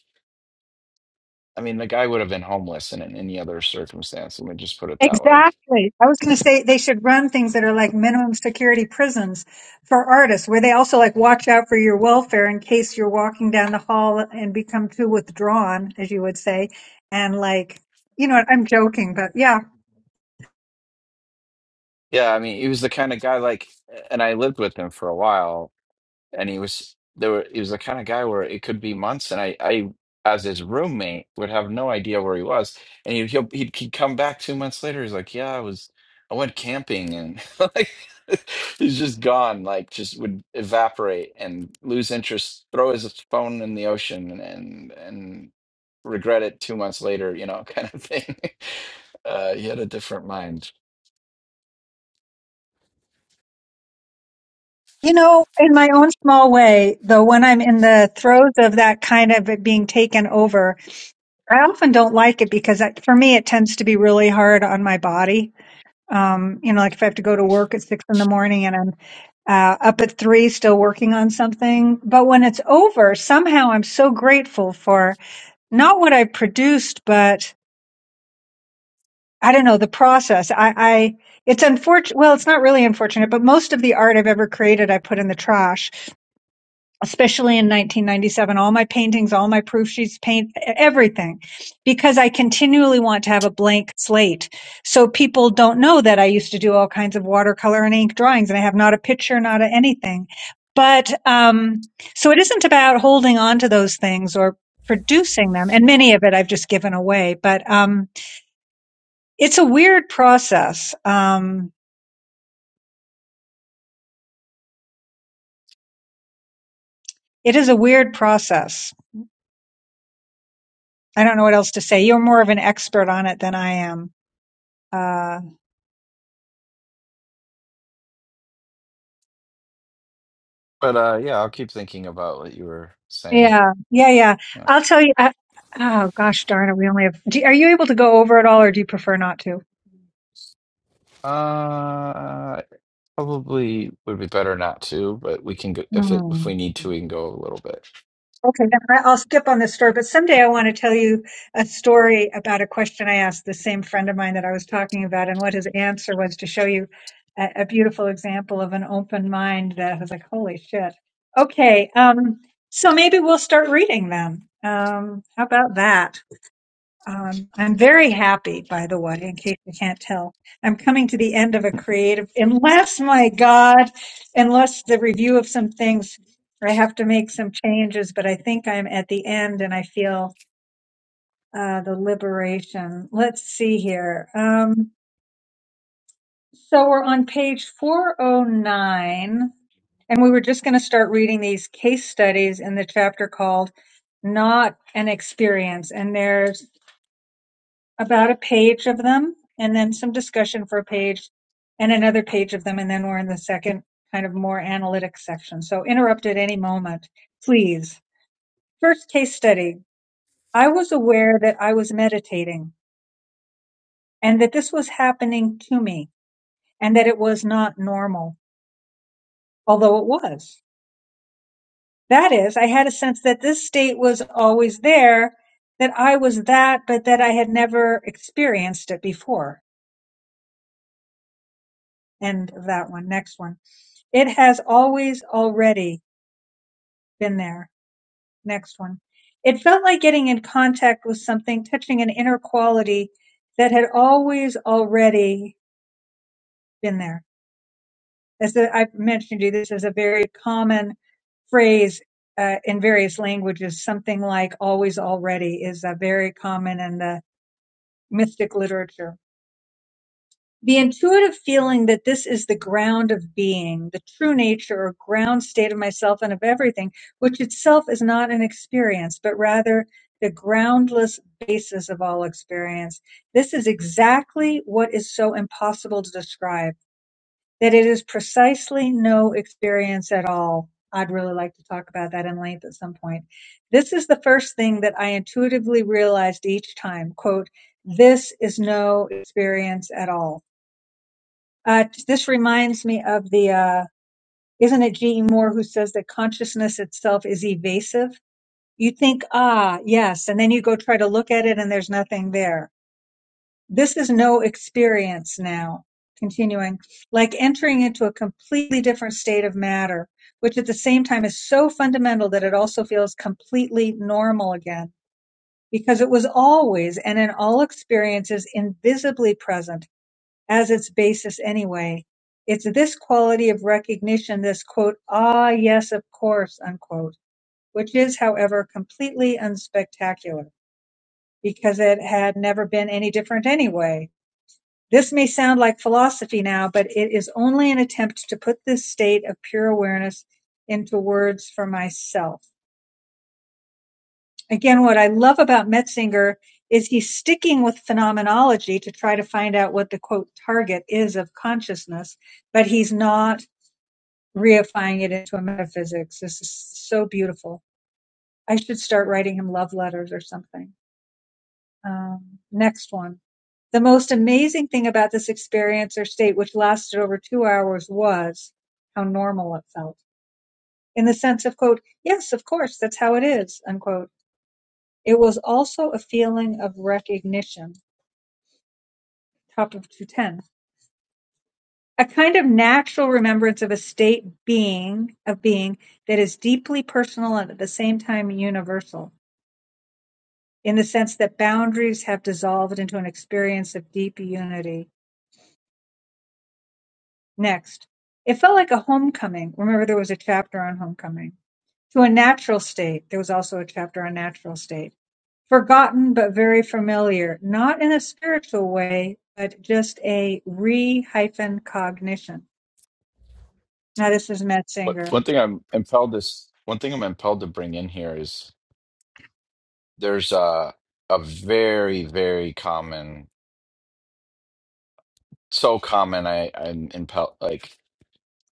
I mean the guy would have been homeless in, in any other circumstance let me just put it that way
Exactly. I was going to say they should run things that are like minimum security prisons for artists, where they also like watch out for your welfare in case you're walking down the hall and become too withdrawn, as you would say. And like, you know what? I'm joking, but yeah.
yeah I mean he was the kind of guy like and I lived with him for a while and he was there were he was the kind of guy where it could be months and I I as his roommate would have no idea where he was and he'd he'll, he'd, he'd come back two months later he's like yeah I was I went camping and like he's just gone like just would evaporate and lose interest throw his phone in the ocean and and and regret it two months later you know kind of thing uh he had a different mind
You know, in my own small way, though, when I'm in the throes of that kind of it being taken over, I often don't like it because that, for me, it tends to be really hard on my body Um, you know, like if I have to go to work at six in the morning and I'm uh, up at three still working on something. But when it's over, somehow I'm so grateful for not what I produced, but I don't know, the process. I, I, it's unfortunate. Well, it's not really unfortunate, but most of the art I've ever created, I put in the trash especially in 1997 all my paintings all my proof sheets paint everything because i continually want to have a blank slate so people don't know that i used to do all kinds of watercolor and ink drawings and i have not a picture not a anything but um so it isn't about holding on to those things or producing them and many of it i've just given away but um it's a weird process um it is a weird process i don't know what else to say you're more of an expert on it than i am Uh,
but uh yeah I'll keep thinking about what you were saying
Yeah, yeah, yeah.
yeah
I'll tell you. I, oh gosh, darn it! We only have. Do, are you able to go over it all, or do you prefer not to?
uh Probably would be better not to, but we can go if it
Hmm.
if we need to, we can go a little bit.
Okay, then I- I'll skip on this story. But someday I want to tell you a story about a question I asked the same friend of mine that I was talking about, and what his answer was to show you a, a beautiful example of an open mind. That I was like, holy shit. Okay, um, so maybe we'll start reading them. Um, how about that? Um, I'm very happy, by the way, in case you can't tell. I'm coming to the end of a creative, unless, my God, unless the review of some things, I have to make some changes, but I think I'm at the end and I feel uh, the liberation. Let's see here. Um, so we're on page 409, and we were just going to start reading these case studies in the chapter called Not an Experience. And there's about a page of them and then some discussion for a page and another page of them. And then we're in the second kind of more analytic section. So interrupt at any moment, please. First case study. I was aware that I was meditating and that this was happening to me and that it was not normal, although it was. That is, I had a sense that this state was always there, that I was that, but that I had never experienced it before. End of that one. Next one. It has always already been there. Next one. It felt like getting in contact with something, touching an inner quality that had always already been there. As the, I mentioned to you, this is a very common phrase uh, in various languages. Something like always already is uh, very common in the mystic literature. The intuitive feeling that this is the ground of being, the true nature or ground state of myself and of everything, which itself is not an experience, but rather the groundless basis of all experience. This is exactly what is so impossible to describe, that it is precisely no experience at all. I'd really like to talk about that in length at some point. This is the first thing that I intuitively realized each time. Quote, this is no experience at all uh, this reminds me of the, uh, isn't it G.E. Moore who says that consciousness itself is evasive? You think, ah, yes, and then you go try to look at it and there's nothing there. This is no experience now. Continuing, like entering into a completely different state of matter, which at the same time is so fundamental that it also feels completely normal again, because it was always and in all experiences invisibly present as its basis anyway. It's this quality of recognition, this quote, ah, yes, of course, unquote, which is, however, completely unspectacular because it had never been any different anyway. This may sound like philosophy now, but it is only an attempt to put this state of pure awareness into words for myself. Again, what I love about Metzinger is he's sticking with phenomenology to try to find out what the quote target is of consciousness, but he's not reifying it into a metaphysics. This is so beautiful. I should start writing him love letters or something. Um, next one. The most amazing thing about this experience or state, which lasted over two hours, was how normal it felt. In the sense of, quote, yes, of course, that's how it is, unquote. It was also a feeling of recognition, top of 210. A kind of natural remembrance of a state being, of being that is deeply personal and at the same time universal in the sense that boundaries have dissolved into an experience of deep unity. Next, it felt like a homecoming. Remember, there was a chapter on homecoming to a natural state. There was also a chapter on natural state. Forgotten, but very familiar, not in a spiritual way, but just a re hyphen cognition. Now, this is
But
Metzinger.
one thing I'm impelled is one thing I'm impelled to bring in here is there's a a very very common, so common I I'm impelled like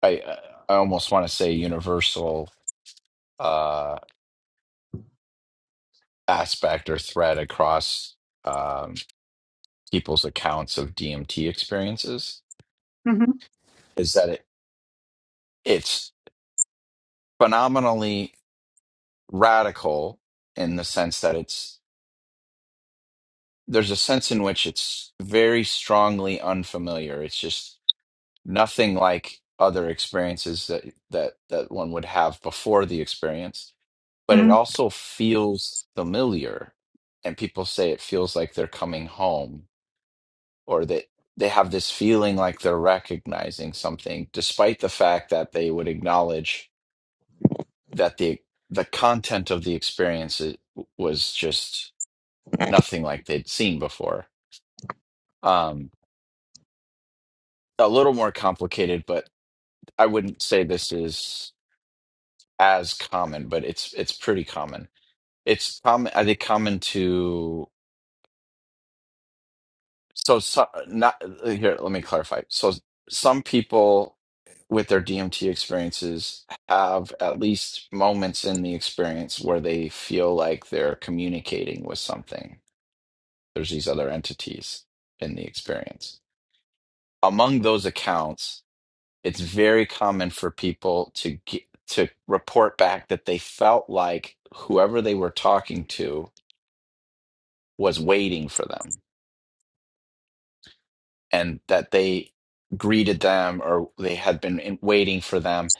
I I almost want to say universal uh aspect or thread across um people's accounts of DMT experiences
hmm
is that it it's phenomenally radical in the sense that it's there's a sense in which it's very strongly unfamiliar. It's just nothing like other experiences that that that one would have before the experience, but it
hmm
also feels familiar. And people say it feels like they're coming home or that they have this feeling like they're recognizing something, despite the fact that they would acknowledge that the the content of the experience i- was just nothing like they'd seen before. Um, a little more complicated, but I wouldn't say this is as common, but it's it's pretty common. It's common. I think common to so, so not here. Let me clarify. So some people with their DMT experiences have at least moments in the experience where they feel like they're communicating with something. There's these other entities in the experience. Among those accounts, it's very common for people to get, to report back that they felt like whoever they were talking to was waiting for them and that they greeted them or they had been in, waiting for them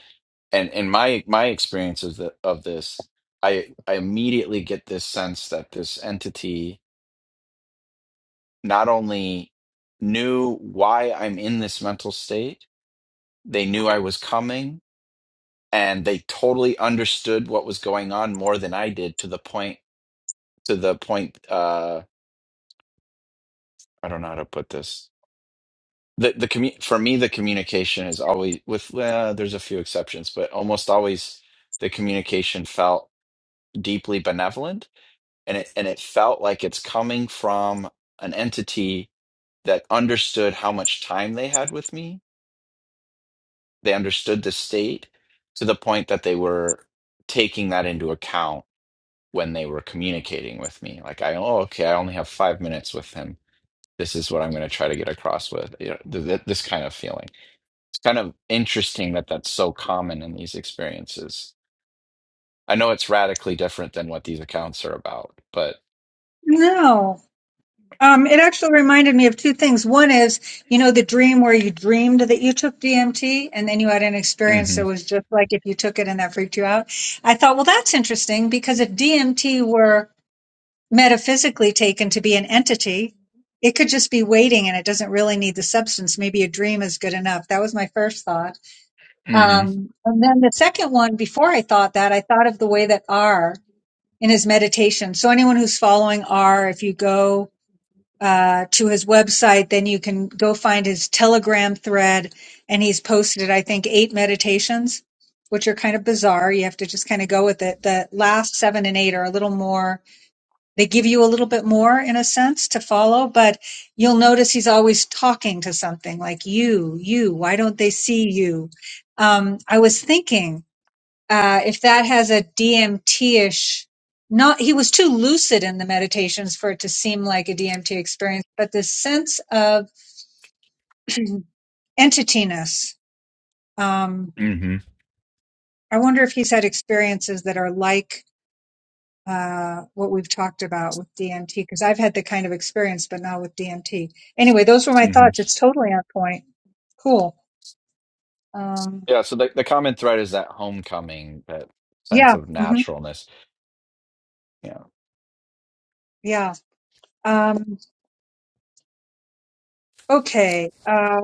and in my my experience of the of this i i immediately get this sense that this entity not only knew why i'm in this mental state they knew i was coming and they totally understood what was going on more than I did to the point to the point uh I don't know how to put this. The the commu- for me the communication is always with uh, there's a few exceptions, but almost always the communication felt deeply benevolent and it and it felt like it's coming from an entity that understood how much time they had with me. They understood the state to the point that they were taking that into account when they were communicating with me. Like I, oh, okay, I only have five minutes with him. This is what I'm going to try to get across with you know, th- th- this kind of feeling. It's kind of interesting that that's so common in these experiences. I know it's radically different than what these accounts are about, but
No. Um, it actually reminded me of two things. One is, you know, the dream where you dreamed that you took DMT and then you had an experience
hmm
that was just like if you took it and that freaked you out. I thought, well, that's interesting because if DMT were metaphysically taken to be an entity, it could just be waiting and it doesn't really need the substance. Maybe a dream is good enough. That was my first thought.
hmm
Um, and then the second one, before I thought that, I thought of the way that R in his meditation. So anyone who's following R, if you go, uh, to his website, then you can go find his Telegram thread. And he's posted, I think, eight meditations, which are kind of bizarre. You have to just kind of go with it. The last seven and eight are a little more, they give you a little bit more in a sense to follow, but you'll notice he's always talking to something like you, you, why don't they see you? Um, I was thinking uh, if that has a DMT-ish, not he was too lucid in the meditations for it to seem like a DMT experience, but this sense of entityness. Um,
hmm
I wonder if he's had experiences that are like uh, what we've talked about with DMT, because I've had the kind of experience, but not with DMT. Anyway, those were my
hmm
thoughts. It's totally on point. Cool. Um,
yeah. So the the common thread is that homecoming, that sense
yeah.
of
hmm
naturalness. Yeah,
yeah. Um, okay. Uh,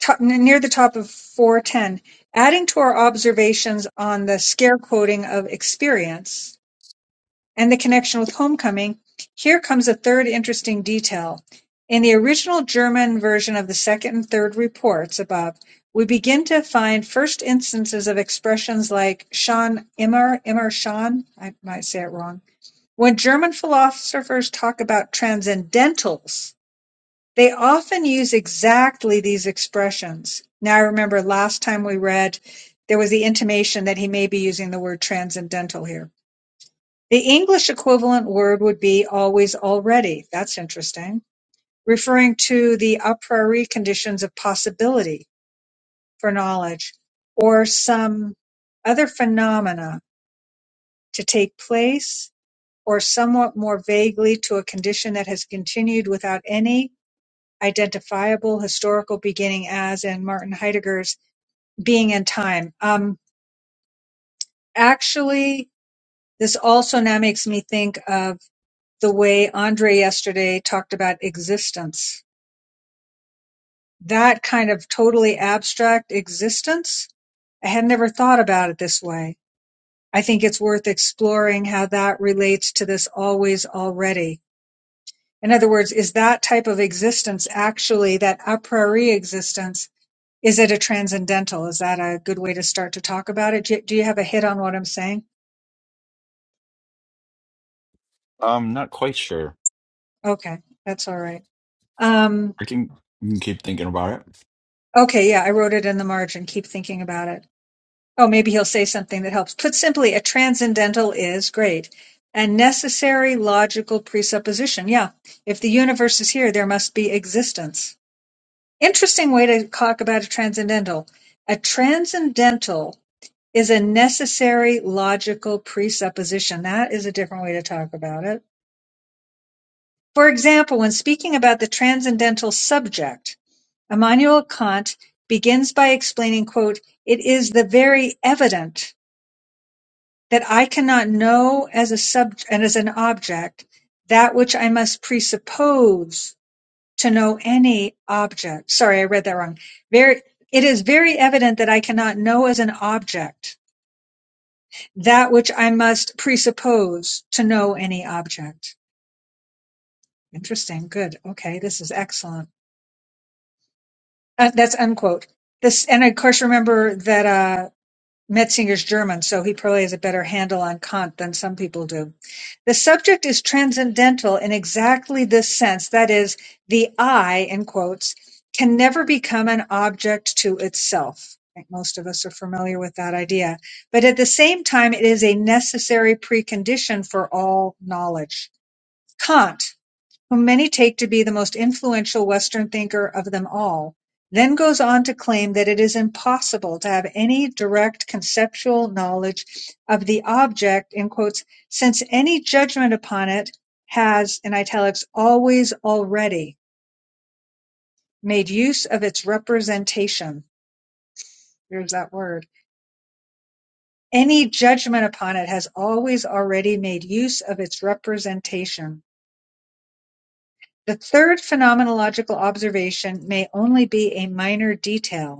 top, near the top of 410, adding to our observations on the scare quoting of experience and the connection with homecoming, here comes a third interesting detail. In the original German version of the second and third reports above, we begin to find first instances of expressions like "schon immer, immer schon." I might say it wrong, when German philosophers talk about transcendentals they often use exactly these expressions. Now, I remember last time we read, there was the intimation that he may be using the word transcendental here. The English equivalent word would be always already. That's interesting. Referring to the a priori conditions of possibility for knowledge or some other phenomena to take place or somewhat more vaguely to a condition that has continued without any identifiable historical beginning as in Martin Heidegger's being and time. Um, actually, this also now makes me think of the way Andre yesterday talked about existence. That kind of totally abstract existence, I had never thought about it this way. I think it's worth exploring how that relates to this always already. In other words, is that type of existence actually that a priori existence Is it a transcendental? Is that a good way to start to talk about it? Do you, do you have a hit on what I'm saying?
I'm not quite sure.
Okay, that's all right. Um,
I can, you can keep thinking about it.
okay, yeah, I wrote it in the margin. Keep thinking about it. Oh, maybe he'll say something that helps. Put simply, a transcendental is great. A necessary logical presupposition. Yeah, if the universe is here, there must be existence. Interesting way to talk about a transcendental. A transcendental is a necessary logical presupposition. That is a different way to talk about it. For example, when speaking about the transcendental subject, Immanuel Kant begins by explaining, quote, "It is the very evident that I cannot know as a subject and as an object that which I must presuppose to know any object." Sorry, I read that wrong. Very, it is very evident that I cannot know as an object that which I must presuppose to know any object. Interesting. Good. Okay, this is excellent. Uh, that's unquote. This, and of course, remember that uh, Metzinger's German, so he probably has a better handle on Kant than some people do. The subject is transcendental in exactly this sense. That is, the I, in quotes, can never become an object to itself. I think most of us are familiar with that idea. But at the same time, it is a necessary precondition for all knowledge. Kant whom many take to be the most influential Western thinker of them all, then goes on to claim that it is impossible to have any direct conceptual knowledge of the object, in quotes, since any judgment upon it has, in italics, always already made use of its representation. There's that word. Any judgment upon it has always already made use of its representation. The third phenomenological observation may only be a minor detail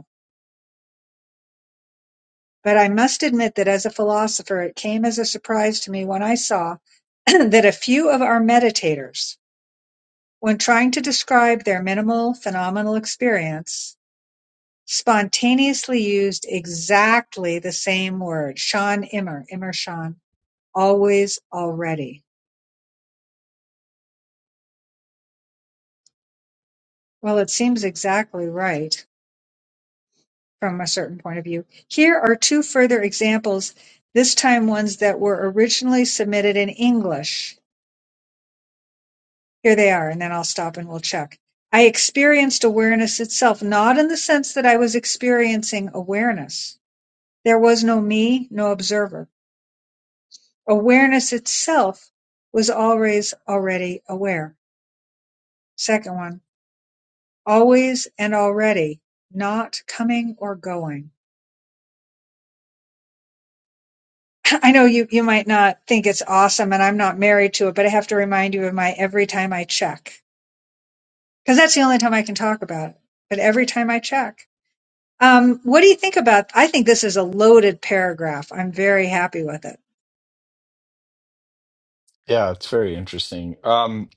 But I must admit that as a philosopher, it came as a surprise to me when I saw that a few of our meditators, when trying to describe their minimal phenomenal experience, spontaneously used exactly the same word, Sean Immer, Immer Sean, always, already. Well, it seems exactly right from a certain point of view. Here are two further examples, this time ones that were originally submitted in English Here they are, and then I'll stop and we'll check. I experienced awareness itself, not in the sense that I was experiencing awareness. There was no me, no observer. Awareness itself was always already aware. Second one, always and already, not coming or going. I know you, you might not think it's awesome and I'm not married to it, but I have to remind you of my every time I check because that's the only time I can talk about it. But every time I check, Um, what do you think about? I think this is a loaded paragraph. I'm very happy with it.
Yeah, it's very interesting. Um,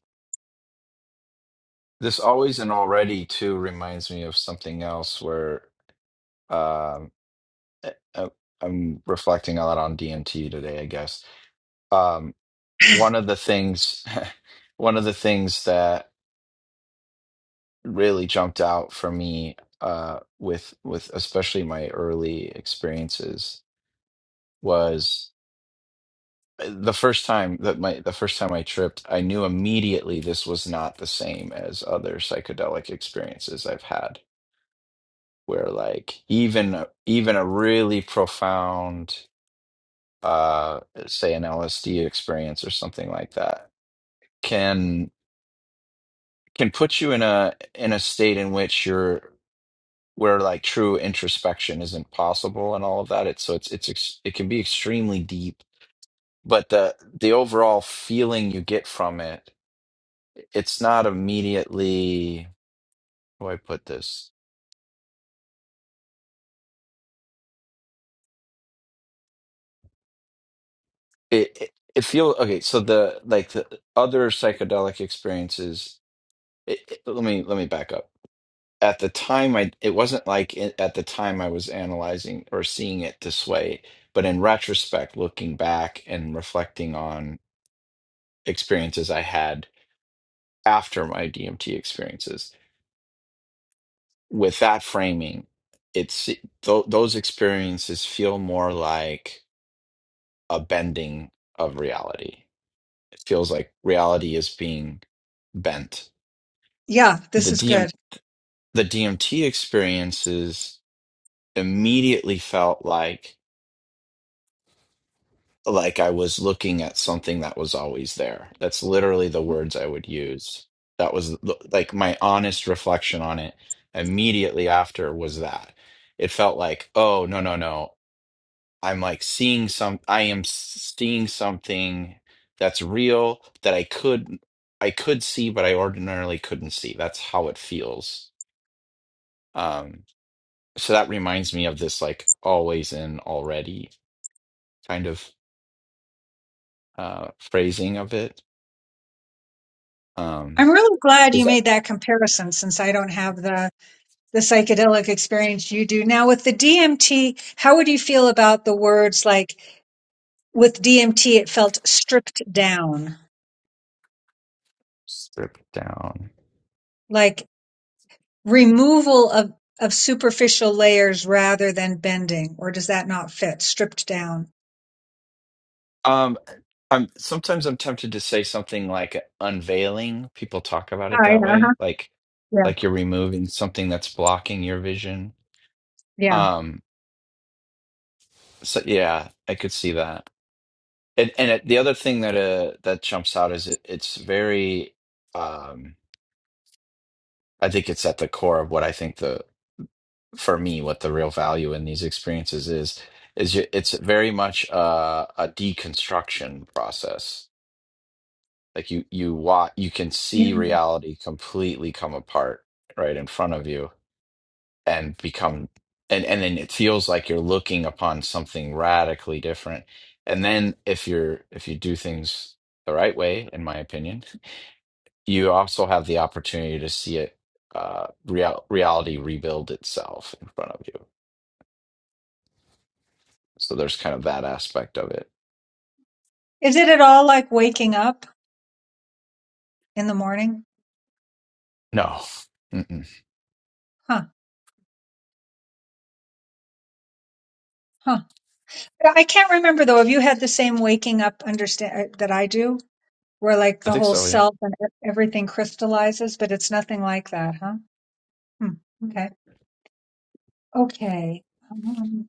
this always and already too reminds me of something else where um, I, I- I'm reflecting a lot on DMT today, I guess. Um, one of the things one of the things that really jumped out for me uh with with especially my early experiences was uh, the first time that my the first time I tripped I knew immediately this was not the same as other psychedelic experiences I've had where like even even a really profound uh say an LSD experience or something like that can. can put you in a in a state in which you're where like true introspection isn't possible and all of that it's so it's it's ex- it can be extremely deep but the the overall feeling you get from it it's not immediately how do I put this it it, it feels okay so the like the other psychedelic experiences it, it- let me let me back up at the time I it wasn't like it, at the time I was analyzing or seeing it this way, but in retrospect, looking back and reflecting on experiences I had after my DMT experiences, with that framing, it's th- those experiences feel more like a bending of reality. It feels like reality is being bent.
Yeah, this
The
is
DM
good.
the DMT experiences immediately felt like like I was looking at something that was always there. That's literally the words I would use. That was the- like my honest reflection on it immediately after was that. It felt like, oh, no, no, no. I'm like seeing some, I am s- seeing something that's real that I could, I could see, but I ordinarily couldn't see. That's how it feels. Um, so that reminds me of this like always in already kind of uh phrasing of it. Um,
I'm really glad you
Is that
made that comparison since I don't have the the psychedelic experience you do. Now with the DMT, how would you feel about the words like with DMT it felt stripped down?
Strip down.
Like removal of, of superficial layers rather than bending, or does that not fit? Stripped down.
um I'm sometimes I'm tempted to say something like unveiling. People talk about
Oh,
it
yeah,
that
uh-huh.
way. Like
yeah,
like you're removing something that's blocking your vision.
yeah,
Um so yeah, I could see that. And and it, the other thing that uh that jumps out is it, it's very um I think it's at the core of what I think the for me what the real value in these experiences is is you, it's very much uh, a deconstruction process like you you watch you can see
yeah.
reality completely come apart right in front of you and become and and then it feels like you're looking upon something radically different and then if you're if you do things the right way in my opinion you also have the opportunity to see it uh real, reality rebuild itself in front of you so there's kind of that aspect of it
Is it at all like waking up in the morning?
no Mm-mm.
Huh, huh. I can't remember though. Have you had the same waking up understand that I do, where like
i
the
think
whole
so yeah
self and e- everything crystallizes, but it's nothing like that, huh? Hmm. Okay, okay. Um,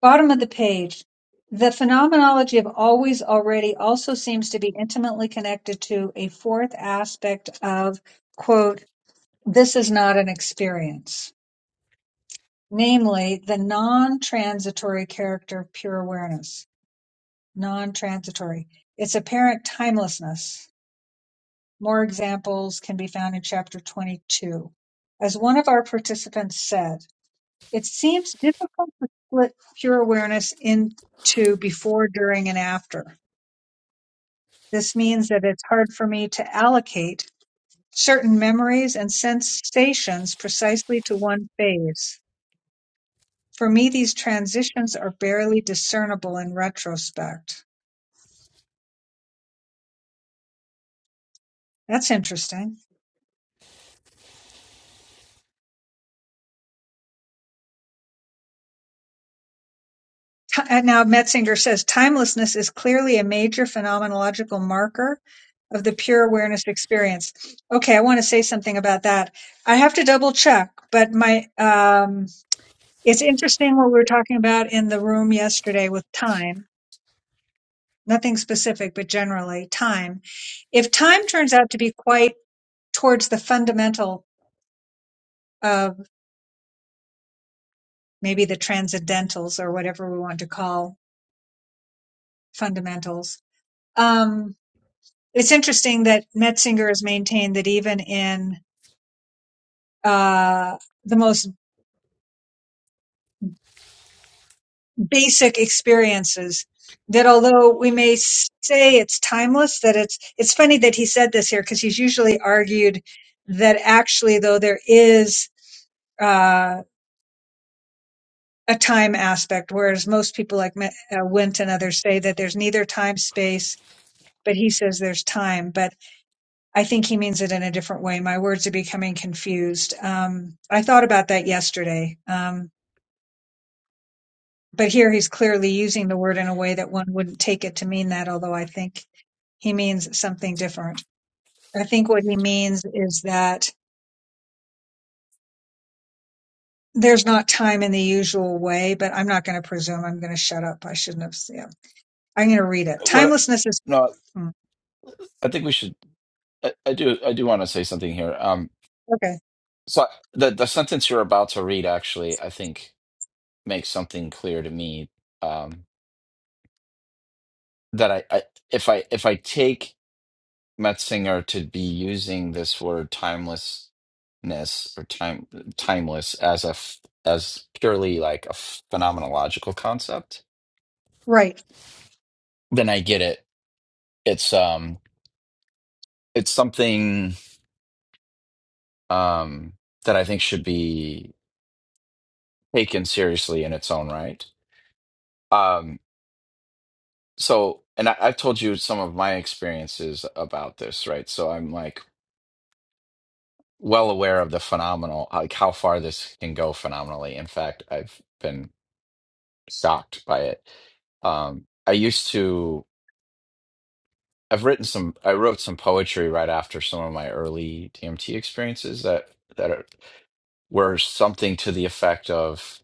Bottom of the page. The phenomenology of always already also seems to be intimately connected to a fourth aspect of, quote, this is not an experience, namely the non transitory character of pure awareness. Non transitory. Its apparent timelessness. More examples can be found in chapter 22. As one of our participants said, it seems difficult to split pure awareness into before, during, and after This means that it's hard for me to allocate certain memories and sensations precisely to one phase. For me, these transitions are barely discernible in retrospect. That's interesting. Ti- and Now, Metzinger says timelessness is clearly a major phenomenological marker of the pure awareness experience. Okay, I want to say something about that. I have to double check, but my um, it's interesting what we were talking about in the room yesterday with time nothing specific, but generally time. If time turns out to be quite towards the fundamental of maybe the transcendentals or whatever we want to call fundamentals, um, it's interesting that Metzinger has maintained that even in uh, the most basic experiences, that although we may say it's timeless, that it's it's funny that he said this here because he's usually argued that actually though there is uh, a time aspect, whereas most people like uh, Wint and others say that there's neither time space, but he says there's time. But I think he means it in a different way. My words are becoming confused. Um, I thought about that yesterday, um, but here he's clearly using the word in a way that one wouldn't take it to mean that, although I think he means something different. I think what he means is that there's not time in the usual way, but I'm not going to presume. I'm going to shut up. I shouldn't have. Yeah. I'm going to read it.
what
Timelessness is.
no
hmm,
i think we should I, I do I do want to say something here. Um,
Okay.
so the the sentence you're about to read actually, I think, makes something clear to me. Um, that I, I if I if I take Metzinger to be using this word timelessness or time timeless as a f- as purely like a phenomenological concept,
Right.
then I get it. It's um it's something um that I think should be taken seriously in its own right. Um, so and I, i've told you some of my experiences about this right so i'm like well aware of the phenomenal like how far this can go phenomenally in fact i've been shocked by it um i used to i've written some i wrote some poetry right after some of my early dmt experiences that that are, were something to the effect of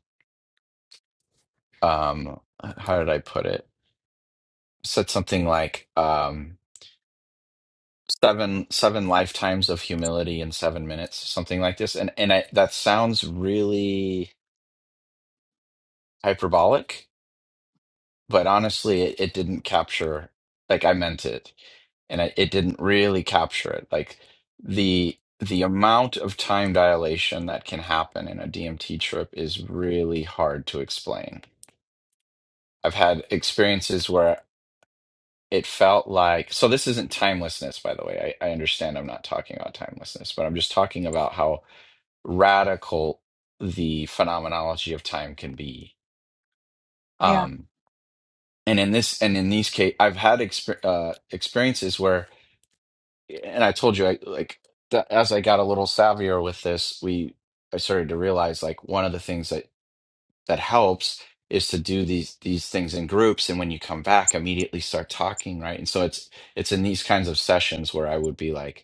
um how did i put it said something like um, seven seven lifetimes of humility in seven minutes, something like this. And and I, that sounds really hyperbolic, but honestly, it, it didn't capture like I meant it, and I, it didn't really capture it. Like the the amount of time dilation that can happen in a DMT trip is really hard to explain. I've had experiences where it felt like so this isn't timelessness by the way I, I understand i'm not talking about timelessness but i'm just talking about how radical the phenomenology of time can be.
Yeah.
Um, and in this, and in these case, I've had exper- uh, experiences where, and I told you, I like th- as I got a little savvier with this, we I started to realize like one of the things that that helps is to do these these things in groups, and when you come back, immediately start talking, right? And so it's it's in these kinds of sessions where I would be like.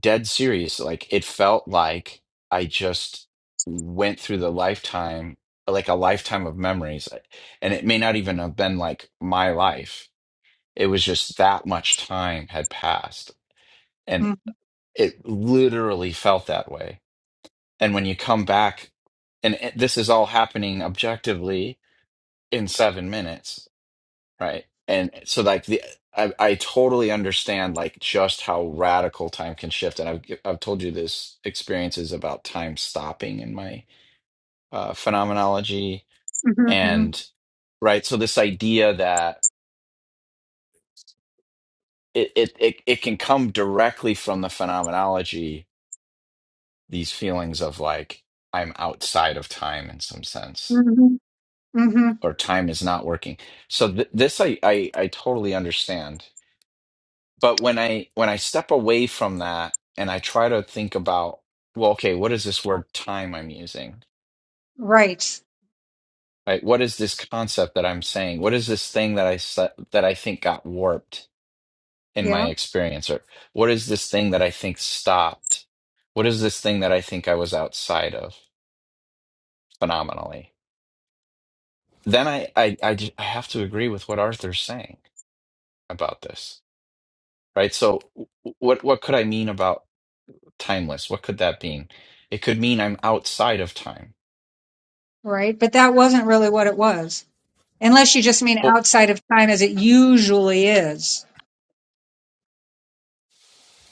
dead serious. Like it felt like I just went through the lifetime, like a lifetime of memories. eh, And it may not even have been like my life. It was just that much time had passed. And
Mm-hmm.
it literally felt that way. And when you come back, and it- this is all happening objectively in seven minutes, Right. And so like the I I totally understand like just how radical time can shift. And I've g- I've told you this experiences about time stopping in my uh phenomenology and right. So this idea that it it it, it can come directly from the phenomenology, these feelings of like I'm outside of time in some sense,
hmm hmm
or time is not working. So th this I I I totally understand but when i when i step away from that and i try to think about well okay what is this word time i'm using
Right.
right what is this concept that i'm saying what is this thing that i sa- that i think got warped in my
Yeah.
experience or what is this thing that i think stopped what is this thing that i think i was outside of phenomenally then i i i, ju- I have to agree with what arthur's saying about this right so w- what what could i mean about timeless. What could that mean? It could mean I'm outside of time.
Right. But that wasn't really what it was. Unless you just mean
Oh,
outside of time as it usually is.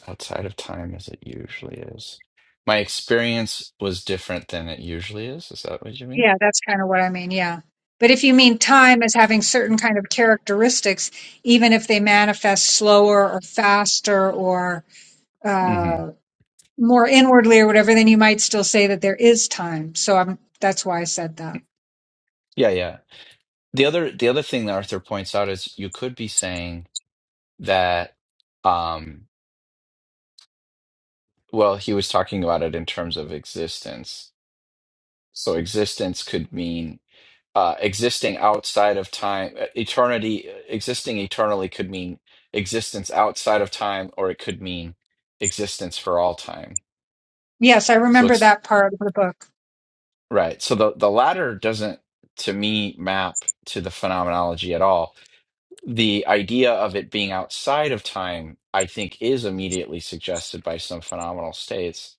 outside of time as it usually is. My experience was different than it usually is. Is that what you mean?
Yeah, that's kind of what I mean. Yeah. But if you mean time as having certain kind of characteristics, even if they manifest slower or faster or
hmm
uh, more inwardly or whatever, then you might still say that there is time. So I'm, that's why I said that.
Yeah, yeah. The other the other thing that Arthur points out is you could be saying that um well, he was talking about it in terms of existence. So existence could mean uh, existing outside of time, uh, eternity, uh, existing eternally could mean existence outside of time, or it could mean existence for all time.
Yes, I
So
remember
it's
that part of the book.
right. So the, the latter doesn't, to me, map to the phenomenology at all. The idea of it being outside of time, I think, is immediately suggested by some phenomenal states.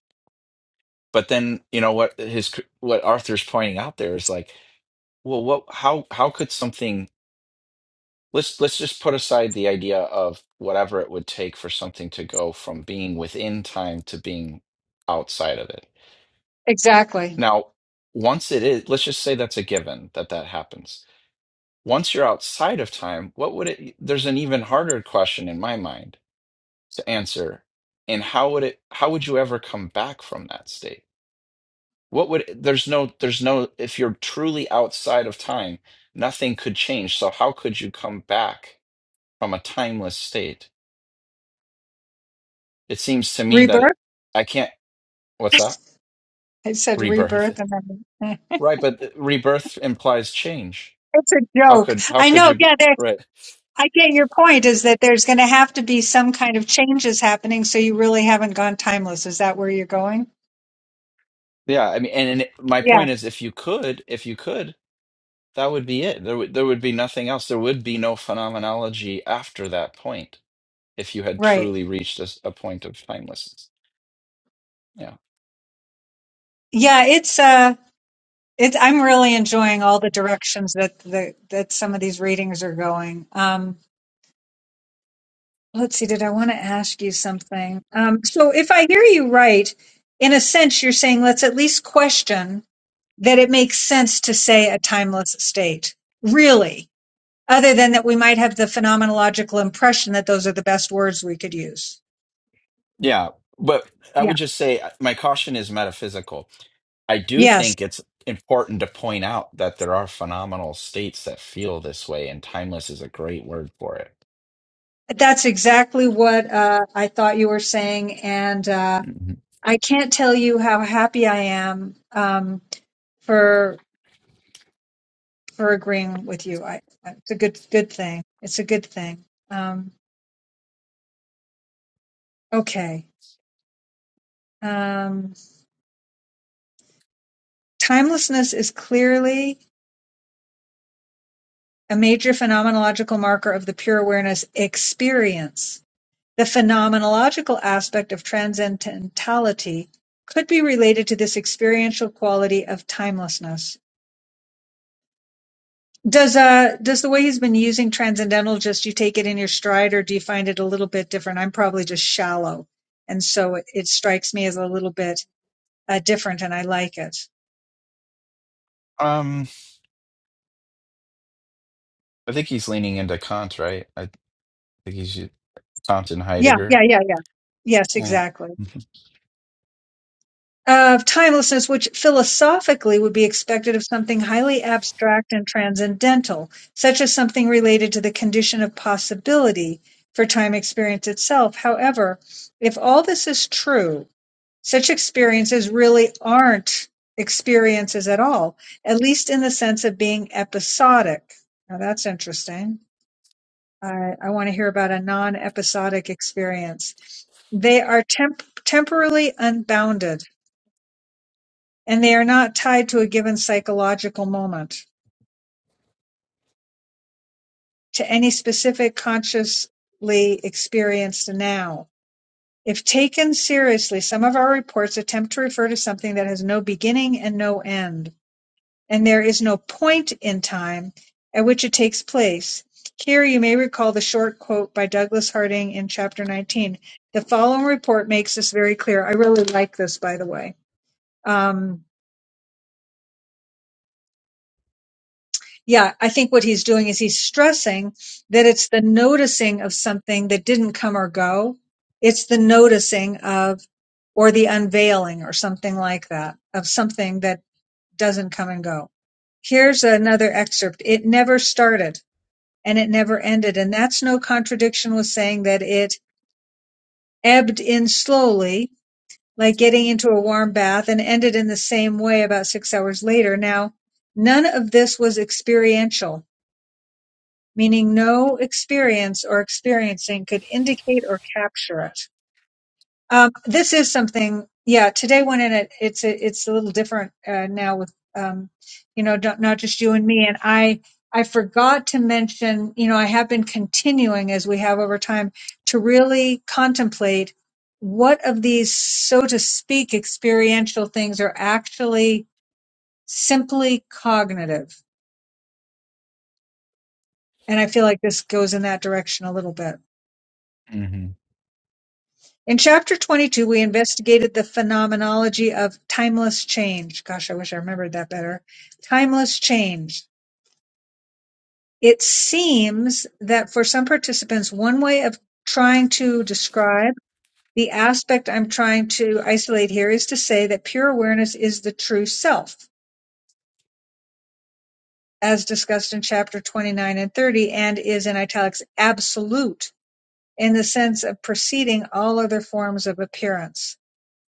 But then, you know what his what Arthur's pointing out there is like, well, what how how could something let's let's just put aside the idea of whatever it would take for something to go from being within time to being outside of it.
Exactly.
Now, once it is, let's just say that's a given that that happens. Once you're outside of time, what would it, there's an even harder question in my mind to answer. And how would it, how would you ever come back from that state? What would, there's no, there's no, if you're truly outside of time, nothing could change. So how could you come back from a timeless state? It seems to me that
Rebirth?
it, I can't. What's that?
I said
Rebirth,
rebirth, and then
right? But rebirth implies change.
it's a
How
joke.
could how
I
could
know.
you be
Yeah, there.
right?
I get your point. Is that there's going to have to be some kind of changes happening, so you really haven't gone timeless. Is that where you're going?
Yeah, I mean, and, and it- my
Yeah.
point is, if you could, if you could, that would be it. There would there would be nothing else. There would be no phenomenology after that point if you had
Right.
truly reached a, s- a point of timelessness. Yeah,
Yeah. It's uh. It's. I'm really enjoying all the directions that the that some of these readings are going. Um. Let's see. Did I want to ask you something? Um. So if I hear you right, in a sense, you're saying let's at least question that it makes sense to say a timeless state. Really? other than that we might have the phenomenological impression that those are the best words we could use.
yeah. But I
Yeah.
would just say uh, my caution is metaphysical I do
Yes.
think it's important to point out that there are phenomenal states that feel this way, and timeless is a great word for it.
That's exactly what uh, I thought you were saying. And uh,
Mhm.
I can't tell you how happy I am um, for for agreeing with you. I, it's a good good thing. It's a good thing. Um, okay. Um, timelessness is clearly a major phenomenological marker of the pure awareness experience The phenomenological aspect of transcendentality could be related to this experiential quality of timelessness. Does uh does the way he's been using transcendental just you take it in your stride, or do you find it a little bit different? I'm probably just shallow, and so it, it strikes me as a little bit uh, different, and I like it.
Um, I think he's leaning into Kant, right? I think he's Kant and
Yeah, yeah,
Heidegger.
yeah, yeah. Yes,
Yeah.
exactly. of timelessness, which philosophically would be expected of something highly abstract and transcendental, such as something related to the condition of possibility for time experience itself. However, if all this is true, such experiences really aren't experiences at all, at least in the sense of being episodic. Now that's interesting. I, I want to hear about a non episodic experience. They are temp- temporally unbounded and they are not tied to a given psychological moment, to any specific consciously experienced now. If taken seriously, some of our reports attempt to refer to something that has no beginning and no end, and there is no point in time at which it takes place. Here you may recall the short quote by Douglas Harding in chapter 19. The following report makes this very clear. I really like this, by the way. Um, yeah, I think what he's doing is he's stressing that it's the noticing of something that didn't come or go. It's the noticing of, or the unveiling or something like that of something that doesn't come and go. Here's another excerpt. It never started and it never ended. And that's no contradiction with saying that it ebbed in slowly, like getting into a warm bath and ended in the same way about six hours later. Now, none of this was experiential meaning no experience or experiencing could indicate or capture it. Um, this is something, yeah. Today, when in it, it's a, it's a little different uh, now with um, you know not, not just you and me. And I I forgot to mention, you know, I have been continuing as we have over time to really contemplate what of these, so to speak, experiential things are actually simply cognitive. And I feel like this goes in that direction a little bit.
hmm
In chapter 22, we investigated the phenomenology of timeless change. Gosh, I wish I remembered that better. Timeless change. It seems that for some participants, one way of trying to describe the aspect I'm trying to isolate here is to say that pure awareness is the true self, as discussed in chapter 29 and 30, and is in italics absolute in the sense of preceding all other forms of appearance.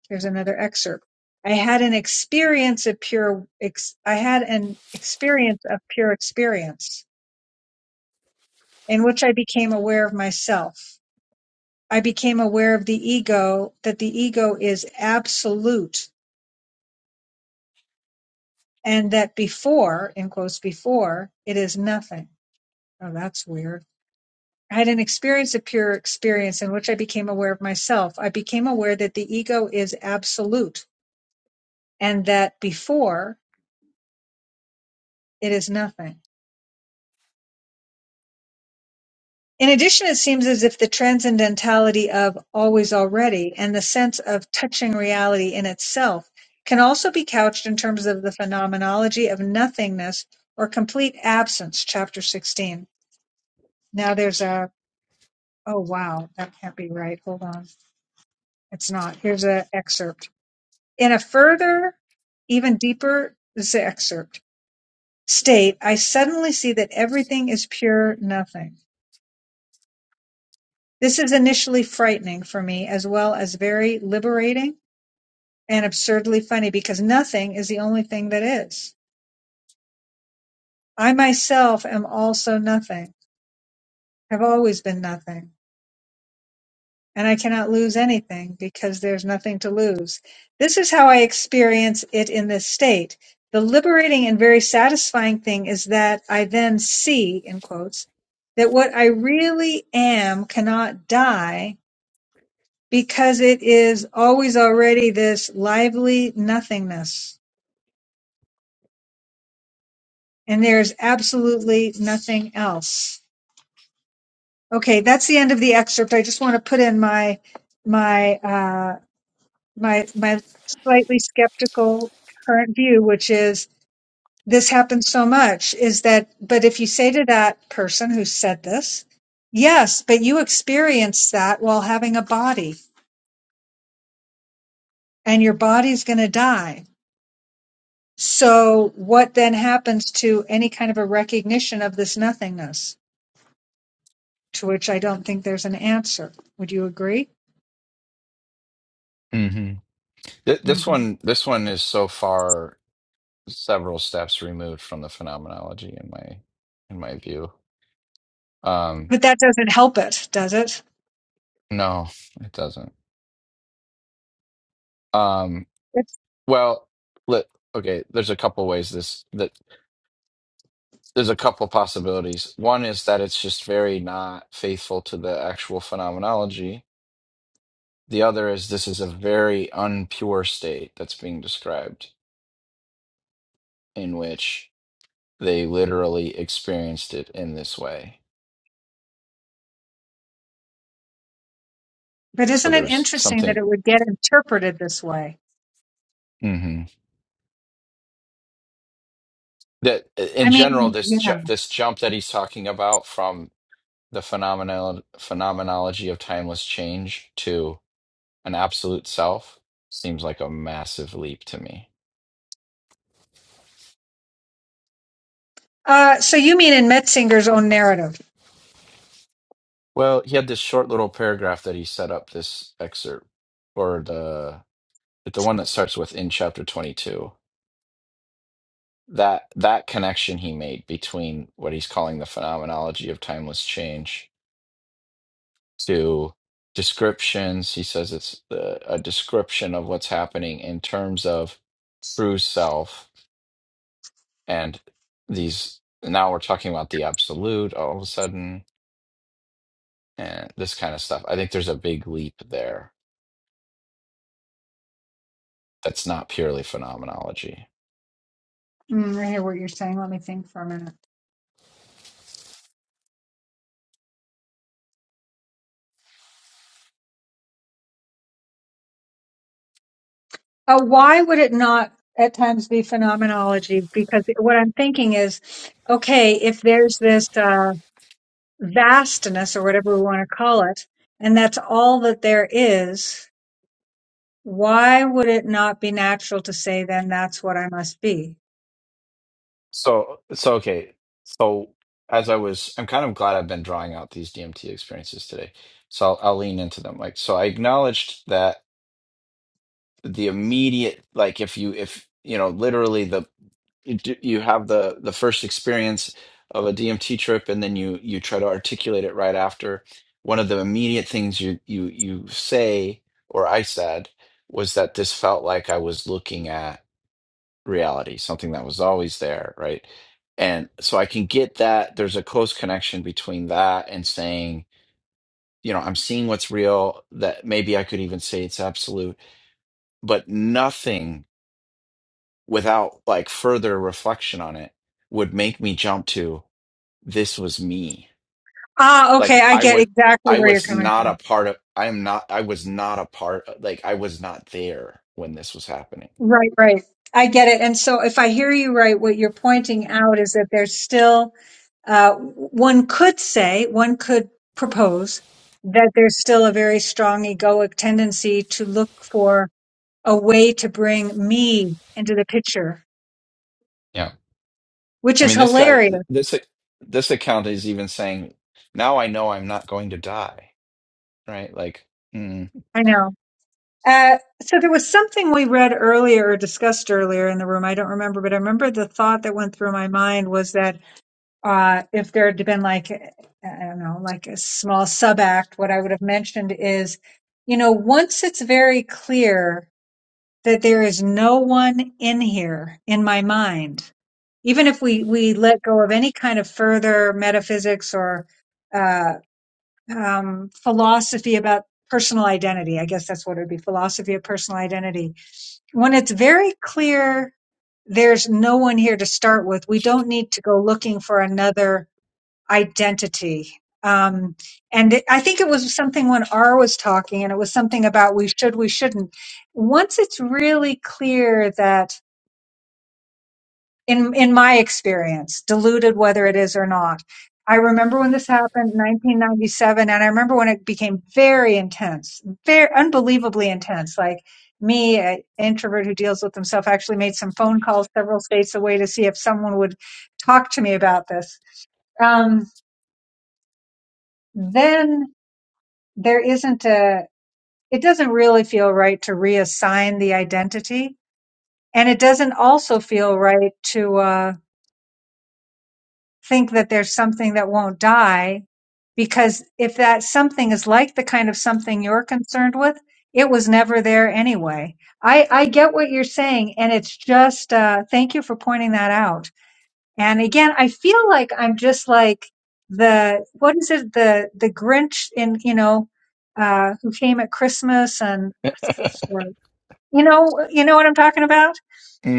There's another excerpt. I had an experience of pure ex- I had an experience of pure experience in which I became aware of myself. I became aware of the ego that the ego is absolute and that before, in quotes before, it is nothing. Oh, that's weird. I had an experience of pure experience in which I became aware of myself. I became aware that the ego is absolute and that before it is nothing. In addition, it seems as if the transcendentality of "always already" and the sense of touching reality in itself can also be couched in terms of the phenomenology of nothingness or complete absence, chapter 16. Now there's a, oh wow, that can't be right. Hold on. It's not. Here's an excerpt. In a further, even deeper, this is the excerpt, state, I suddenly see that everything is pure nothing. This is initially frightening for me as well as very liberating and absurdly funny because nothing is the only thing that is. I myself am also nothing, have always been nothing, and I cannot lose anything because there's nothing to lose. This is how I experience it in this state. The liberating and very satisfying thing is that I then see, in quotes, that what I really am cannot die because it is always already this lively nothingness and there's absolutely nothing else okay that's the end of the excerpt i just want to put in my my uh my my slightly skeptical current view which is this happens so much is that but if you say to that person who said this yes but you experienced that while having a body and your body's going to die So, what then happens to any kind of a recognition of this nothingness, to which I don't think there's an answer? Would you agree?
hmm Th- this
hmm
one, this one is so far several steps removed from the phenomenology in my in my view. Um,
But that doesn't help it, does it?
no, it doesn't. Um,
It's,
well, let okay. There's a couple ways this that There's a couple possibilities. One is that it's just very not faithful to the actual phenomenology. The other is this is a very unpure state that's being described, in which they literally experienced it in this way.
but
So
isn't it
there's
interesting that
something
it would get interpreted this way?
hmm that,
I
in general,
mean,
this ju-
yeah.
this jump that he's talking about from the phenomenal phenomenology of timeless change to an absolute self seems like a massive leap to me.
Uh, so you mean in Metzinger's own narrative?
Well, he had this short little paragraph that he set up this excerpt or the the one that starts with in chapter 22. That that connection he made between what he's calling the phenomenology of timeless change to descriptions. He says it's the, a description of what's happening in terms of true self and these now we're talking about the absolute all of a sudden and this kind of stuff. I think there's a big leap there that's not purely phenomenology.
Mm, I hear what you're saying. Let me think for a minute. Uh, why would it not at times be phenomenology? Because what I'm thinking is, okay, if there's this. Uh, vastness or whatever we want to call it, and that's all that there is, why would it not be natural to say, then that's what I must be?
So, so okay. So, as I was, I'm kind of glad I've been drawing out these DMT experiences today. So I'll, I'll lean into them. Like, so I acknowledged that the immediate, like, if you, if you know, literally the you do- you have the the first experience of a DMT trip, and then you you try to articulate it right after. One of the immediate things you you you say, or I said, was that this felt like I was looking at reality, something that was always there, right? And so I can get that there's a close connection between that and saying, you know, I'm seeing what's real, that maybe I could even say it's absolute, but nothing without like further reflection on it would make me jump to this was me.
Ah,
Like
okay. I
I
get
was
exactly
I
where you're
was
coming
not a
from.
part of I am not I was not a part of, like I was not there when this was happening.
Right, right. I get it. And so if I hear you right, what you're pointing out is that there's still, uh, one could say, one could propose that there's still a very strong egoic tendency to look for a way to bring me into the picture
Yeah.
which
I
is
mean, this
hilarious
guy, this this account is even saying, "Now I know I'm not going to die." Right? Like, mm,
I know. Uh, so there was something we read earlier or discussed earlier in the room. I don't remember, but I remember the thought that went through my mind was that uh, if there had been like, I don't know, like a small sub act, what I would have mentioned is, you know, once it's very clear that there is no one in here in my mind, even if we, we let go of any kind of further metaphysics or uh, um, philosophy about personal identity. I guess that's what it would be philosophy of personal identity. When it's very clear there's no one here to start with, we don't need to go looking for another identity. Um, and it, I think it was something when R was talking, and it was something about we should, we shouldn't. Once it's really clear that in in my experience, diluted whether it is or not. I remember when this happened, 1997, and I remember when it became very intense, very unbelievably intense. Like me, an introvert who deals with himself, actually made some phone calls several states away to see if someone would talk to me about this. Um, then there isn't a. It doesn't really feel right to reassign the identity, and it doesn't also feel right to. Uh, think that there's something that won't die because if that something is like the kind of something you're concerned with it was never there anyway i i get what you're saying and it's just uh thank you for pointing that out and again i feel like i'm just like the what is it the the grinch in you know uh who came at christmas and what's this story you know you know what i'm talking about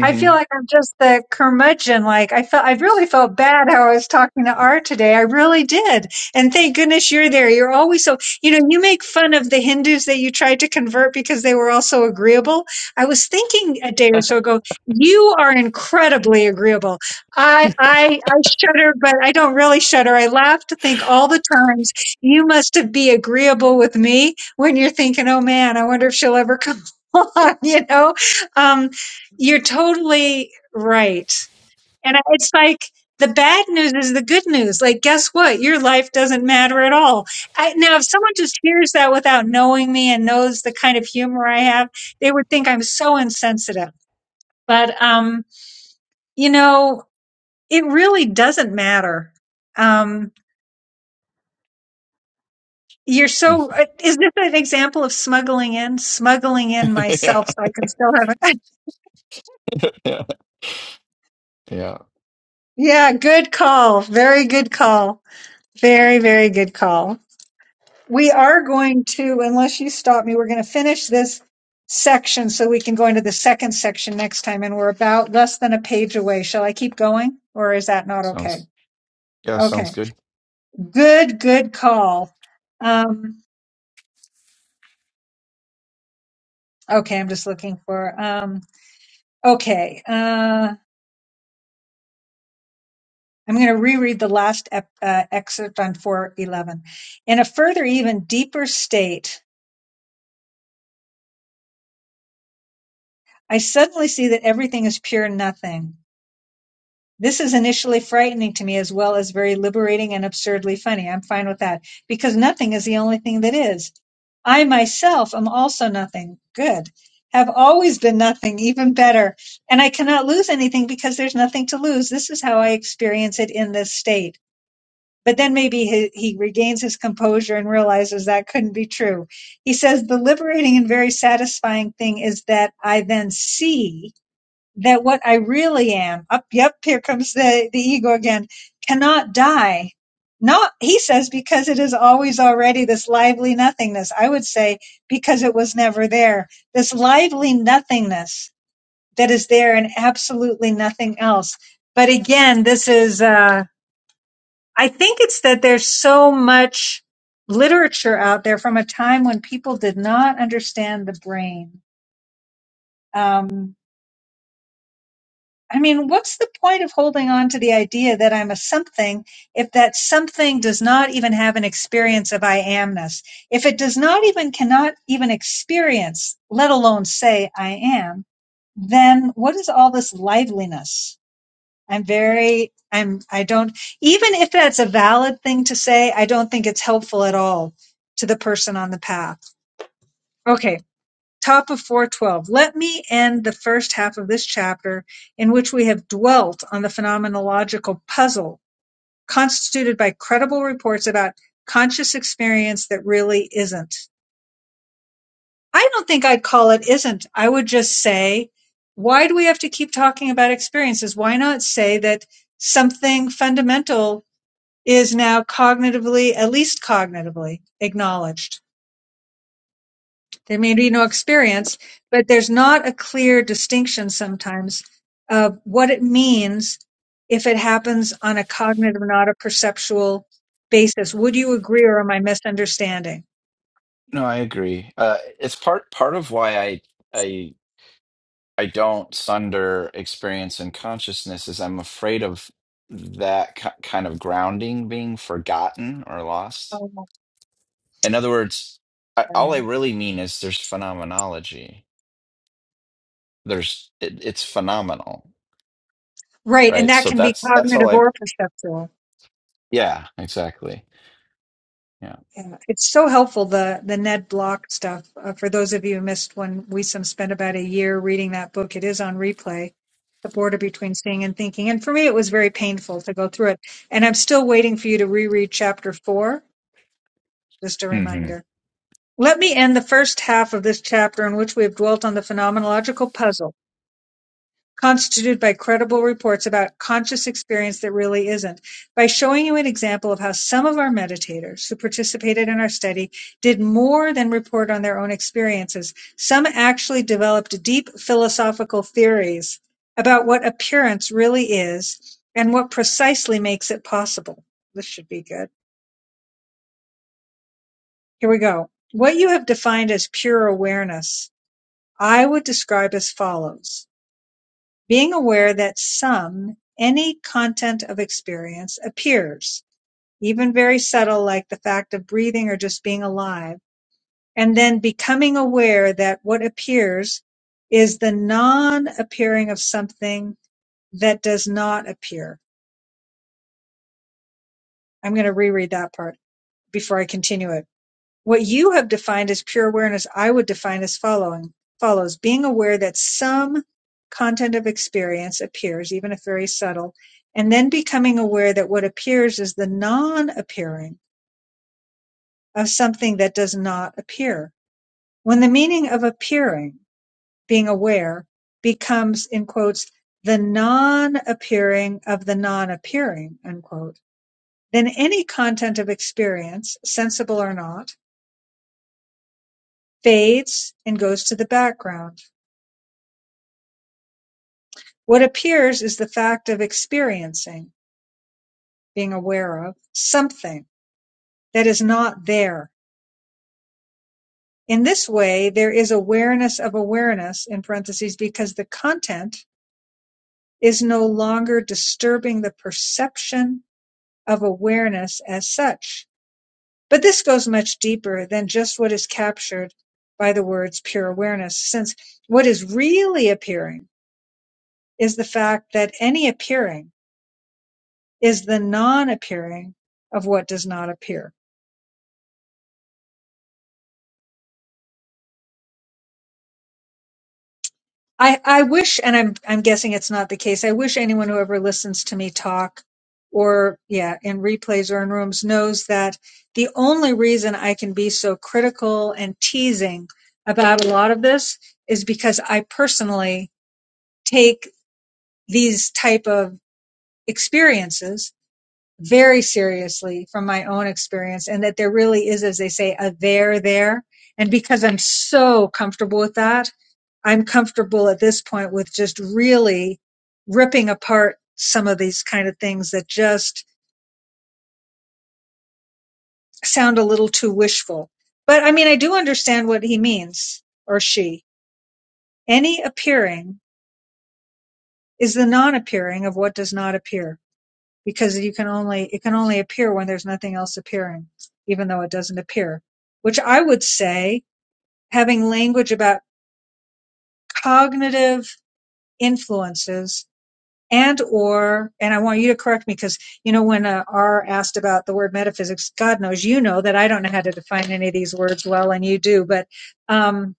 I feel like I'm just the curmudgeon. Like I felt, I really felt bad how I was talking to Art today. I really did. And thank goodness you're there. You're always so, you know, you make fun of the Hindus that you tried to convert because they were all so agreeable. I was thinking a day or so ago, you are incredibly agreeable. I, I, I shudder, but I don't really shudder. I laugh to think all the times you must have be agreeable with me when you're thinking, oh man, I wonder if she'll ever come on, you know? Um, you're totally right. And I- it's like the bad news is the good news. Like, guess what? Your life doesn't matter at all. I, now, if someone just hears that without knowing me and knows the kind of humor I have, they would think I'm so insensitive. But, um, you know, it really doesn't matter. Um, you're so, uh, is this an example of smuggling in? Smuggling in
yeah,
myself so I can still have it.
yeah, yeah.
yeah, good call. Very good call. Very, very good call. we are going to, unless you stop me, we're going to finish this section so we can go into the second section next time. And we're about less than a page away. Shall I keep going or is that not okay?
Sounds yeah, sounds
Okay.
good.
Good, good call. Um, okay. I'm just looking for, um, okay. Uh, I'm going to reread the last ep- uh, excerpt on 411. In a further, even deeper state, I suddenly see that everything is pure nothing. This is initially frightening to me as well as very liberating and absurdly funny. I'm fine with that because nothing is the only thing that is. I myself am also nothing. Good. Have always been nothing, even better. And I cannot lose anything because there's nothing to lose. This is how I experience it in this state. But then maybe he, he regains his composure and realizes that couldn't be true. He says the liberating and very satisfying thing is that I then see that what I really am, up, yep, here comes the, the ego again, cannot die. Not, he says, because it is always already this lively nothingness. I would say, because it was never there. This lively nothingness that is there and absolutely nothing else. But again, this is, uh, I think it's that there's so much literature out there from a time when people did not understand the brain. Um, I mean, what's the point of holding on to the idea that I'm a something if that something does not even have an experience of I amness? If it does not even, cannot even experience, let alone say I am, then what is all this liveliness? I'm very, I'm, I don't, even if that's a valid thing to say, I don't think it's helpful at all to the person on the path. Okay top of 412. Let me end the first half of this chapter in which we have dwelt on the phenomenological puzzle constituted by credible reports about conscious experience that really isn't. I don't think I'd call it isn't. I would just say, why do we have to keep talking about experiences? Why not say that something fundamental is now cognitively, at least cognitively, acknowledged? There may be no experience, but there's not a clear distinction sometimes of what it means if it happens on a cognitive, not a perceptual basis. Would you agree or am I misunderstanding?
No, I agree. Uh, it's part part of why I I I don't sunder experience and consciousness is I'm afraid of that ki kind of grounding being forgotten or lost.
Oh,
In other words, I, all I
okay.
really mean is there's phenomenology. There's it, it's phenomenal
Right. And
right?
that
So
can be
that's that's
cognitive
all I.
or perceptual.
Yeah, exactly. Yeah.
Yeah, it's so helpful the the Ned Block stuff. Uh, for those of you who missed when Wisam spent about a year reading that book, it is on replay. The border between seeing and thinking, and for me, it was very painful to go through it. And I'm still waiting for you to reread chapter four. Just a
hmm
reminder. Let me end the first half of this chapter in which we have dwelt on the phenomenological puzzle constituted by credible reports about conscious experience that really isn't, by showing you an example of how some of our meditators who participated in our study did more than report on their own experiences. Some actually developed deep philosophical theories about what appearance really is and what precisely makes it possible. This should be good. Here we go. What you have defined as pure awareness, I would describe as follows. Being aware that some any content of experience appears, even very subtle like the fact of breathing or just being alive, and then becoming aware that what appears is the non-appearing of something that does not appear. I'm going to reread that part before I continue it. What you have defined as pure awareness, I would define as following follows being aware that some content of experience appears, even if very subtle, and then becoming aware that what appears is the non appearing of something that does not appear. When the meaning of appearing, being aware, becomes, in quotes, the non appearing of the non appearing, unquote, then any content of experience, sensible or not, fades and goes to the background What appears is the fact of experiencing (being aware of) something that is not there. In this way, there is awareness of awareness in parentheses because the content is no longer disturbing the perception of awareness as such. But this goes much deeper than just what is captured by the words pure awareness, since what is really appearing is the fact that any appearing is the non appearing of what does not appear. I, I wish, and I'm I'm guessing it's not the case. I wish anyone who ever listens to me talk, or yeah, in replays or in rooms, knows that the only reason I can be so critical and teasing about a lot of this is because I personally take these type of experiences very seriously from my own experience, and that there really is, as they say, a there there. And because I'm so comfortable with that, I'm comfortable at this point with just really ripping apart some of these kind of things that just sound a little too wishful. But I mean, I do understand what he means or she. Any appearing is the non-appearing of what does not appear because you can only, it can only appear when there's nothing else appearing, even though it doesn't appear, which I would say having language about cognitive influences and or and i want you to correct me because you know when uh, r asked about the word metaphysics god knows you know that i don't know how to define any of these words well and you do but um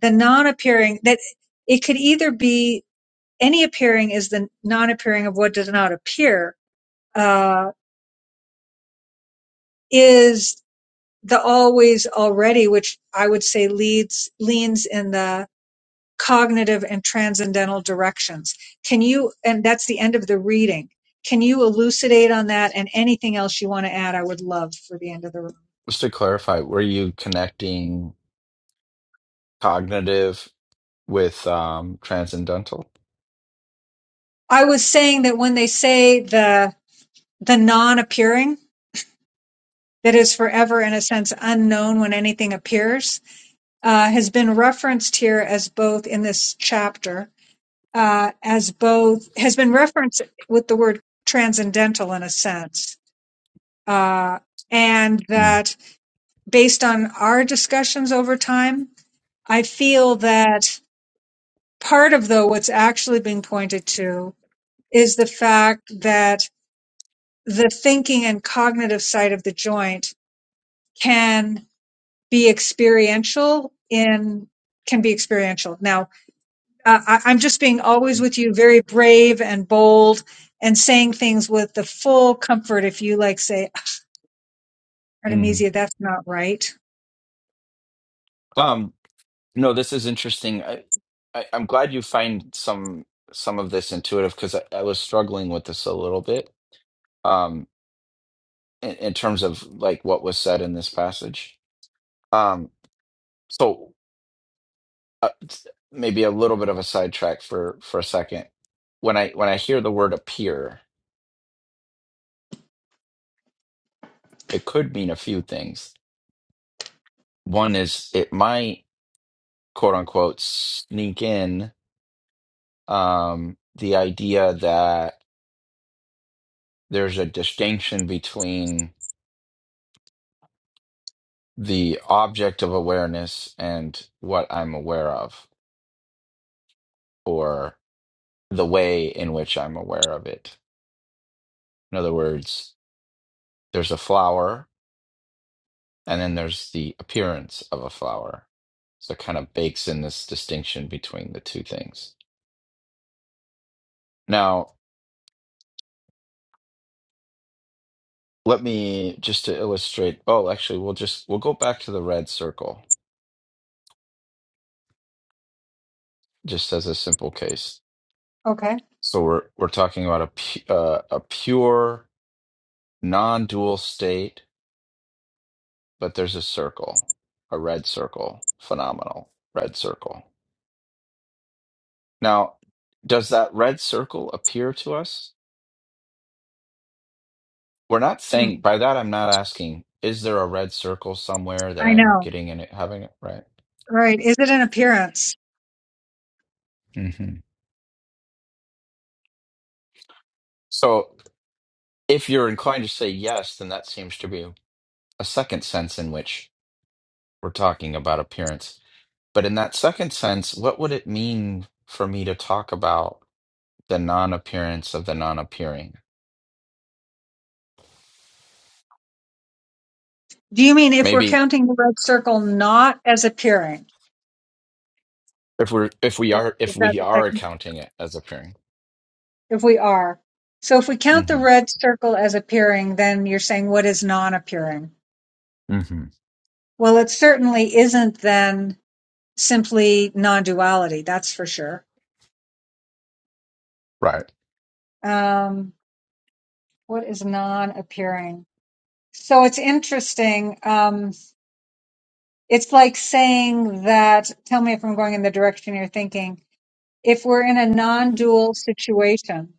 the non-appearing that it could either be any appearing is the non-appearing of what does not appear uh is the always already which i would say leads leans in the cognitive and transcendental directions. Can you, and that's the end of the reading. Can you elucidate on that and anything else you want to add? I would love for the end of the room.
Just to clarify, were you connecting cognitive with um, transcendental?
I was saying that when they say the, the non appearing that is forever in a sense unknown when anything appears, uh, has been referenced here as both in this chapter, uh, as both has been referenced with the word transcendental in a sense. Uh, and
Mm.
that based on our discussions over time, I feel that part of though what's actually being pointed to is the fact that the thinking and cognitive side of the joint can be experiential in can be experiential. Now, uh, I, I'm just being always with you, very brave and bold, and saying things with the full comfort. If you like, say,
hmm
Artemisia, that's not right.
Um, no, this is interesting. I, I, I'm glad you find some some of this intuitive because I, I was struggling with this a little bit um, in, in terms of like what was said in this passage. Um, so. uh, maybe a little bit of a sidetrack for for a second. When I when I hear the word appear, it could mean a few things. One is it might quote unquote sneak in um, the idea that there's a distinction between the object of awareness and what I'm aware of, or the way in which I'm aware of it. In other words, there's a flower And then there's the appearance of a flower. So it kind of bakes in this distinction between the two things. Now, let me just to illustrate. Oh, actually, we'll just we'll go back to the red circle just as a simple case.
Okay,
So we're we're talking about a pu- uh, a pure non-dual state, but there's a circle, a red circle, phenomenal red circle. Now, does that red circle appear to us? We're not
Hmm.
saying by that. I'm not asking. Is there a red circle somewhere that
I
I'm
know,
getting in it, having it right?
right? Is it an appearance?
hmm So, if you're inclined to say yes, then that seems to be a second sense in which we're talking about appearance. But in that second sense, what would it mean for me to talk about the non-appearance of the non-appearing?
Do you mean if we're
Maybe
counting the red circle not as appearing?
if we're if we
Is
are
is
if
that
we
the
are
second?
accounting it as appearing.
If we are. So if we count the
hmm
red circle as appearing, then you're saying what is non-appearing?
hmm
Well, it certainly isn't then simply non-duality. That's for sure.
Right.
Um, what is non-appearing? So it's interesting. Um, it's like saying that, tell me if I'm going in the direction you're thinking. If we're in a non-dual situation,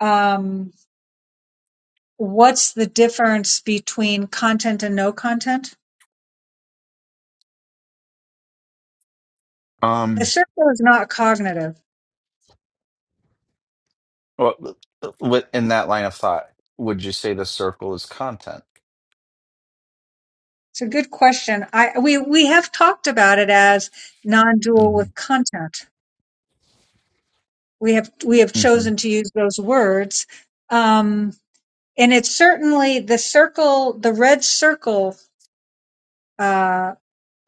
um, what's the difference between content and no content? The
Um.
circle is not cognitive.
What what- in that line of thought would you say the circle is content?
It's a good question. I we we have talked about it as non-dual
hmm
with content. We have we have
hmm
chosen to use those words, um, and it's certainly the circle, the red circle uh,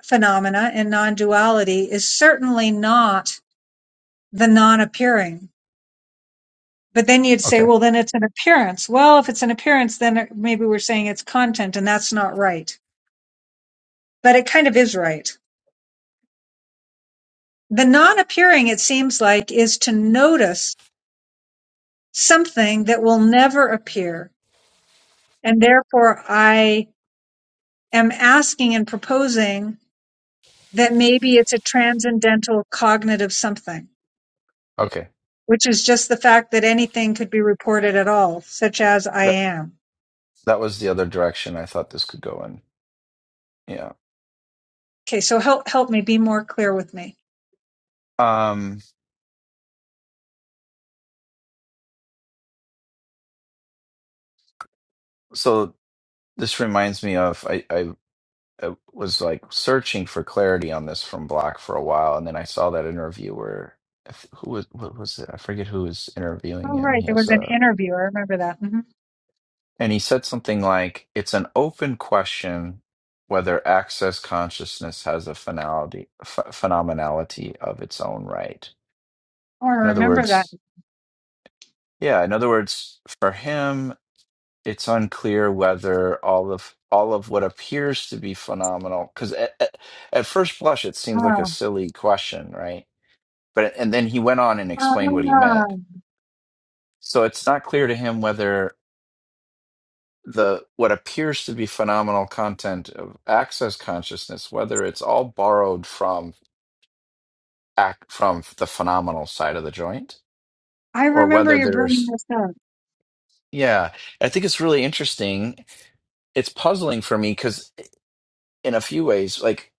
phenomena in non-duality is certainly not the non-appearing But then you'd say,
Okay.
well, then it's an appearance. Well, if it's an appearance, then it- maybe we're saying it's content and that's not right. But it kind of is right. The non appearing, it seems like, is to notice something that will never appear. And therefore, I am asking and proposing that maybe it's a transcendental cognitive something,
Okay.
which is just the fact that anything could be reported at all, such as I
That
am.
that was the other direction I thought this could go in. Yeah.
Okay, so help, help me be more clear with me.
Um. So this reminds me of I I, I was like searching for clarity on this from Block for a while, and then I saw that interview where I f- who was what was it? I forget who was interviewing
Oh,
him.
right.
He
There
has
was an
a
interview. I remember that. Mhm.
And he said something like, it's an open question whether access consciousness has a finality, ph phenomenality of its own right.
Oh, I
In other
remember that.
words, yeah, in other words, for him, it's unclear whether all of all of what appears to be phenomenal, because at, at, at first blush, it seems like a
Oh,
silly question, right? But and then he went on and explained what he meant.
oh.
So it's not clear to him whether the what appears to be phenomenal content of access consciousness, whether it's all borrowed from act from the phenomenal side of the joint,
I
or
remember
whether
you bringing
there's
this up.
yeah, I think it's really interesting. It's puzzling for me because in a few ways, like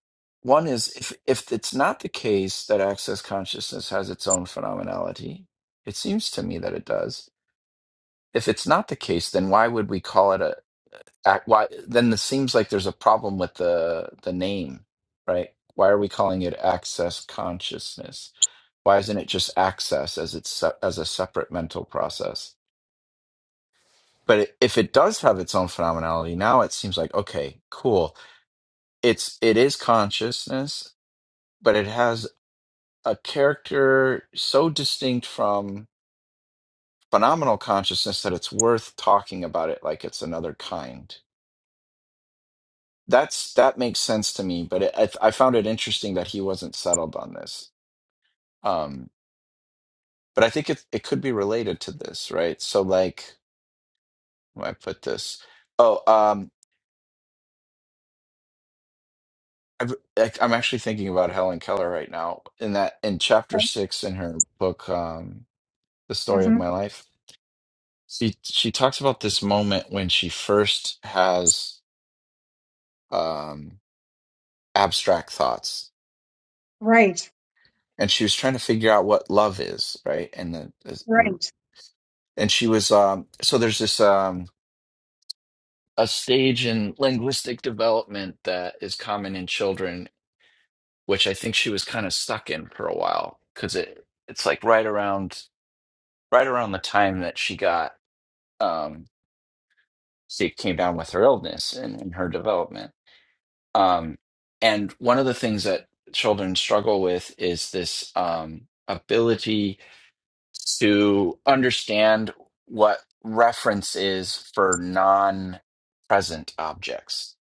one is if if it's not the case that access consciousness has its own phenomenality, it seems to me that it does. If it's not the case, then why would we call it Act, why then? It seems like there's a problem with the the name, right? Why are we calling it access consciousness? Why isn't it just access as it's se- as a separate mental process? But it, if it does have its own phenomenality, now it seems like okay, cool. It's it is consciousness, but it has a character so distinct from phenomenal consciousness that it's worth talking about it like it's another kind That's that makes sense to me, but it, I, I found it interesting that he wasn't settled on this. Um, but I think it it could be related to this, right? So like, where do I put this? Oh, um, I've, like, I'm actually thinking about Helen Keller right now. In that, in chapter six in her book, um, The Story of
Mm-hmm.
My Life, she she talks about this moment when she first has um abstract thoughts,
Right,
and she was trying to figure out what love is, right? And the,
right.
and she was um so there's this um a stage in linguistic development that is common in children which i think she was kind of stuck in for a while because it it's like right around right around the time that she got um she came down with her illness and in her development um and one of the things that children struggle with is this um ability to understand what reference is for non present objects.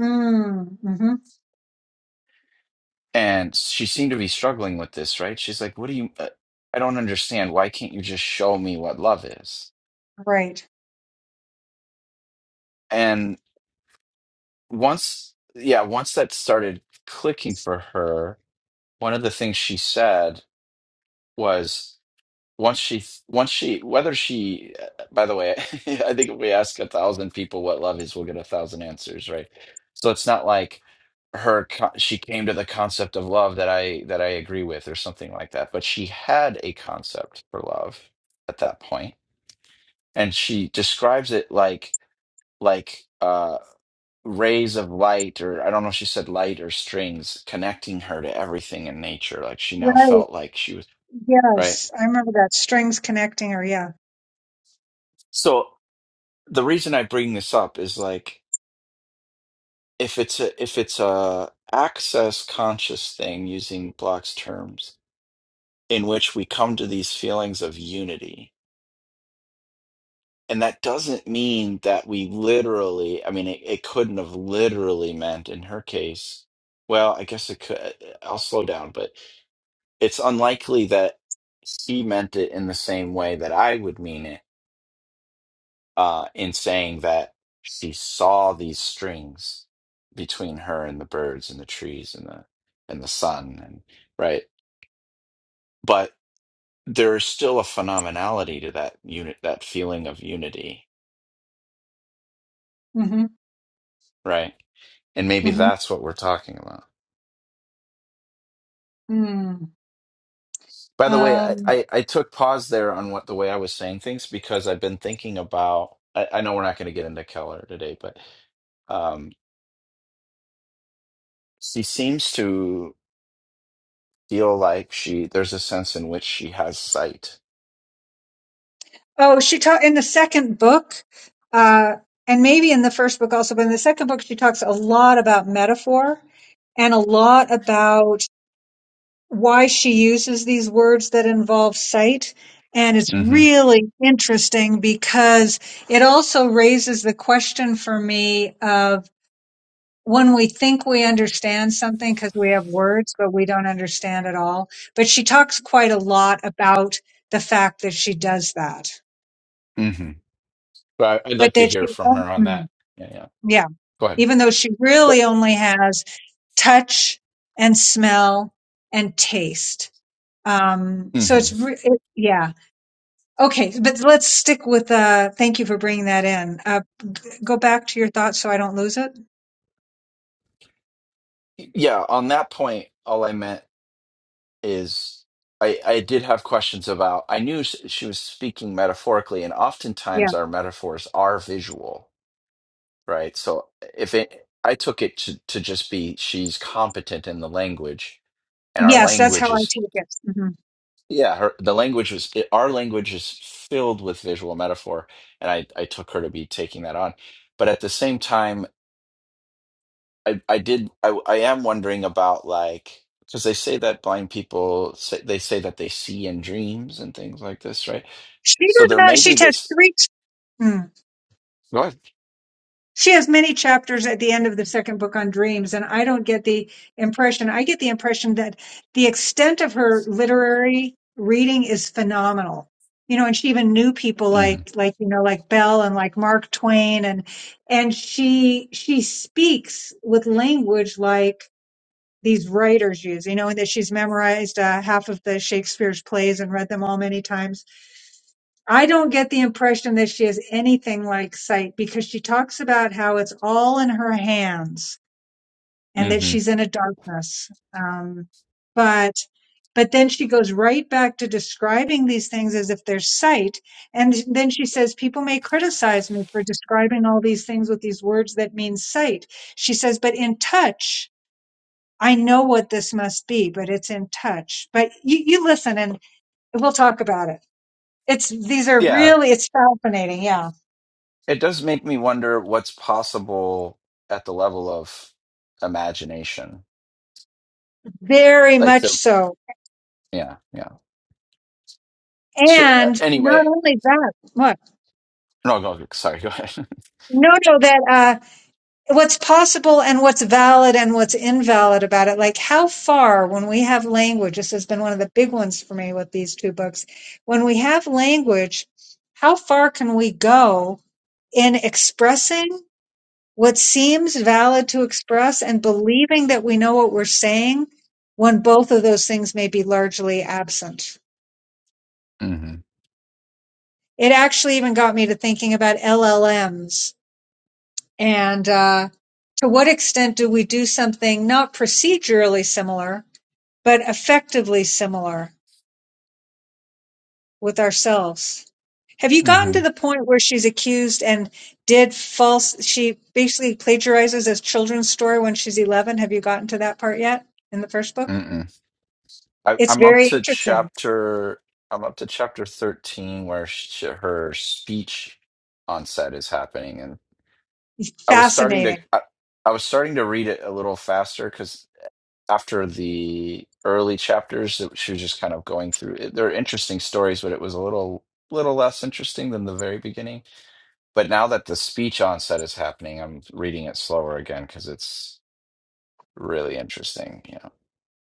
Mm, mm-hmm.
And she seemed to be struggling with this, right? She's like, What do you, uh, I don't understand. Why can't you just show me what love is?
Right,
And once, yeah, once that started clicking for her, one of the things she said was, once she once she whether she uh, by the way i think if we ask a thousand people what love is we'll get a thousand answers right so it's not like her co- she came to the concept of love that i that i agree with or something like that but she had a concept for love at that point and she describes it like like uh rays of light or i don't know if she said light or strings connecting her to everything in nature like she now
right.
felt like she was right
Yes, I remember that. Strings connecting her. Yeah.
so. the reason I bring this up is like if it's a if it's a access conscious thing using Block's terms in which we come to these feelings of unity. And that doesn't mean that we literally, I mean, it, it couldn't have literally meant in her case, well, I guess it could. uh, I'll slow down, but it's unlikely that she meant it in the same way that I would mean it uh, in saying that she saw these strings between her and the birds and the trees and the and the sun and right but there is still a phenomenality to that unit that feeling of unity
Mm-hmm.
right and maybe
Mm-hmm.
that's what we're talking about
Mm.
by the way i
Um,
i, I took pause there on what the way i was saying things because i've been thinking about i, I know we're not going to get into keller today but um she seems to feel like she there's a sense in which she has sight
oh, she taught in the second book, uh, and maybe in the first book also, but in the second book, she talks a lot about metaphor and a lot about why she uses these words that involve sight. And it's
hmm
really interesting because it also raises the question for me of when we think we understand something because we have words, but we don't understand at all. But she talks quite a lot about the fact that she does that,
hmm But I- I'd
but
like to
that
hear
she,
from her on
Mm,
that. Yeah, yeah.
yeah,
Go ahead.
even though she
But
really only has touch and smell and taste. Um, so
hmm
it's, re- it, yeah Okay, but let's stick with uh thank you for bringing that in. Uh go back to your thoughts so I don't lose it.
yeah, on that point, all I meant is I, I did have questions about, I knew s- she was speaking metaphorically, and
Yeah.
oftentimes our metaphors are visual, right? So if it, I took it to, to just be she's competent in the language, and our
Yes, that's how
language
I
is,
take it. hmm
yeah, her, the language was, our language is filled with visual metaphor, and I, I took her to be taking that on. But at the same time, I I did I I am wondering about like because they say that blind people say, they say that they see in dreams and things like this, right?
She
So
does
there
not
may
she
be
has
this.
three Mm.
What?
She has many chapters at the end of the second book on dreams, and I don't get the impression. I get the impression that the extent of her literary reading is phenomenal. You know, and she even knew people
hmm
like, like you know, like Bell and like Mark Twain, and and she she speaks with language like these writers use, you know, and that she's memorized uh, half of the Shakespeare's plays and read them all many times. I don't get the impression that she has anything like sight because she talks about how it's all in her hands and that
hmm
she's in a darkness. Um, but but then she goes right back to describing these things as if they're sight, and then she says people may criticize me for describing all these things with these words that mean sight. She says, but in touch. I know what this must be, but it's in touch. But you, you listen and we'll talk about it. It's, these are
Yeah,
really, it's fascinating. Yeah.
it does make me wonder what's possible at the level of imagination.
Very
Like
much
the
so.
yeah yeah. Sh- uh,
And
anyway,
not only that, what?
no, go, go sorry, go ahead.
No, no, that, uh, what's possible and what's valid and what's invalid about it. Like how far when we have language, this has been one of the big ones for me with these two books. When we have language, how far can we go in expressing what seems valid to express and believing that we know what we're saying when both of those things may be largely absent. It actually even got me to thinking about LLMs and uh, to what extent do we do something not procedurally similar, but effectively similar with ourselves? Have you gotten
hmm
to
hmm
the point where she's accused and did false? She basically plagiarizes a children's story when she's 11. Have you gotten to that part yet in the first book?
I,
It's
I'm up
very
to
interesting,
chapter. I'm up to chapter thirteen, where she, her speech on set is happening, and I was starting to.
fascinating.
I, I was starting to read it a little faster because after the early chapters, it, she was just kind of going through. It, they're interesting stories, but it was a little little less interesting than the very beginning. But now that the speech on set is happening, I'm reading it slower again because it's really interesting. You know.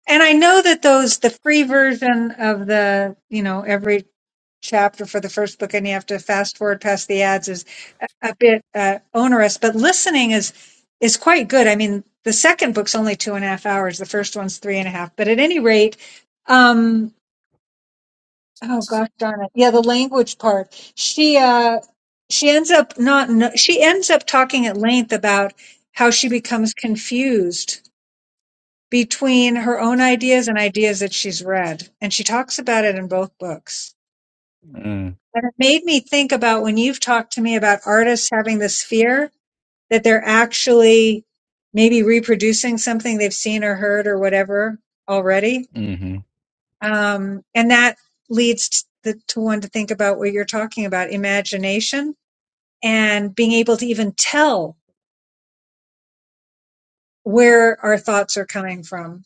And I know that those, the free version of the, you know, every chapter for the first book and you have to fast forward past the ads is a, a bit uh, onerous, but listening is, is quite good. I mean, the second book's only two and a half hours. The first one's three and a half, but at any rate, um, oh gosh darn it. Yeah. The language part. She, uh, she ends up not, kn- she ends up talking at length about how she becomes confused between her own ideas and ideas that she's read. And she talks about it in both books.
Mm,
And it made me think about when you've talked to me about artists having this fear that they're actually maybe reproducing something they've seen or heard or whatever already.
mm-hmm.
Um, and that leads to, to one to think about what you're talking about imagination and being able to even tell where our thoughts are coming from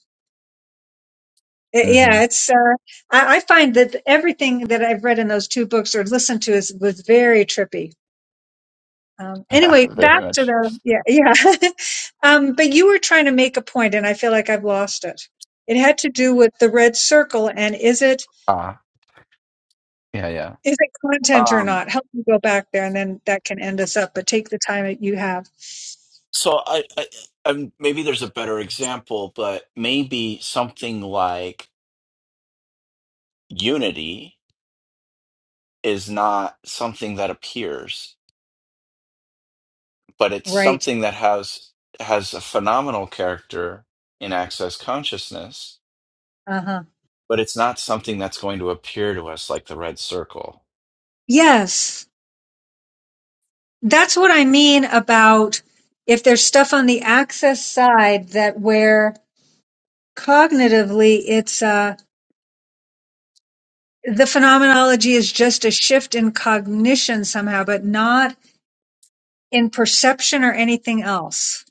Uh,
Mm-hmm.
Yeah, it's. Uh, I, I find that everything that I've read in those two books or listened to is was very trippy. Um,
Yeah,
anyway,
very
back to
much.
the yeah, yeah. um, but you were trying to make a point, and I feel like I've lost it. It had to do with the red circle, and is it
Uh, Yeah, yeah.
is it content or
Um,
not? Help me go back there, and then that can end us up. But take the time that you have.
so I, I, i maybe there's a better example, but maybe something like unity is not something that appears, but it's
Right.
something that has has a phenomenal character in access consciousness,
Uh huh.
but it's not something that's going to appear to us like the red circle.
Yes, that's what I mean about if there's stuff on the access side that where cognitively it's uh the phenomenology is just a shift in cognition somehow but not in perception or anything else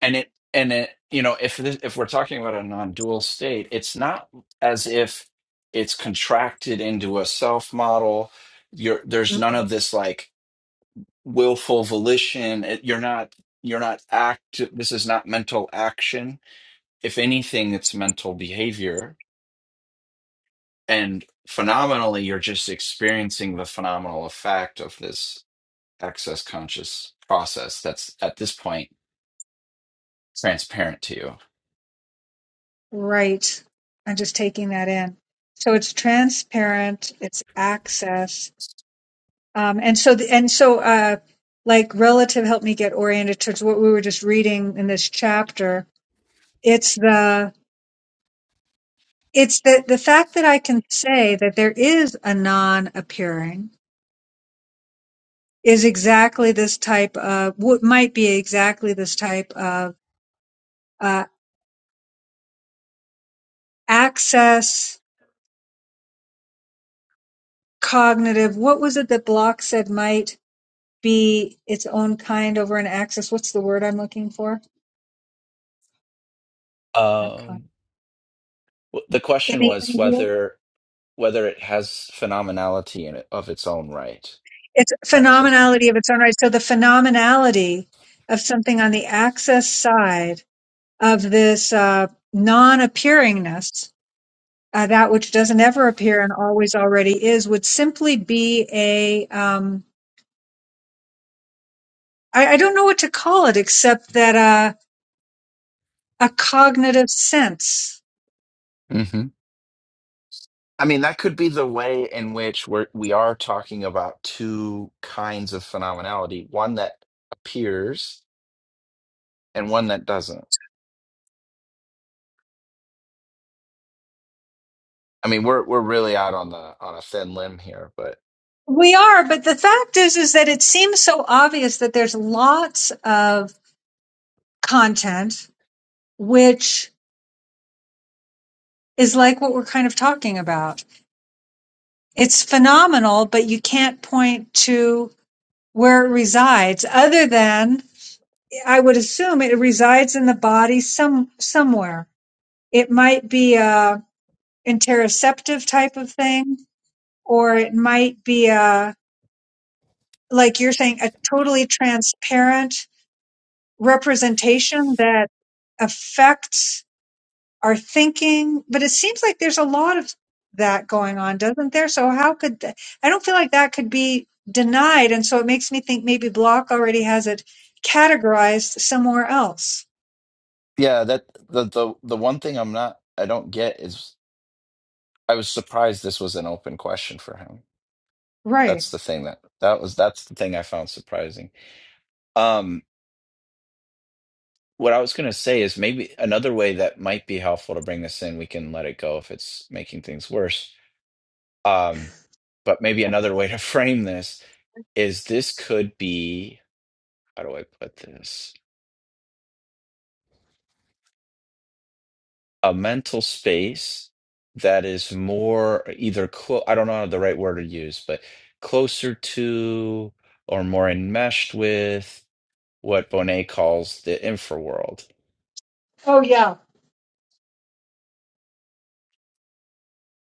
and it and it you know if this, if we're talking about a non-dual state it's not as if it's contracted into a self model you're there's
Mm,
none of this like willful volition it, you're not you're not act this is not mental action if anything it's mental behavior and phenomenally you're just experiencing the phenomenal effect of this excess conscious process that's at this point transparent to you
right i'm just taking that in so it's transparent it's access um and so the, and so uh like relative helped me get oriented towards what we were just reading in this chapter it's the it's the the fact that i can say that there is a non appearing is exactly this type of what might be exactly this type of uh, access cognitive what was it that block said might be its own kind over an axis what's the word i'm looking for Not
um
con-
Well, The
in
question
the
was
interview
whether whether it has phenomenality in it of its own right.
it's
Access comes.
phenomenality of its own right so the phenomenality of something on the access side of this uh, non-appearingness uh, that which doesn't ever appear and always already is would simply be a um, I, I don't know what to call it except that uh, a cognitive sense.
hmm I mean, that could be the way in which we're we are talking about two kinds of phenomenality: one that appears and one that doesn't. I mean, we're we're really out on the on a thin limb here, but
We are, but the fact is, is that it seems so obvious that there's lots of content which is like what we're kind of talking about. It's phenomenal, but you can't point to where it resides other than I would assume it resides in the body some somewhere. It might be a interoceptive type of thing, or it might be a like you're saying, a totally transparent representation that affects our thinking. But it seems like there's a lot of that going on, doesn't there? So how could th- I don't feel like that could be denied, and so it makes me think maybe Block already has it categorized somewhere else.
yeah, that the the the one thing I'm not I don't get is I was surprised this was an open question for him.
Right.
that's the thing that that was that's the thing I found surprising. Um, what I was gonna say is maybe another way that might be helpful to bring this in. We can let it go if it's making things worse. Um, but maybe another way to frame this is this could be how do I put this? A mental space that is more either clo- I don't know the right word to use, but closer to or more enmeshed with what Bonet calls the infra world
Oh yeah.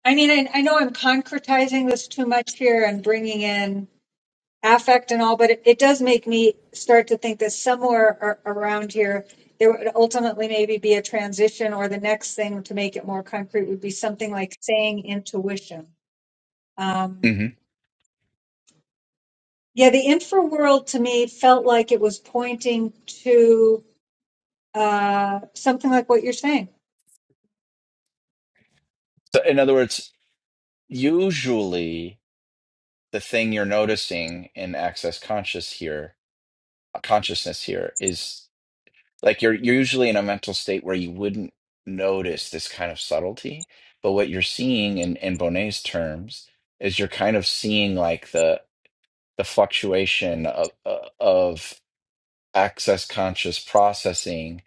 I mean, I, I know I'm concretizing this too much here and bringing in affect and all, but it, it does make me start to think that somewhere ar- around here, there would ultimately maybe be a transition, or the next thing to make it more concrete would be something like saying intuition. Um, yeah, the infra world to me felt like it was pointing to uh, something like what you're saying.
So, in other words, usually the thing you're noticing in access conscious here, consciousness here, is like you're you're usually in a mental state where you wouldn't notice this kind of subtlety. But what you're seeing in in Bonnet's terms is you're kind of seeing like the the fluctuation of of access conscious processing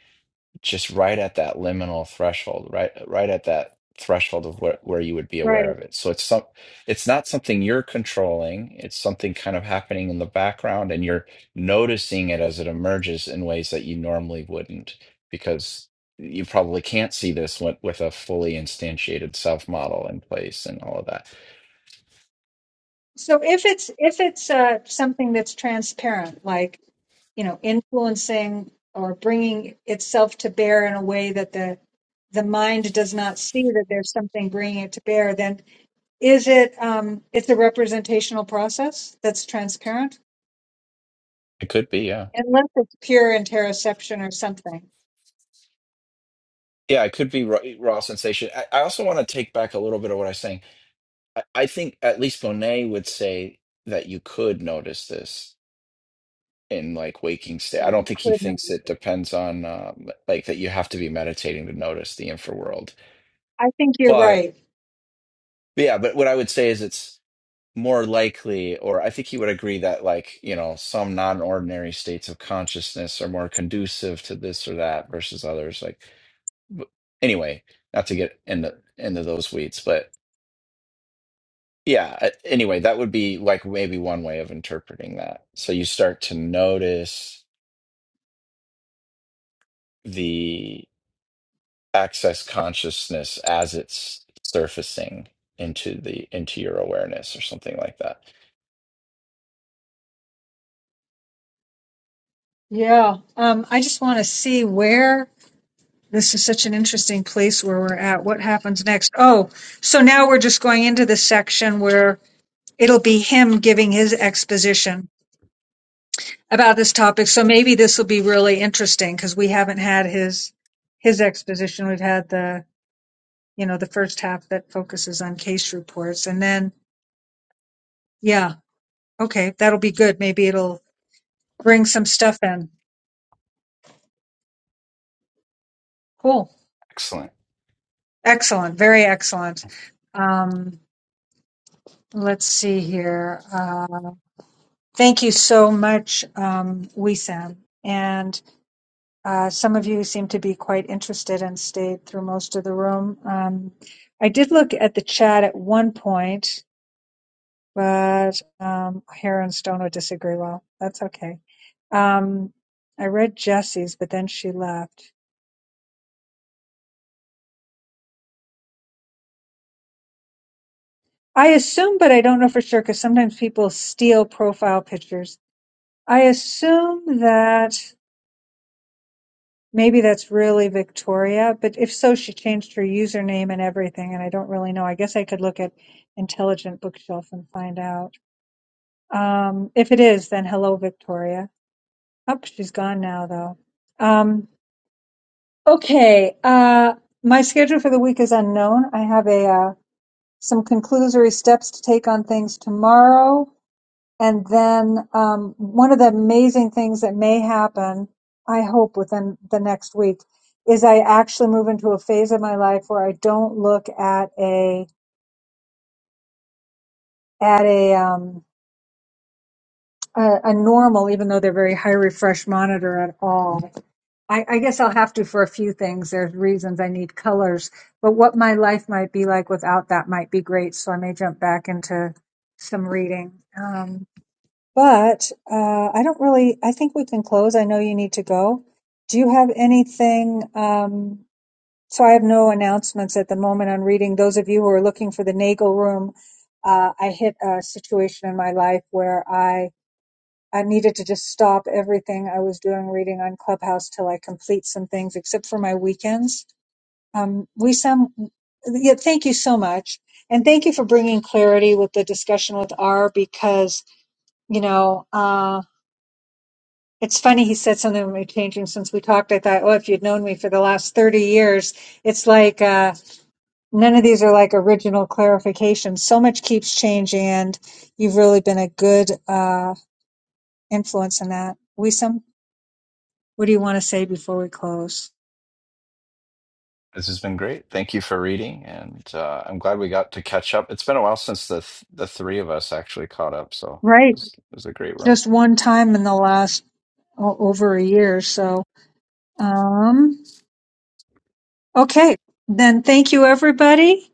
just right at that liminal threshold, right right at that threshold of where, where you would be
Right.
aware of it. So it's some it's not something you're controlling. It's something kind of happening in the background and you're noticing it as it emerges in ways that you normally wouldn't because you probably can't see this with, with a fully instantiated self model in place and all of that.
So if it's if it's uh, something that's transparent, like you know influencing or bringing itself to bear in a way that the the mind does not see that there's something bringing it to bear then is it um it's a representational process that's transparent
It could be, yeah.
unless it's pure interoception or something
Yeah, it could be raw, raw sensation. I, I also want to take back a little bit of what I was saying I I think at least Monet would say that you could notice this in like waking state.
that
I
you
don't think he
could know
thinks it depends on um, like that you have to be meditating to notice the infraworld.
i think you're
But
right
but yeah, but what I would say is it's more likely, or I think he would agree that like, you know, some non-ordinary states of consciousness are more conducive to this or that versus others. Like, but anyway, not to get into into those weeds, but. Yeah. uh, Anyway, that would be like maybe one way of interpreting that. So you start to notice the access consciousness as it's surfacing into the into your awareness or something like that.
yeah um i just want to see where this is such an interesting place where we're at what happens next oh so now we're just going into the section where it'll be him giving his exposition about this topic. So maybe this will be really interesting because we haven't had his his exposition. We've had the you know the first half that focuses on case reports, and then yeah, okay, that'll be good. Maybe it'll bring some stuff in. Cool,
Excellent.
excellent, very excellent. Um, let's see here. Uh, thank you so much, um, Wissam. And Uh, some of you seem to be quite interested and stayed through most of the room. Um, I did look at the chat at one point, but um, Hare and Stone would disagree. Well, that's okay. Um, I read Jessie's, but then she left. I assume, but I don't know for sure because sometimes people steal profile pictures. I assume that. Maybe that's really Victoria, but if so, she changed her username and everything, and I don't really know. I guess I could look at Intelligent Bookshelf and find out. Um, if it is, then hello, Victoria. Oh, she's gone now, though. Um, okay, uh, my schedule for the week is unknown. I have a uh, some conclusory steps to take on things tomorrow. And then um, one of the amazing things that may happen, I hope within the next week, is I actually move into a phase of my life where I don't look at a at a um, a, a normal, even though they're very high refresh monitor at all. I, I guess I'll have to for a few things. There's reasons I need colors, but what my life might be like without that might be great. So I may jump back into some reading. Um, But, uh, I don't really I think we can close, I know you need to go. Do you have anything, um so I have no announcements at the moment on reading. Those of you who are looking for the Nagel Room, uh, I hit a situation in my life where I I needed to just stop everything I was doing reading on Clubhouse till I complete some things, except for my weekends. Um, we some, yeah, thank you so much. And thank you for bringing clarity with the discussion with R because, you know, um, it's funny he said something about me changing since we talked. I thought, oh, if you'd known me for the last 30 years, it's like uh, none of these are like original clarifications. So much keeps changing, and you've really been a good uh, influence in that. Wisam, what do you want to say before we close?
This has been great. Thank you for reading, and uh, I'm glad we got to catch up. It's been a while since the th- the three of us actually caught up, so it
Right.
was, it was a great room.
Just one time in the last o- over a year. So, um, okay. Then thank you, everybody.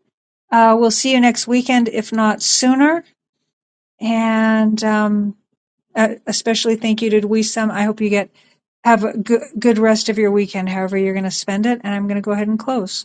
Uh, we'll see you next weekend, if not sooner. And, um, Uh, especially thank you to Wisam. I hope you get have a good good rest of your weekend, however you're going to spend it. And I'm going to go ahead and close.